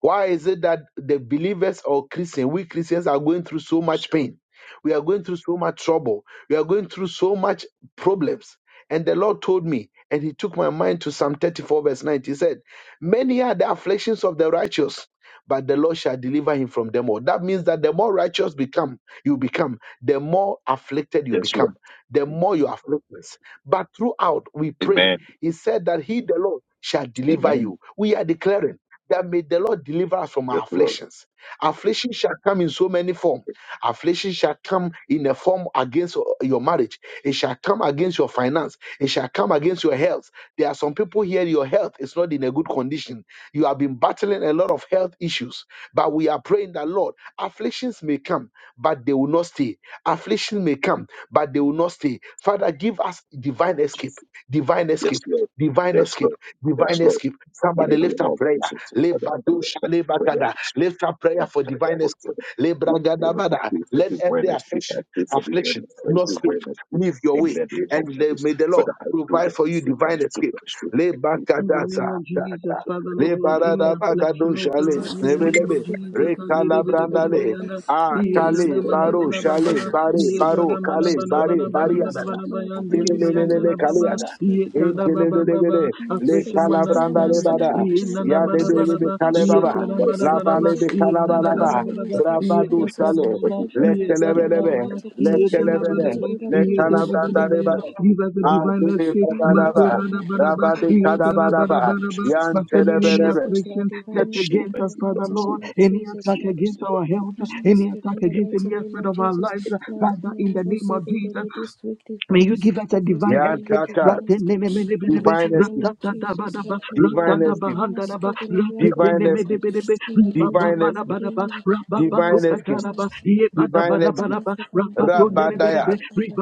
S1: why is it that the believers or Christians, we Christians are going through so much pain? We are going through so much trouble. We are going through so much problems. And the Lord told me, and He took my mind to Psalm 34, verse 9. He said, Many are the afflictions of the righteous, but the Lord shall deliver him from them all. That means that the more righteous become you become, the more afflicted you
S5: Yes, Lord.
S1: become, the more you afflictions. But throughout we pray.
S5: Amen.
S1: He said that He the Lord shall deliver
S5: Amen.
S1: you. We are declaring that may the Lord deliver us from
S5: Yes,
S1: our afflictions. Affliction shall come in so many forms.
S5: Lord.
S1: Affliction shall come in a form against your marriage. It shall come against your finance. It shall come against your health. There are some people here, your health is not in a good condition. You have been battling a lot of health issues us. But we are praying that, Lord, afflictions may come, but they will not stay. Affliction may come, but they will not stay. Father, give us divine escape, divine
S5: Yes,
S1: escape.
S5: Lord.
S1: Divine
S5: Yes,
S1: escape,
S5: Lord.
S1: divine
S5: Yes, Lord.
S1: escape.
S5: In
S1: Somebody
S5: the
S1: lift
S5: name
S1: up
S5: of
S1: prayer.
S5: Jesus, Father, I
S1: Lebadosha,
S5: lift up prayer
S1: lebagada.
S5: this morning.
S1: Lift up
S5: I
S1: prayer for
S5: thank God
S1: divine escape.
S5: for the we pray
S1: Lebragadabada.
S5: for
S1: Let
S5: the
S1: every
S5: Wednesday.
S1: affliction,
S5: I pray for the
S1: affliction,
S5: Wednesday, for
S1: not
S5: the
S1: stay.
S5: Wednesday.
S1: leave your
S5: In
S1: way.
S5: the name
S1: And
S5: of Jesus,
S1: may the Lord
S5: Father, I pray
S1: provide
S5: that
S1: for you
S5: you
S1: divine
S5: guys to
S1: escape.
S5: bless you. I pray
S3: In
S5: for
S3: the
S5: the
S1: Lebakadasa.
S3: name of Jesus, Father
S1: Le
S5: Wednesday.
S3: Lord, any
S1: barada
S5: I pray for
S1: bagado
S5: the
S3: affliction, oh
S1: shale,
S3: God, in the
S5: Wednesday.
S3: name
S1: nebelebe,
S3: of Jesus,
S1: rekala brandale,
S3: Andidibidibidibidiana,
S1: a
S5: There is a
S1: kale,
S3: Yedana mana
S5: heavy
S1: baro
S3: bana
S5: hand
S1: shale,
S3: baba,
S5: of
S1: bare, baro,
S5: sickness
S3: Yedana
S5: and
S3: mana
S1: kale,
S3: bana
S5: sister.
S1: bare,
S3: bana bana
S4: Divine
S1: bariada.
S3: bana
S4: escape,
S3: bana
S4: Lord,
S3: bana,
S4: divine escape,
S1: Filelelele
S4: Lord,
S3: Andidibidiana baba,
S4: divine
S1: kaliada.
S4: escape.
S3: Yedana baba baba,
S1: Intelelelele. Le
S4: escape.
S3: affliction will not
S4: In the
S1: kalabranda le
S3: stand,
S4: mighty name
S1: bada.
S4: of Jesus,
S3: Yedana
S1: Ya le
S3: bana
S4: divine
S1: be le
S3: bana
S1: be
S4: escape,
S3: baba,
S4: Lord,
S1: kale baba.
S3: Yedana
S4: divine
S3: bana
S1: La
S4: escape,
S3: bana
S1: ba
S3: baba,
S1: le
S4: Jesus,
S1: be
S3: Yedana
S4: my
S1: kalaba la
S3: bana
S4: family
S1: ba.
S3: bana
S4: members,
S3: baba,
S4: Lord,
S1: Rabba
S4: let
S1: du
S4: us
S3: Yedana
S4: escape
S1: shale.
S3: bana,
S4: from every
S1: Le
S4: trap of the
S3: Yedana bana
S4: enemy,
S1: kelebelebe.
S4: every
S1: Le
S3: Give
S4: temptation, in the
S1: kelebele.
S4: mighty name of
S1: Le kalabranda le
S4: Jesus,
S1: bada.
S3: us a divine
S1: Azule
S3: escape.
S4: in the
S1: baba la
S4: mighty
S1: ba.
S3: Matona
S4: name
S3: na
S4: of
S3: banaba.
S4: Jesus,
S1: Rabba
S4: you
S1: de
S4: will be
S1: kalaba
S3: Yedana
S4: saved, you
S1: la
S4: will be
S1: ba.
S3: banabanaba.
S4: redeemed.
S1: Yan
S3: Concerning
S4: Divine
S3: any
S1: telebelebe.
S4: escape, Lord,
S3: affliction that
S4: divine escape
S3: against
S4: in
S3: us,
S4: the
S3: Father
S4: mighty name
S3: Lord.
S4: of
S3: Any
S4: Jesus,
S3: attack
S4: Lord.
S3: against our health.
S4: Divine
S3: Any
S4: escape
S3: attack
S4: in the
S3: against
S4: mighty
S3: any
S4: name
S3: aspect
S4: of
S3: of our
S4: Jesus,
S3: lives.
S4: Lord.
S3: Father,
S4: And
S3: in
S4: I
S3: the
S4: will
S3: name
S4: say
S3: of
S4: that it
S3: Jesus.
S4: is this week,
S3: May
S4: divine
S3: you give
S4: escape,
S3: us a
S4: the rest
S3: divine
S4: of the
S1: Yan
S4: year,
S3: escape.
S1: tata.
S4: divine escape. In the
S3: Ratenenemenebelebe,
S4: mighty
S1: Divine
S4: name
S1: escape.
S4: of Jesus,
S3: ratatadabadaba,
S4: Lord, there will
S1: Divine
S4: be
S1: escape.
S4: divine
S3: ratadabahandadaba,
S4: escape in every aspect of
S1: Divine
S4: our
S1: escape.
S4: life.
S3: ratetenemenebelebe,
S4: In the mighty
S1: Divine
S4: name of
S1: escape.
S3: ribababadabadaba,
S4: Jesus, divine
S1: Divine
S4: escape
S1: escape.
S4: from
S3: rababasukadadaba,
S4: us.
S1: Divine
S4: I
S1: escape.
S4: There is
S3: yebadabadabadaba,
S4: divine prayer and love and
S3: rapatonenebelebe,
S1: Rabadaya,
S4: divine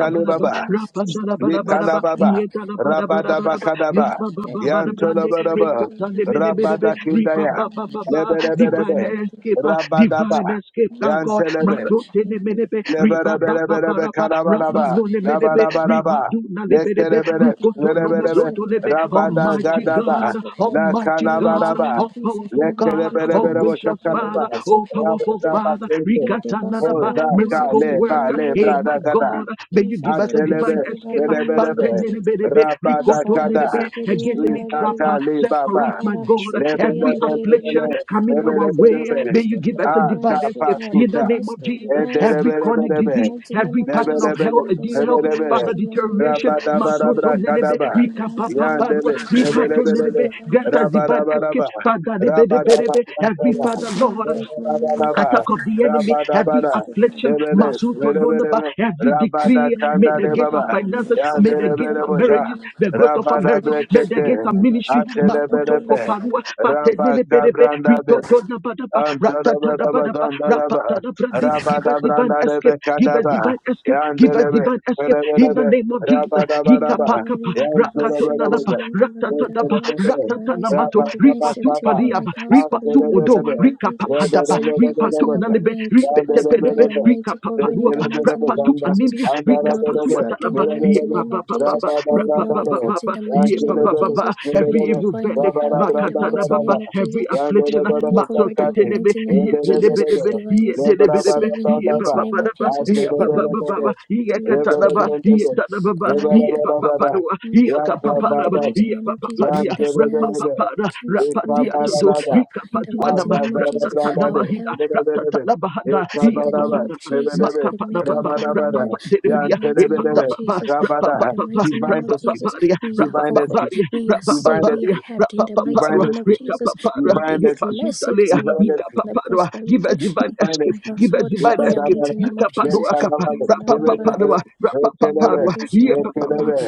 S4: and divine mystery. My
S3: rabadabadabadaba,
S4: second
S1: Litalababa,
S4: is
S3: yedadabadabadabadaba,
S4: release the
S1: Rabadabakadaba,
S4: cup in the
S3: rabababadabrande,
S4: mighty name of
S1: Yantolabadaba,
S4: Jesus, Lord,
S3: rekotanemenebelebe,
S4: and my
S1: Rabadakindaya,
S4: family and
S3: ribabababa
S4: sacrifice my
S3: divine
S1: Lebedebedebe,
S4: fear of this
S3: escape, ah,
S1: Rabadaba,
S3: divine escape,
S4: place.
S3: thank God.
S1: Yantelebe,
S4: Amen.
S3: Matotene
S4: Every
S3: menebe,
S4: cup
S3: riba baba
S1: Leberebelebelebe
S3: baraba, raba
S4: against
S1: karabaraba.
S4: my
S3: none
S4: faith,
S3: menebe,
S4: Lord,
S3: riba
S1: Rabaraba.
S3: duna lebedebe,
S4: and I
S1: Lekerebele.
S4: give the
S3: rukoto no
S4: divine mystery,
S3: mozoto lebe.
S4: Lord, the divine
S1: Rabada
S4: mystery,
S3: Almighty
S4: divine
S1: gadaba.
S3: God,
S4: mystery, Lord.
S1: La
S3: Almighty
S4: In the mighty
S3: God,
S1: kalabaraba.
S4: name of
S3: all
S4: Jesus,
S3: powerful
S4: Lord, I give the
S3: God,
S4: goodness of
S3: all
S1: Lekerebelebelebe
S4: mystery,
S3: gracious
S4: Lord.
S1: kakalaba.
S3: Father,
S4: Eva, say,
S3: all
S4: Kede,
S3: powerful
S4: Kede.
S3: Father,
S4: Kede,
S3: Rikata na na ba
S1: Oza
S4: Basukoro, Visi,
S3: miracle
S4: Kene,
S1: kale ba
S3: worker,
S1: le
S3: hey
S4: Yandelebe.
S3: my
S1: brada
S3: God, may you
S4: Jesus,
S3: give us a divine
S1: Atelebe,
S4: Ereboseke
S3: escape, uh,
S4: Barian
S1: Lebelebe,
S4: Derebere,
S3: Badenenebelebe,
S1: Rabada Kada,
S3: rikotonelebe,
S4: Aparabasokerian
S3: against any
S4: Darabere,
S3: trapper
S1: Isata
S3: set for us,
S1: Lebaba,
S3: my God.
S4: Aparabasokerian
S3: Every affliction
S4: Derebere,
S1: Lebelebelebe,
S3: coming
S4: let
S3: our
S4: every
S3: way,
S4: divine
S1: Lebelebelebe,
S3: may you
S4: escape,
S3: give us
S4: Lord,
S3: a
S4: divine
S3: divine
S4: escape,
S3: escape
S4: Lord,
S3: in the
S1: Akapasuta,
S4: divine
S3: name of
S4: escape,
S3: Jesus.
S4: divine escape.
S3: Every chronic
S4: In the
S1: Endelebelebelebe,
S3: disease,
S4: mighty name
S3: every
S4: of
S3: pattern of
S4: Jesus,
S3: health,
S1: Lebelebele,
S3: dear
S4: Ereboseke
S3: help,
S1: Lebelebele,
S3: Father,
S4: Erebosian
S3: deterioration,
S4: Derebere,
S3: masoto
S1: Rabadabarabra
S4: divine
S3: nenebe,
S4: escape
S1: Kadaba,
S3: masotonelebe,
S4: in the mighty name of
S3: rikapapaparua,
S1: Yandele,
S4: Jesus,
S3: nenebe.
S1: Lebelebelebe,
S4: Ereboseke
S3: grant
S4: Barian
S3: us divine escape,
S1: Rabadabaraba,
S3: Father, nebenebelebe. every
S1: Rabadabarabara,
S3: Father,
S4: Jesus, Lord,
S3: Lord
S4: thank you, Lord, Lord,
S3: attack
S1: Rabadabara,
S3: of the enemy,
S4: divine
S3: every
S1: Rabadabara,
S4: escape, Lord,
S3: affliction,
S4: divine
S1: Lebele,
S4: escape,
S3: Masuto
S4: Lord.
S3: Nonaba,
S1: Lebelebe,
S3: every
S1: Rabada
S3: decree, may
S1: Kanda
S3: the
S1: de
S3: gates
S4: Thank
S3: of
S1: Baba,
S3: finances, may the
S1: Yandere
S3: gates of
S1: Berebosha,
S3: marriages, the growth of our
S1: Rabada
S3: marriages, may the gates
S1: Brekete,
S3: of ministry,
S1: Achele
S3: Makuto
S1: Berebe,
S3: Koparua,
S4: you.
S1: Rabba
S3: Patenene Berebe,
S1: Cabranda
S3: Ritoto Nabadaba, Ratatadabadaba,
S1: Andarabarabazandaraba,
S3: Rapatadabrandi, give us divine escape, give us
S1: Rabadabrandarebekadaba,
S3: divine escape, give us
S1: Yandelebe,
S3: divine escape, in the
S1: Berebe,
S3: name name of Jesus.
S1: Rabadabaraba,
S3: Yikapakapa,
S4: Divine
S3: rakatotnalapa,
S1: Yantelebelebe,
S3: ratatadaba,
S1: Yantelebelebe,
S4: escape
S3: ratatanamato,
S4: and divine safety
S1: Rabadabakaba,
S4: over my
S3: ripatupaliaba,
S4: household in the
S3: ripatsuodo,
S4: mighty
S1: Yantelebelebe,
S4: name of Jesus.
S3: rikapahadaba,
S4: Send help us on our
S1: Rebelebelebelebe,
S3: ripatupnalebe,
S4: way and keep us under
S3: ripeteperebe,
S4: your
S1: Yandelebelebe,
S4: mighty covering in the
S3: rikapapaluapa,
S4: mighty
S1: Yantelebelebe,
S4: name of
S1: Zanda,
S4: Jesus.
S3: rapatuanilia,
S4: We will not be
S1: Andarabelebe,
S4: trapped in
S3: rikapasuatalaba,
S4: the mighty
S1: Berebe,
S4: name of Jesus.
S3: yebabababa,
S4: We will not be
S1: Rabadabrandarebe,
S4: caught in
S3: rababababa,
S4: the mighty name of
S1: Yantelebelebe,
S3: yebabababa.
S4: Jesus. We
S1: Berebe,
S3: Every
S4: are
S3: evil
S4: divinely
S3: verdict,
S4: helped in the
S3: vakatana
S4: mighty
S1: Rabadabrandaraba,
S4: name of
S3: every
S4: Jesus.
S1: Divine
S3: affliction,
S1: escape,
S4: Divinely
S3: Mato
S4: covered in the
S3: Katinebe,
S4: mighty name of Jesus.
S3: Yebidibidib,
S4: Divinely
S3: Yebidibidib,
S4: saved in the mighty name of
S3: Yebababadaba,
S4: Jesus. Every
S3: Yebabababa,
S4: witchcraft prayer
S3: Yekatanaba,
S4: together against
S3: Yetanababa,
S4: my life
S3: Yebabapadua,
S4: and fire in the
S3: Yekapapadaba,
S4: mighty name of Jesus.
S3: Yebabapadia,
S4: The snare is
S3: Rapapapada,
S4: broken. We have
S3: Rapatia Todo,
S4: escaped in the mighty
S3: Rikapatuanaba,
S4: name of Jesus. Our
S3: Ratatanabahida,
S4: help
S3: Ratatanabahada,
S4: is in
S3: Ye
S4: the name of Jesus, the maker of
S3: Makapadababa,
S4: heaven and earth, in the
S3: Rapapadebidia,
S4: mighty name of
S3: Repadababa,
S4: Jesus. In the
S3: Rapababa,
S4: mighty name of Jesus,
S3: Rapababaria,
S4: we are
S1: divine
S4: covered,
S1: escape,
S3: Rapababaria,
S4: we are
S1: divine
S4: saved, we are
S3: Rapababaria,
S1: escape,
S4: helped. In the mighty
S1: divine
S3: Rapapaparua,
S4: name
S1: escape
S4: of Jesus,
S3: Rekapapara,
S4: we
S1: divine mercy,
S4: declare safety,
S3: Repasutalea,
S4: we
S1: divine mercy,
S4: declare
S3: Ikapaparua. Give us
S4: prosperity.
S3: divine
S1: divine
S3: escape,
S4: My
S1: mercy.
S3: give us
S4: household,
S3: divine
S4: in the
S3: escape,
S1: Ibadabara,
S4: mighty name of Jesus.
S3: Ikapadua Kapa,
S1: lekandabara, lebelebele,
S3: Rapapaparua,
S4: God,
S1: lekelebe,
S3: Rapapaparua, Liapapapa,
S1: lekelebe,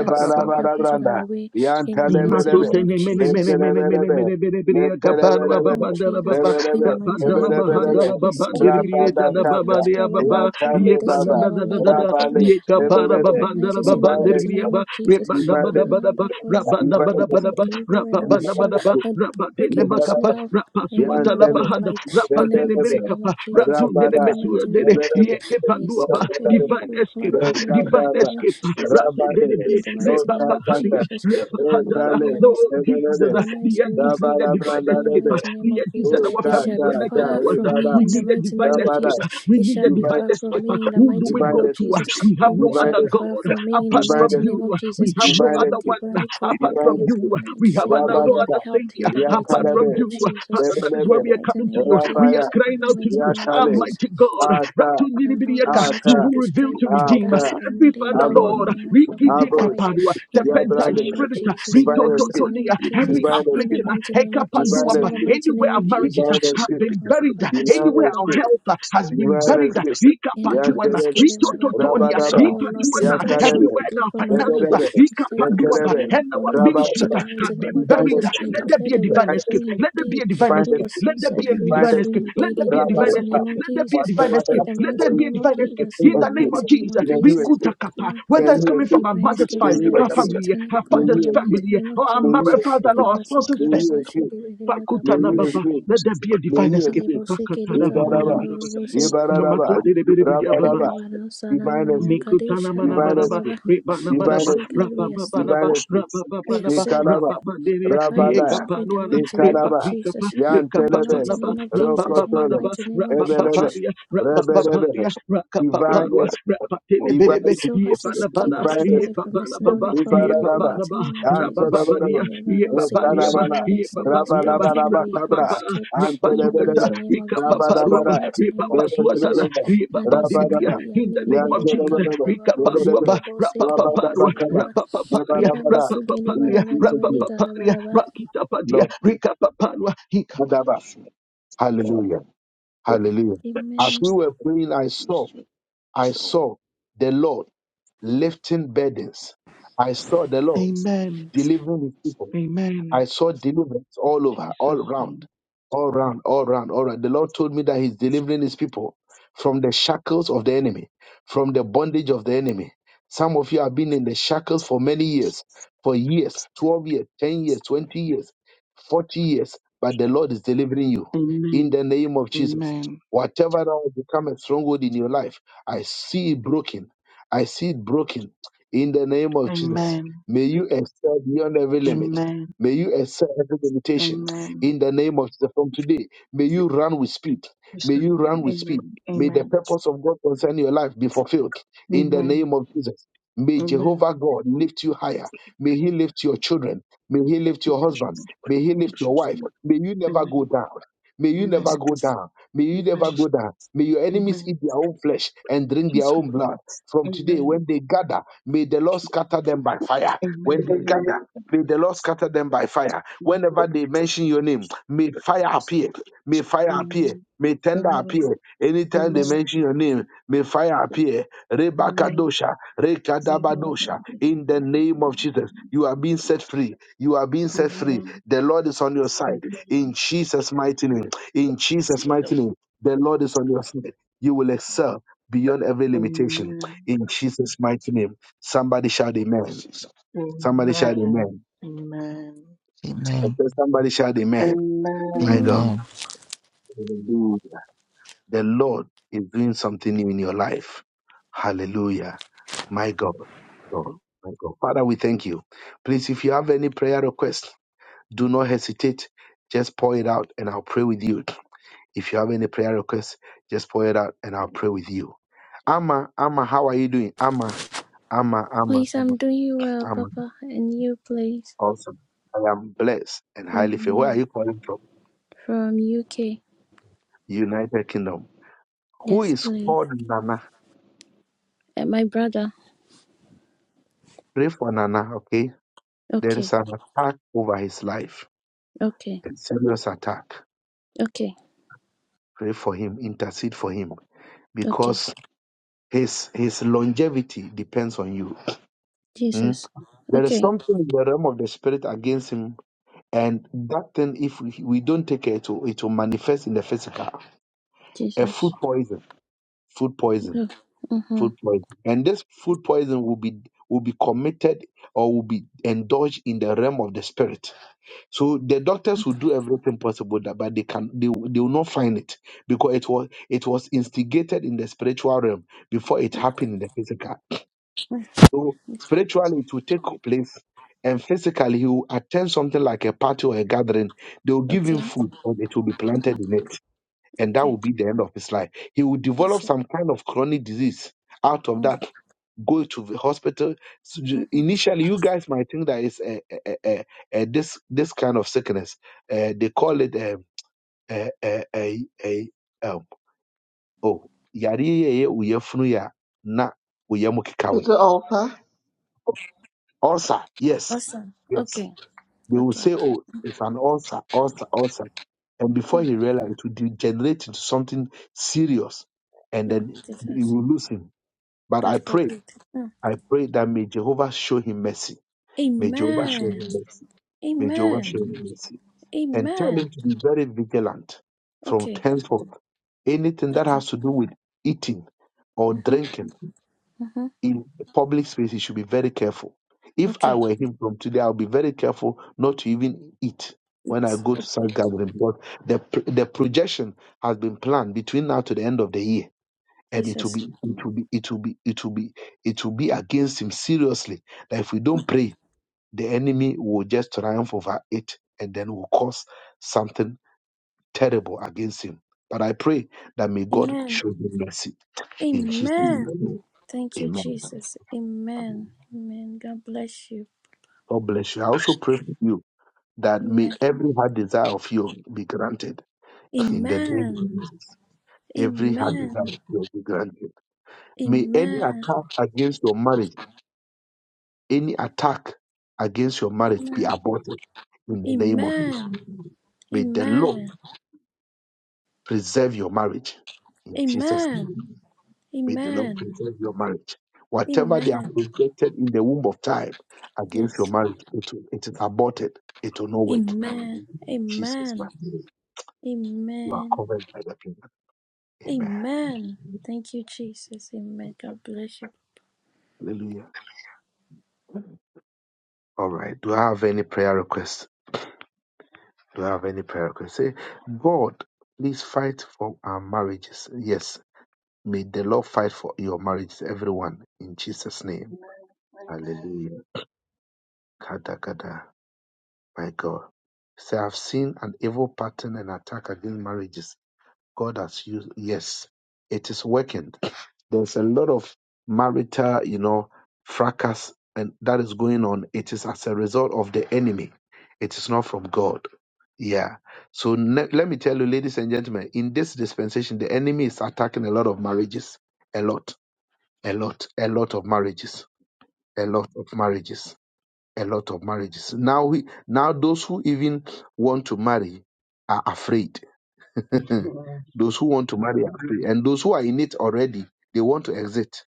S4: our send help us on our way in the mighty
S1: yantalebelebe,
S4: name
S3: Masote
S4: of
S3: ne mene
S4: Jesus.
S3: mene mene mene
S1: lekelebelebe,
S3: mene mene bria kapana baba
S1: lekelebelebe,
S4: name Of
S3: bandala
S4: Jesus,
S3: baba
S4: in
S1: lebelebe,
S4: the mighty
S3: bandala
S4: name of Jesus,
S1: lebelebelebe,
S3: bahandala baba
S4: escape every a
S3: dirbriye
S4: week,
S3: dala
S4: we
S3: baba
S1: rabadakata,
S4: can't
S3: dia
S4: power
S3: baba
S4: monitoring our
S3: ye
S4: destiny,
S3: banana
S1: yantalebaba,
S4: our
S3: da da
S4: life,
S3: da
S4: our
S3: da
S4: family,
S1: rabale,
S3: ye
S4: our marriage,
S3: kapana
S4: our
S3: baba
S1: lebelebe,
S3: bandala
S4: finances, in
S3: baba
S4: the
S1: divine
S4: mighty
S1: mercy,
S3: dirbriye
S4: name of Jesus.
S1: divine
S3: Rebadabadabadaba,
S4: Father, for you,
S1: mercy,
S4: my
S3: rabadabadabadaba,
S4: deliverer and our
S1: divine
S4: shield,
S1: mercy.
S3: rababadabadaba,
S4: Lord, break every
S3: rabadenemakapa,
S1: Ibaraba,
S4: snare of the enemy over
S1: Yantelo,
S4: my
S3: rapazuatalabahanda,
S4: life, in the mighty
S1: Rebelebe,
S4: name
S3: rapadenemerekapa,
S4: of Jesus.
S1: Rabada,
S4: In the mighty name
S3: ratunenemesuadene,
S4: of Jesus,
S1: Rebelebe,
S4: I
S3: yekepanduaba,
S4: escape every
S1: Rabada,
S3: Divine
S4: evil plan
S3: escape,
S4: for me and my
S3: divine
S1: Rebelebe,
S4: family.
S3: escape.
S4: My
S1: Rabade,
S4: in
S3: Ratendenebe,
S4: the mighty name of
S3: rebapahania,
S1: Otakata,
S4: Jesus, I will not
S3: rabahandara.
S1: Etale,
S4: be an ex-
S3: Lord Jesus,
S4: I will
S1: Rebelebe,
S4: not
S3: the Yankees
S4: experience
S3: need a
S4: evil
S3: divine
S4: in the
S3: escape.
S1: Rabalabrandadebe,
S4: mighty
S3: The
S4: name of
S3: Yankees
S4: Jesus.
S3: and our
S4: It shall
S3: families
S4: be
S1: Ukatata,
S3: connected to
S4: far
S3: us.
S4: from
S1: Ibada,
S4: me
S3: We
S4: in the
S3: need a
S4: mighty
S3: divine
S4: name of
S1: Rabada,
S3: escape.
S4: Jesus.
S3: We
S4: It
S3: need a
S4: shall be
S3: divine
S4: far
S1: Divided,
S4: from
S3: escape.
S4: me in the
S3: who do do
S4: mighty
S3: we
S4: name
S3: go
S4: of
S1: divided,
S3: to?
S4: Jesus.
S3: We have
S4: Evil
S3: no
S4: shall
S3: other
S4: be
S3: God
S4: far from me in the
S3: apart from
S4: mighty
S1: divided, divided
S4: name
S3: you.
S4: of Jesus.
S3: We have
S4: I
S3: no
S1: divine
S4: am
S3: other
S1: rescue,
S3: one
S4: divinely
S3: apart
S4: covered. I
S1: divine
S3: from
S4: am
S3: you.
S1: rescue.
S4: divinely
S3: We have no
S4: saved. I
S3: no
S4: am
S1: Rabadaba,
S3: other
S4: helped in
S3: Savior
S4: the mighty
S3: apart from
S4: name
S1: Yakalebe,
S4: of
S3: you.
S5: Just
S4: Jesus.
S3: Father, that is
S4: In
S3: why
S4: the
S3: we
S1: Bebelebe,
S3: are
S4: mighty
S3: coming to
S4: name of
S3: you. We
S1: Rabaya,
S3: are
S4: Jesus.
S3: crying
S4: In the
S3: out to
S4: mighty
S3: you,
S4: name of
S1: Yakale,
S4: Jesus.
S3: Almighty God.
S1: Ata,
S4: The Lord
S3: Ratuniribirieka,
S4: Almighty
S3: You
S1: Ata,
S4: will
S3: who reveal
S4: destroy
S3: to
S4: every trap
S3: redeem
S4: that has
S1: Ata,
S4: been
S3: every
S4: laid
S3: Father,
S4: down for
S1: Abosh,
S4: me
S3: Lord.
S4: and my family by fire.
S1: Abosh,
S3: Rikitekaparua,
S4: In the mighty
S3: Serpentine
S1: Yabrande,
S4: name of
S3: spirit,
S4: Jesus. In the
S1: divine
S4: mighty
S1: rescue,
S4: name
S3: Ritototonia,
S4: of Jesus.
S3: every
S1: divine
S4: In the
S1: rescue,
S3: affliction,
S4: mighty name of
S1: divine
S4: Jesus. In
S3: Hekapanuapa,
S4: the
S1: rescue,
S4: mighty
S3: anywhere
S4: name
S3: our
S4: of
S3: marriages
S4: Jesus.
S1: divine
S3: have
S1: rescue,
S3: been buried
S1: divine
S3: anywhere our
S1: rescue.
S3: help uh, has
S1: Divine
S3: been buried, uh,
S1: Rivaneski,
S4: In the
S3: ikapatuana,
S1: Yantelebe,
S4: Manoski, the ba- ba- ba- ba-
S3: ritototonia,
S4: ba- ba-
S1: Rabadaba,
S4: Oh Lord,
S3: ikatuana,
S4: destroy
S1: Yakalebe,
S3: everywhere
S4: completely
S3: our
S4: from my
S3: finances, uh,
S1: Lebelebe,
S4: life, destroy completely
S3: ikapaduaba,
S4: from
S1: Lekelebe,
S4: my
S3: and our
S4: family.
S3: ministries
S4: In
S3: uh,
S4: the
S1: Rabadaba,
S4: mighty
S3: have been
S4: name of
S1: Divine
S3: buried,
S4: Jesus,
S3: uh,
S1: Escape,
S4: I
S3: let there
S4: declare
S3: be a
S4: that we are
S3: divine
S1: Divine
S3: escape,
S4: free
S1: Escape,
S3: let there be
S4: indeed.
S3: a divine
S1: Divine
S4: Who
S3: escape,
S4: the
S1: Escape,
S3: let
S4: Son
S3: there be
S4: set
S3: a
S4: free is
S3: divine
S1: Divine
S4: free
S3: escape,
S1: Escape,
S3: let
S4: indeed.
S3: there
S4: In
S3: be
S4: the
S3: a divine
S4: mighty
S3: escape,
S4: name
S1: Rabadaba,
S4: of
S3: let there be a
S4: Jesus,
S3: divine
S1: whatever they
S4: in
S3: escape,
S1: have
S4: the
S1: done
S3: let there
S4: mighty
S1: for you,
S3: be a
S4: name of
S3: divine escape,
S4: Jesus,
S3: in
S4: in
S3: the
S4: the
S3: name of
S4: mighty name
S3: Jesus,
S4: of
S1: may you
S4: Jesus.
S1: escape,
S4: Thank you,
S3: rikutakapa,
S4: Lord.
S1: may
S3: whether it's
S1: you
S3: coming
S4: We
S3: from
S1: escape,
S3: our
S4: divine
S3: mother's
S4: escape
S1: may
S4: from
S1: you
S3: fa-
S4: every
S1: escape,
S3: family,
S4: satanic
S3: her
S1: may
S4: plan
S3: father's
S4: in the
S1: you
S4: mighty
S1: escape,
S3: family,
S4: name of
S3: or our
S1: may
S4: Jesus.
S1: you
S3: married father,
S1: escape,
S3: or our
S4: Deva
S3: spouse's
S1: may you escape, may
S4: sukara
S3: family.
S1: you
S4: bashi
S1: escape,
S4: deva deva
S1: may you
S4: kaparush.
S3: Pakutanababa.
S1: escape,
S3: Let there be a
S1: May
S3: divine
S1: you
S3: escape.
S4: Deva
S1: escape.
S4: sikiri
S1: Yebaraba,
S3: Rakatarababadabadaba.
S1: Yebaraba,
S3: Namatudelebelebeliababa.
S4: Ebba
S1: Rabaraba,
S4: baba sanana
S1: divine
S4: niya
S1: escape,
S4: kadish
S3: Mikutana
S4: hara
S1: divine
S4: baba
S3: manabanaba,
S1: escape,
S4: baba. Thanks
S1: divine
S3: ribanabanaba,
S4: be
S1: escape,
S4: God, we are safe.
S3: rabababanaba,
S1: divine escape.
S4: We are
S3: rabababanaba,
S4: safe.
S1: Nikalaba,
S3: rababanderia,
S4: Finally, I
S1: Rabada,
S4: pray in the
S3: yekapanuana,
S4: mighty name of
S1: Nikalaba,
S3: rebazikapa,
S4: Jesus.
S1: Yan
S4: In the
S1: Telebe,
S4: mighty
S3: rekapapanaba,
S4: name of Jesus. In the
S1: Rokotolo,
S3: rabababanaba,
S4: mighty name of
S1: Ebelebe,
S4: Jesus.
S3: rabababaria,
S1: Rebelebe,
S3: rabababaria,
S1: divine
S3: rakapaparua,
S1: escape,
S4: But
S3: rapatelebelebe,
S1: divine,
S4: So far, we escape
S3: yebanabana,
S4: as a
S1: divine
S4: bird
S1: escape.
S4: from the snare of
S3: yebabanababa,
S4: the fowler. In the
S1: Ibararaba,
S4: mighty
S3: yebabanaba,
S4: name of Jesus.
S1: Anteleberebe,
S3: rabababania,
S4: Ebba baba silima
S3: yebabaniaba,
S1: Etalabala,
S4: nanana the snare is
S3: yebabaniaba,
S5: Thank
S4: broken.
S5: you.
S1: Rabalabalaba
S4: We have
S1: Cabra,
S3: rabababa,
S4: escaped. In the
S3: Rabazukata,
S4: mighty
S1: Anteleberebe,
S4: name of Jesus. In the
S3: Ikapaparuaba,
S1: Rabalabala,
S4: mighty name of
S3: Ribabazuatala,
S4: Jesus.
S1: Rebelebelebe,
S4: Kadisho
S3: Ribabadilibria,
S1: Rabalaba,
S4: kadisho
S3: in the name of
S4: niyabeba
S3: Jesus,
S4: baba
S1: Yantoleberebe,
S4: baba. Bow
S1: Rebelebe,
S3: Rikaparuaba,
S4: sheyde bow sekere yabo
S3: Rapapaparua,
S1: Rabalabakaba,
S4: baba.
S3: Rapapaparia,
S4: Amen.
S1: Rabalabala. In
S3: Rapapaparia,
S1: Jesus' name,
S3: Rapapaparia, Rakitapadia,
S1: Lord,
S3: Rikapaparua,
S1: Adaba.
S5: Thank
S1: Hallelujah, hallelujah. As we were praying, I saw, I saw the Lord lifting burdens. I saw the Lord delivering his people. I saw deliverance all over, all round, all round, all round, all round. The Lord told me that He's delivering His people from the shackles of the enemy, from the bondage of the enemy. Some of you have been in the shackles for many years, for years, 12 years, 10 years, 20 years, 40 years, but the Lord is delivering you in the name of Jesus. Whatever that will become a stronghold in your life, I see it broken. I see it broken in the name of Jesus. May you excel beyond every limit May you excel every limitation in the name of Jesus. From today, may you run with speed. May you run with speed. May the purpose of God concerning your life be fulfilled in the name of Jesus. May Jehovah God lift you higher. May He lift your children. May He lift your husband. May He lift your wife. May you never go down. May you never go down. May you never go down. May your enemies eat their own flesh and drink their own blood. From today, when they gather, may the Lord scatter them by fire. When they gather, may the Lord scatter them by fire. Whenever they mention your name, may fire appear. May fire appear tender appear. Anytime they mention your name, may fire appear. Rebakadosha, Rekadabadosha. In the name of Jesus, you are being set free. You are being set free. The Lord is on your side. In Jesus' mighty name. In Jesus' mighty name. The Lord is on your side. You will excel beyond every limitation. In Jesus' mighty name. Somebody shout amen.
S5: you.
S1: Somebody shout amen. I
S6: Amen.
S1: said Somebody shout amen. My God.
S4: Amen.
S6: Amen.
S1: The Lord is doing something new in your life. Hallelujah. My God. God. My God. Father, we thank you. Please, if you have any prayer request, do not hesitate. Just pour it out and I'll pray with you. If you have any prayer request, just pour it out and I'll pray with you. Amma, Amma, how are you doing? Amma, Amma, Amma,
S4: Please,
S1: Amma,
S4: I'm doing well,
S1: Amma.
S4: Papa, and you, please.
S1: Awesome. I am blessed and highly favored. Where are
S4: Amen.
S1: you calling from?
S4: From UK.
S1: United Kingdom. Who
S4: Yes,
S1: is
S4: please.
S1: called Nana?
S4: And my brother.
S1: Pray for Nana, okay? There is
S4: Okay.
S1: an attack over his life,
S4: Okay.
S1: a serious attack.
S4: Okay.
S1: Pray for him, intercede for him,
S4: Okay.
S1: because his his longevity depends on you. Mm?
S4: Jesus.
S1: There is
S4: Okay.
S1: something in the realm of the spirit against him, and that thing, if we we don't take care, it will, it will manifest in the physical. A food
S4: Jesus.
S1: poison, food poison,
S4: Oh. Mm-hmm.
S1: food poison, and this food poison will be will be committed or will be indulged in the realm of the spirit So the doctors will do everything possible that, but they can they, will- they will not find it because it was it was instigated in the spiritual realm before it happened in the physical. So
S4: Okay.
S1: spiritually it will take place, and physically he will attend something like a party or a gathering. They will give him
S4: Okay.
S1: food, and it will be planted
S4: mhm,
S1: in it and that
S4: Okay.
S1: will be the end of his life. He will develop
S4: Jesus.
S1: some kind of chronic disease out of
S4: Mm-hmm.
S1: that. Go to the hospital. So ju-
S4: Mm-hmm.
S1: initially, you guys might think that it's a, a, a, a, a- this this kind of sickness. Uh, they call it um, a a a, a, um, oh yari ye ye uye funu ya na uye mukikawi. Ulcer, yes,
S4: Awesome.
S1: yes.
S4: Okay.
S1: They will
S4: Okay.
S1: say, oh, it's an ulcer, ulcer, ulcer. And before
S4: Mm.
S1: he realized, it will degenerate into something serious. And
S4: Oh,
S1: then he
S4: Jesus.
S1: will lose him. But
S4: God
S1: I pray,
S4: forbid. Mm.
S1: I pray that may Jehovah show him mercy. May Jehovah show
S4: Amen.
S1: him mercy. May Jehovah
S4: Amen.
S1: show him mercy. And tell
S4: Amen.
S1: him to be very vigilant from
S4: Okay.
S1: henceforth. Anything that
S4: Okay.
S1: has to do with eating or
S4: Mm-hmm.
S1: drinking
S4: Mm-hmm.
S1: in public space, he should be very careful. If I
S4: Okay.
S1: were him from today, I'll be very careful not to even eat when
S4: It's
S1: I go to such
S4: okay.
S1: gathering because the the projection has been planned between now to the end of the year, and it will be
S4: Jesus.
S1: it will be it will be it will be it will be against him seriously. That if we don't pray, the enemy will just triumph over it, and then will cause something terrible against him. But I pray that may God
S4: Amen.
S1: show him mercy in Jesus'
S4: Amen.
S1: name.
S4: Thank you,
S1: Amen.
S4: Jesus. Amen. Amen. God bless you.
S1: God bless you. I also pray for you that may
S4: Amen.
S1: every heart desire of you be granted in the name
S4: Amen.
S1: of Jesus. Every heart
S4: Amen.
S1: desire of you be granted. May any
S4: Amen.
S1: attack against your marriage, any attack against your marriage be
S4: Amen.
S1: aborted in the name of Jesus.
S4: Amen.
S1: May the Lord
S4: Amen.
S1: preserve your marriage in Jesus'
S4: Amen.
S1: name. May the Lord
S4: Amen.
S1: preserve your marriage. Whatever they have
S4: Amen.
S1: projected in the womb of time against
S4: Yes.
S1: your marriage, it, will- it is aborted. It will not work.
S4: Amen.
S1: In Jesus'
S4: Amen.
S1: name. You are
S4: Amen.
S1: covered by the blood. Amen.
S4: Amen. Thank you, Jesus. Amen. God bless you.
S1: Hallelujah. All right. Do I have any prayer requests? Do I have any prayer requests? Say, God, please fight for our marriages. Yes. May the Lord fight for your marriages, everyone, in Jesus' name. Hallelujah. Kada, kada. My God. Say, I've seen an evil pattern and attack against marriages. God has used, yes, it is working there's a lot of marital, you know, fracas and that is going on. It is as a result of the enemy. It is not from God. Yeah. So ne- let me tell you, ladies and gentlemen, in this dispensation, the enemy is attacking a lot of marriages. A lot, a lot, a lot of marriages, a lot of marriages, a lot of marriages. Now we, now those who even want to marry are afraid Eh, Those who want to marry are free, and those who are in it already, they want to exit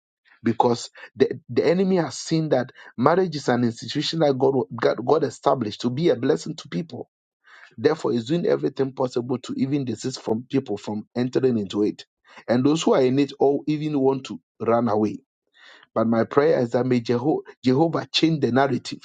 S1: because the, the enemy has seen that marriage is an institution that God, God God established to be a blessing to people. Therefore, is doing everything possible to even desist from people from entering into it. And those who are in it all even want to run away. But my prayer is that may Jeho- Jehovah change the narrative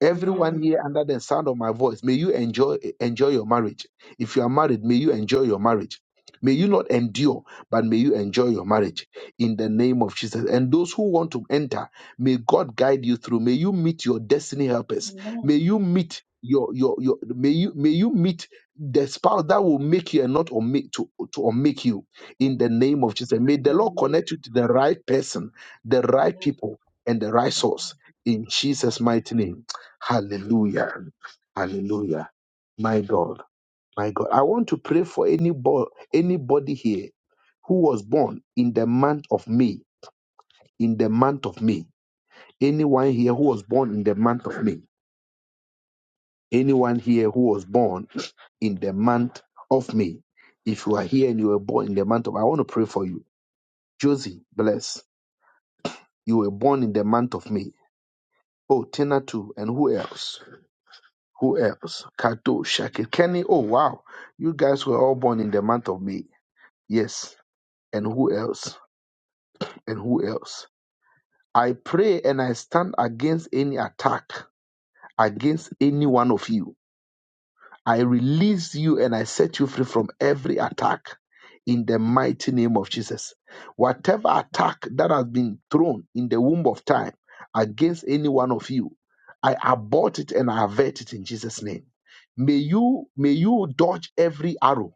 S1: Everyone here under the sound of my voice, may you enjoy enjoy your marriage. If you are married, may you enjoy your marriage. May you not endure, but may you enjoy your marriage in the name of Jesus. And those who want to enter, may God guide you through. May you meet your destiny helpers. May you meet your your your may you may you meet the spouse that will make you and not or make to to or make you in the name of Jesus. May the Lord connect you to the right person, the right people, and the right source in Jesus' mighty name. Hallelujah. Hallelujah. My God. My God. I want to pray for anybody, anybody here who was born in the month of May. In the month of May. Anyone here who was born in the month of May. Anyone here who was born in the month of May. If you are here and you were born in the month of I want to pray for you. Josie, bless. You were born in the month of May. Oh, Tina too. And who else? Who else? Kato, Shaki, Kenny. Oh, wow. You guys were all born in the month of May. Yes. And who else? And who else? I pray and I stand against any attack against any one of you I release you and I set you free from every attack in the mighty name of Jesus. Whatever attack that has been thrown in the womb of time against any one of you, I abort it and I avert it in Jesus' name. May you may you dodge every arrow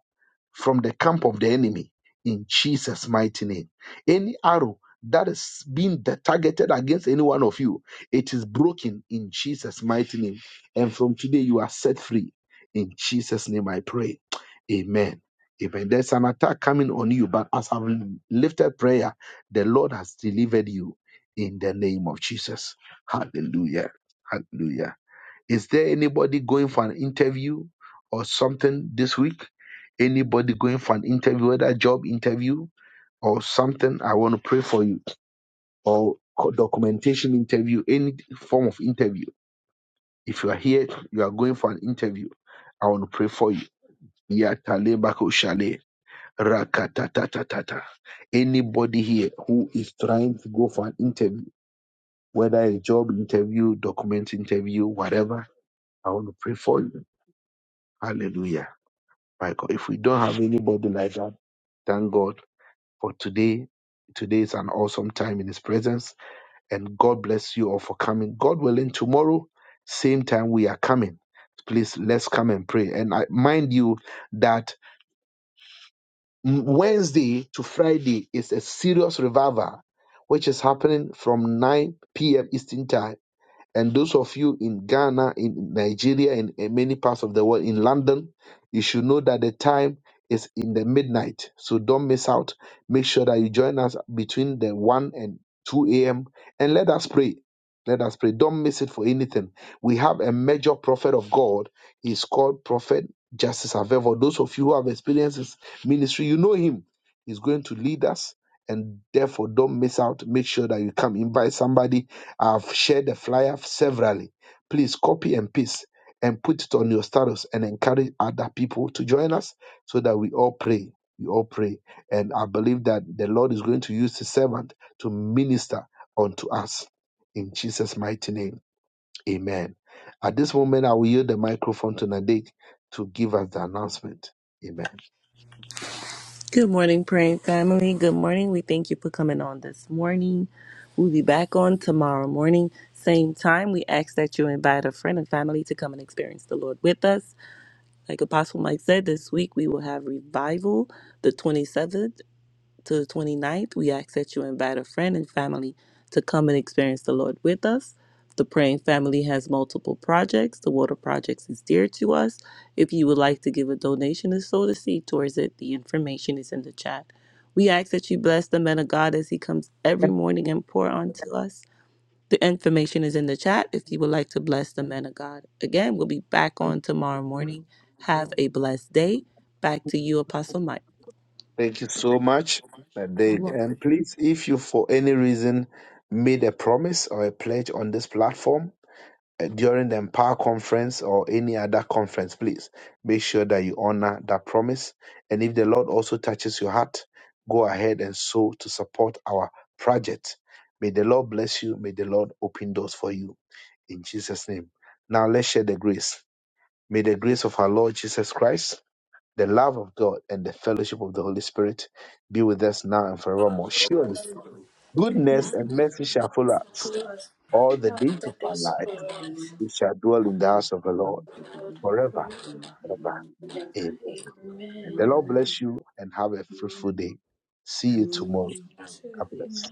S1: from the camp of the enemy in Jesus' mighty name. Any arrow that is being de- targeted against any one of you, it is broken in Jesus' mighty name. And from today, you are set free. In Jesus' name, I pray. Amen. Amen. There's an attack coming on you, but as I've lifted prayer, the Lord has delivered you in the name of Jesus. Hallelujah. Hallelujah. Is there anybody going for an interview or something this week? Anybody going for an interview, whether a job interview or something? I want to pray for you or co- documentation interview, any form of interview. If you are here, you are going for an interview. I want to pray for you. Yatale bako shale, rakatatatata. Anybody here who is trying to go for an interview, whether a job interview, document interview, whatever, I want to pray for you. Hallelujah. by God. If we don't have anybody like that, thank God for today. Today is an awesome time in His presence, and God bless you all for coming. God willing, tomorrow, same time we are coming. Please let's come and pray. And I mind you that Wednesday to Friday is a serious revival, which is happening from 9 p.m. Eastern time and those of you in Ghana, in Nigeria, in, in many parts of the world, in London, you should know that the time is in the midnight. So don't miss out. Make sure that you join us between the 1 and 2 a.m. and let us pray. Let us pray. Don't miss it for anything. We have a major prophet of God. He's called Prophet Justice Avevo. Those of you who have experienced his ministry, you know him. He's going to lead us. And therefore, don't miss out. Make sure that you come invite somebody I've shared the flyer severally. Please copy and paste and put it on your status and encourage other people to join us so that we all pray. We all pray. And I believe that the Lord is going to use his servant to minister unto us. In Jesus' mighty name, amen. At this moment, I will yield the microphone to Nadek to give us the announcement. Amen.
S7: Good morning, praying family. Good morning. We thank you for coming on this morning. We'll be back on tomorrow morning, same time. We ask that you invite a friend and family to come and experience the Lord with us. Like Apostle Mike said, this week we will have revival the 27th to the twenty ninth, we ask that you invite a friend and family to come and experience the Lord with us. The Praying Family has multiple projects. The Water Projects is dear to us. If you would like to give a donation or sow the seed towards it, the information is in the chat. We ask that you bless the man of God as he comes every morning and pour onto us. The information is in the chat if you would like to bless the man of God. Again, we'll be back on tomorrow morning. Have a blessed day. Back to you, Apostle Mike.
S1: Thank you so much,
S7: You are.
S1: Nadek. And please, if you for any reason made a promise or a pledge on this platform, uh, during the Empower Conference or any other conference, please make sure that you honor that promise. And if the Lord also touches your heart, go ahead and sow to support our project. May the Lord bless you. May the Lord open doors for you. In Jesus' name. Now let's share the grace. May the grace of our Lord Jesus Christ, the love of God, and the fellowship of the Holy Spirit be with us now and forevermore. Surely, goodness
S4: Goodness,
S1: and mercy shall follow us all the
S4: how
S1: days
S4: did
S1: of our
S4: this
S1: life.
S4: arrive?
S1: We shall dwell in the house of the Lord forever, ever. Amen. The Lord bless you and have a fruitful day. See you tomorrow. God bless.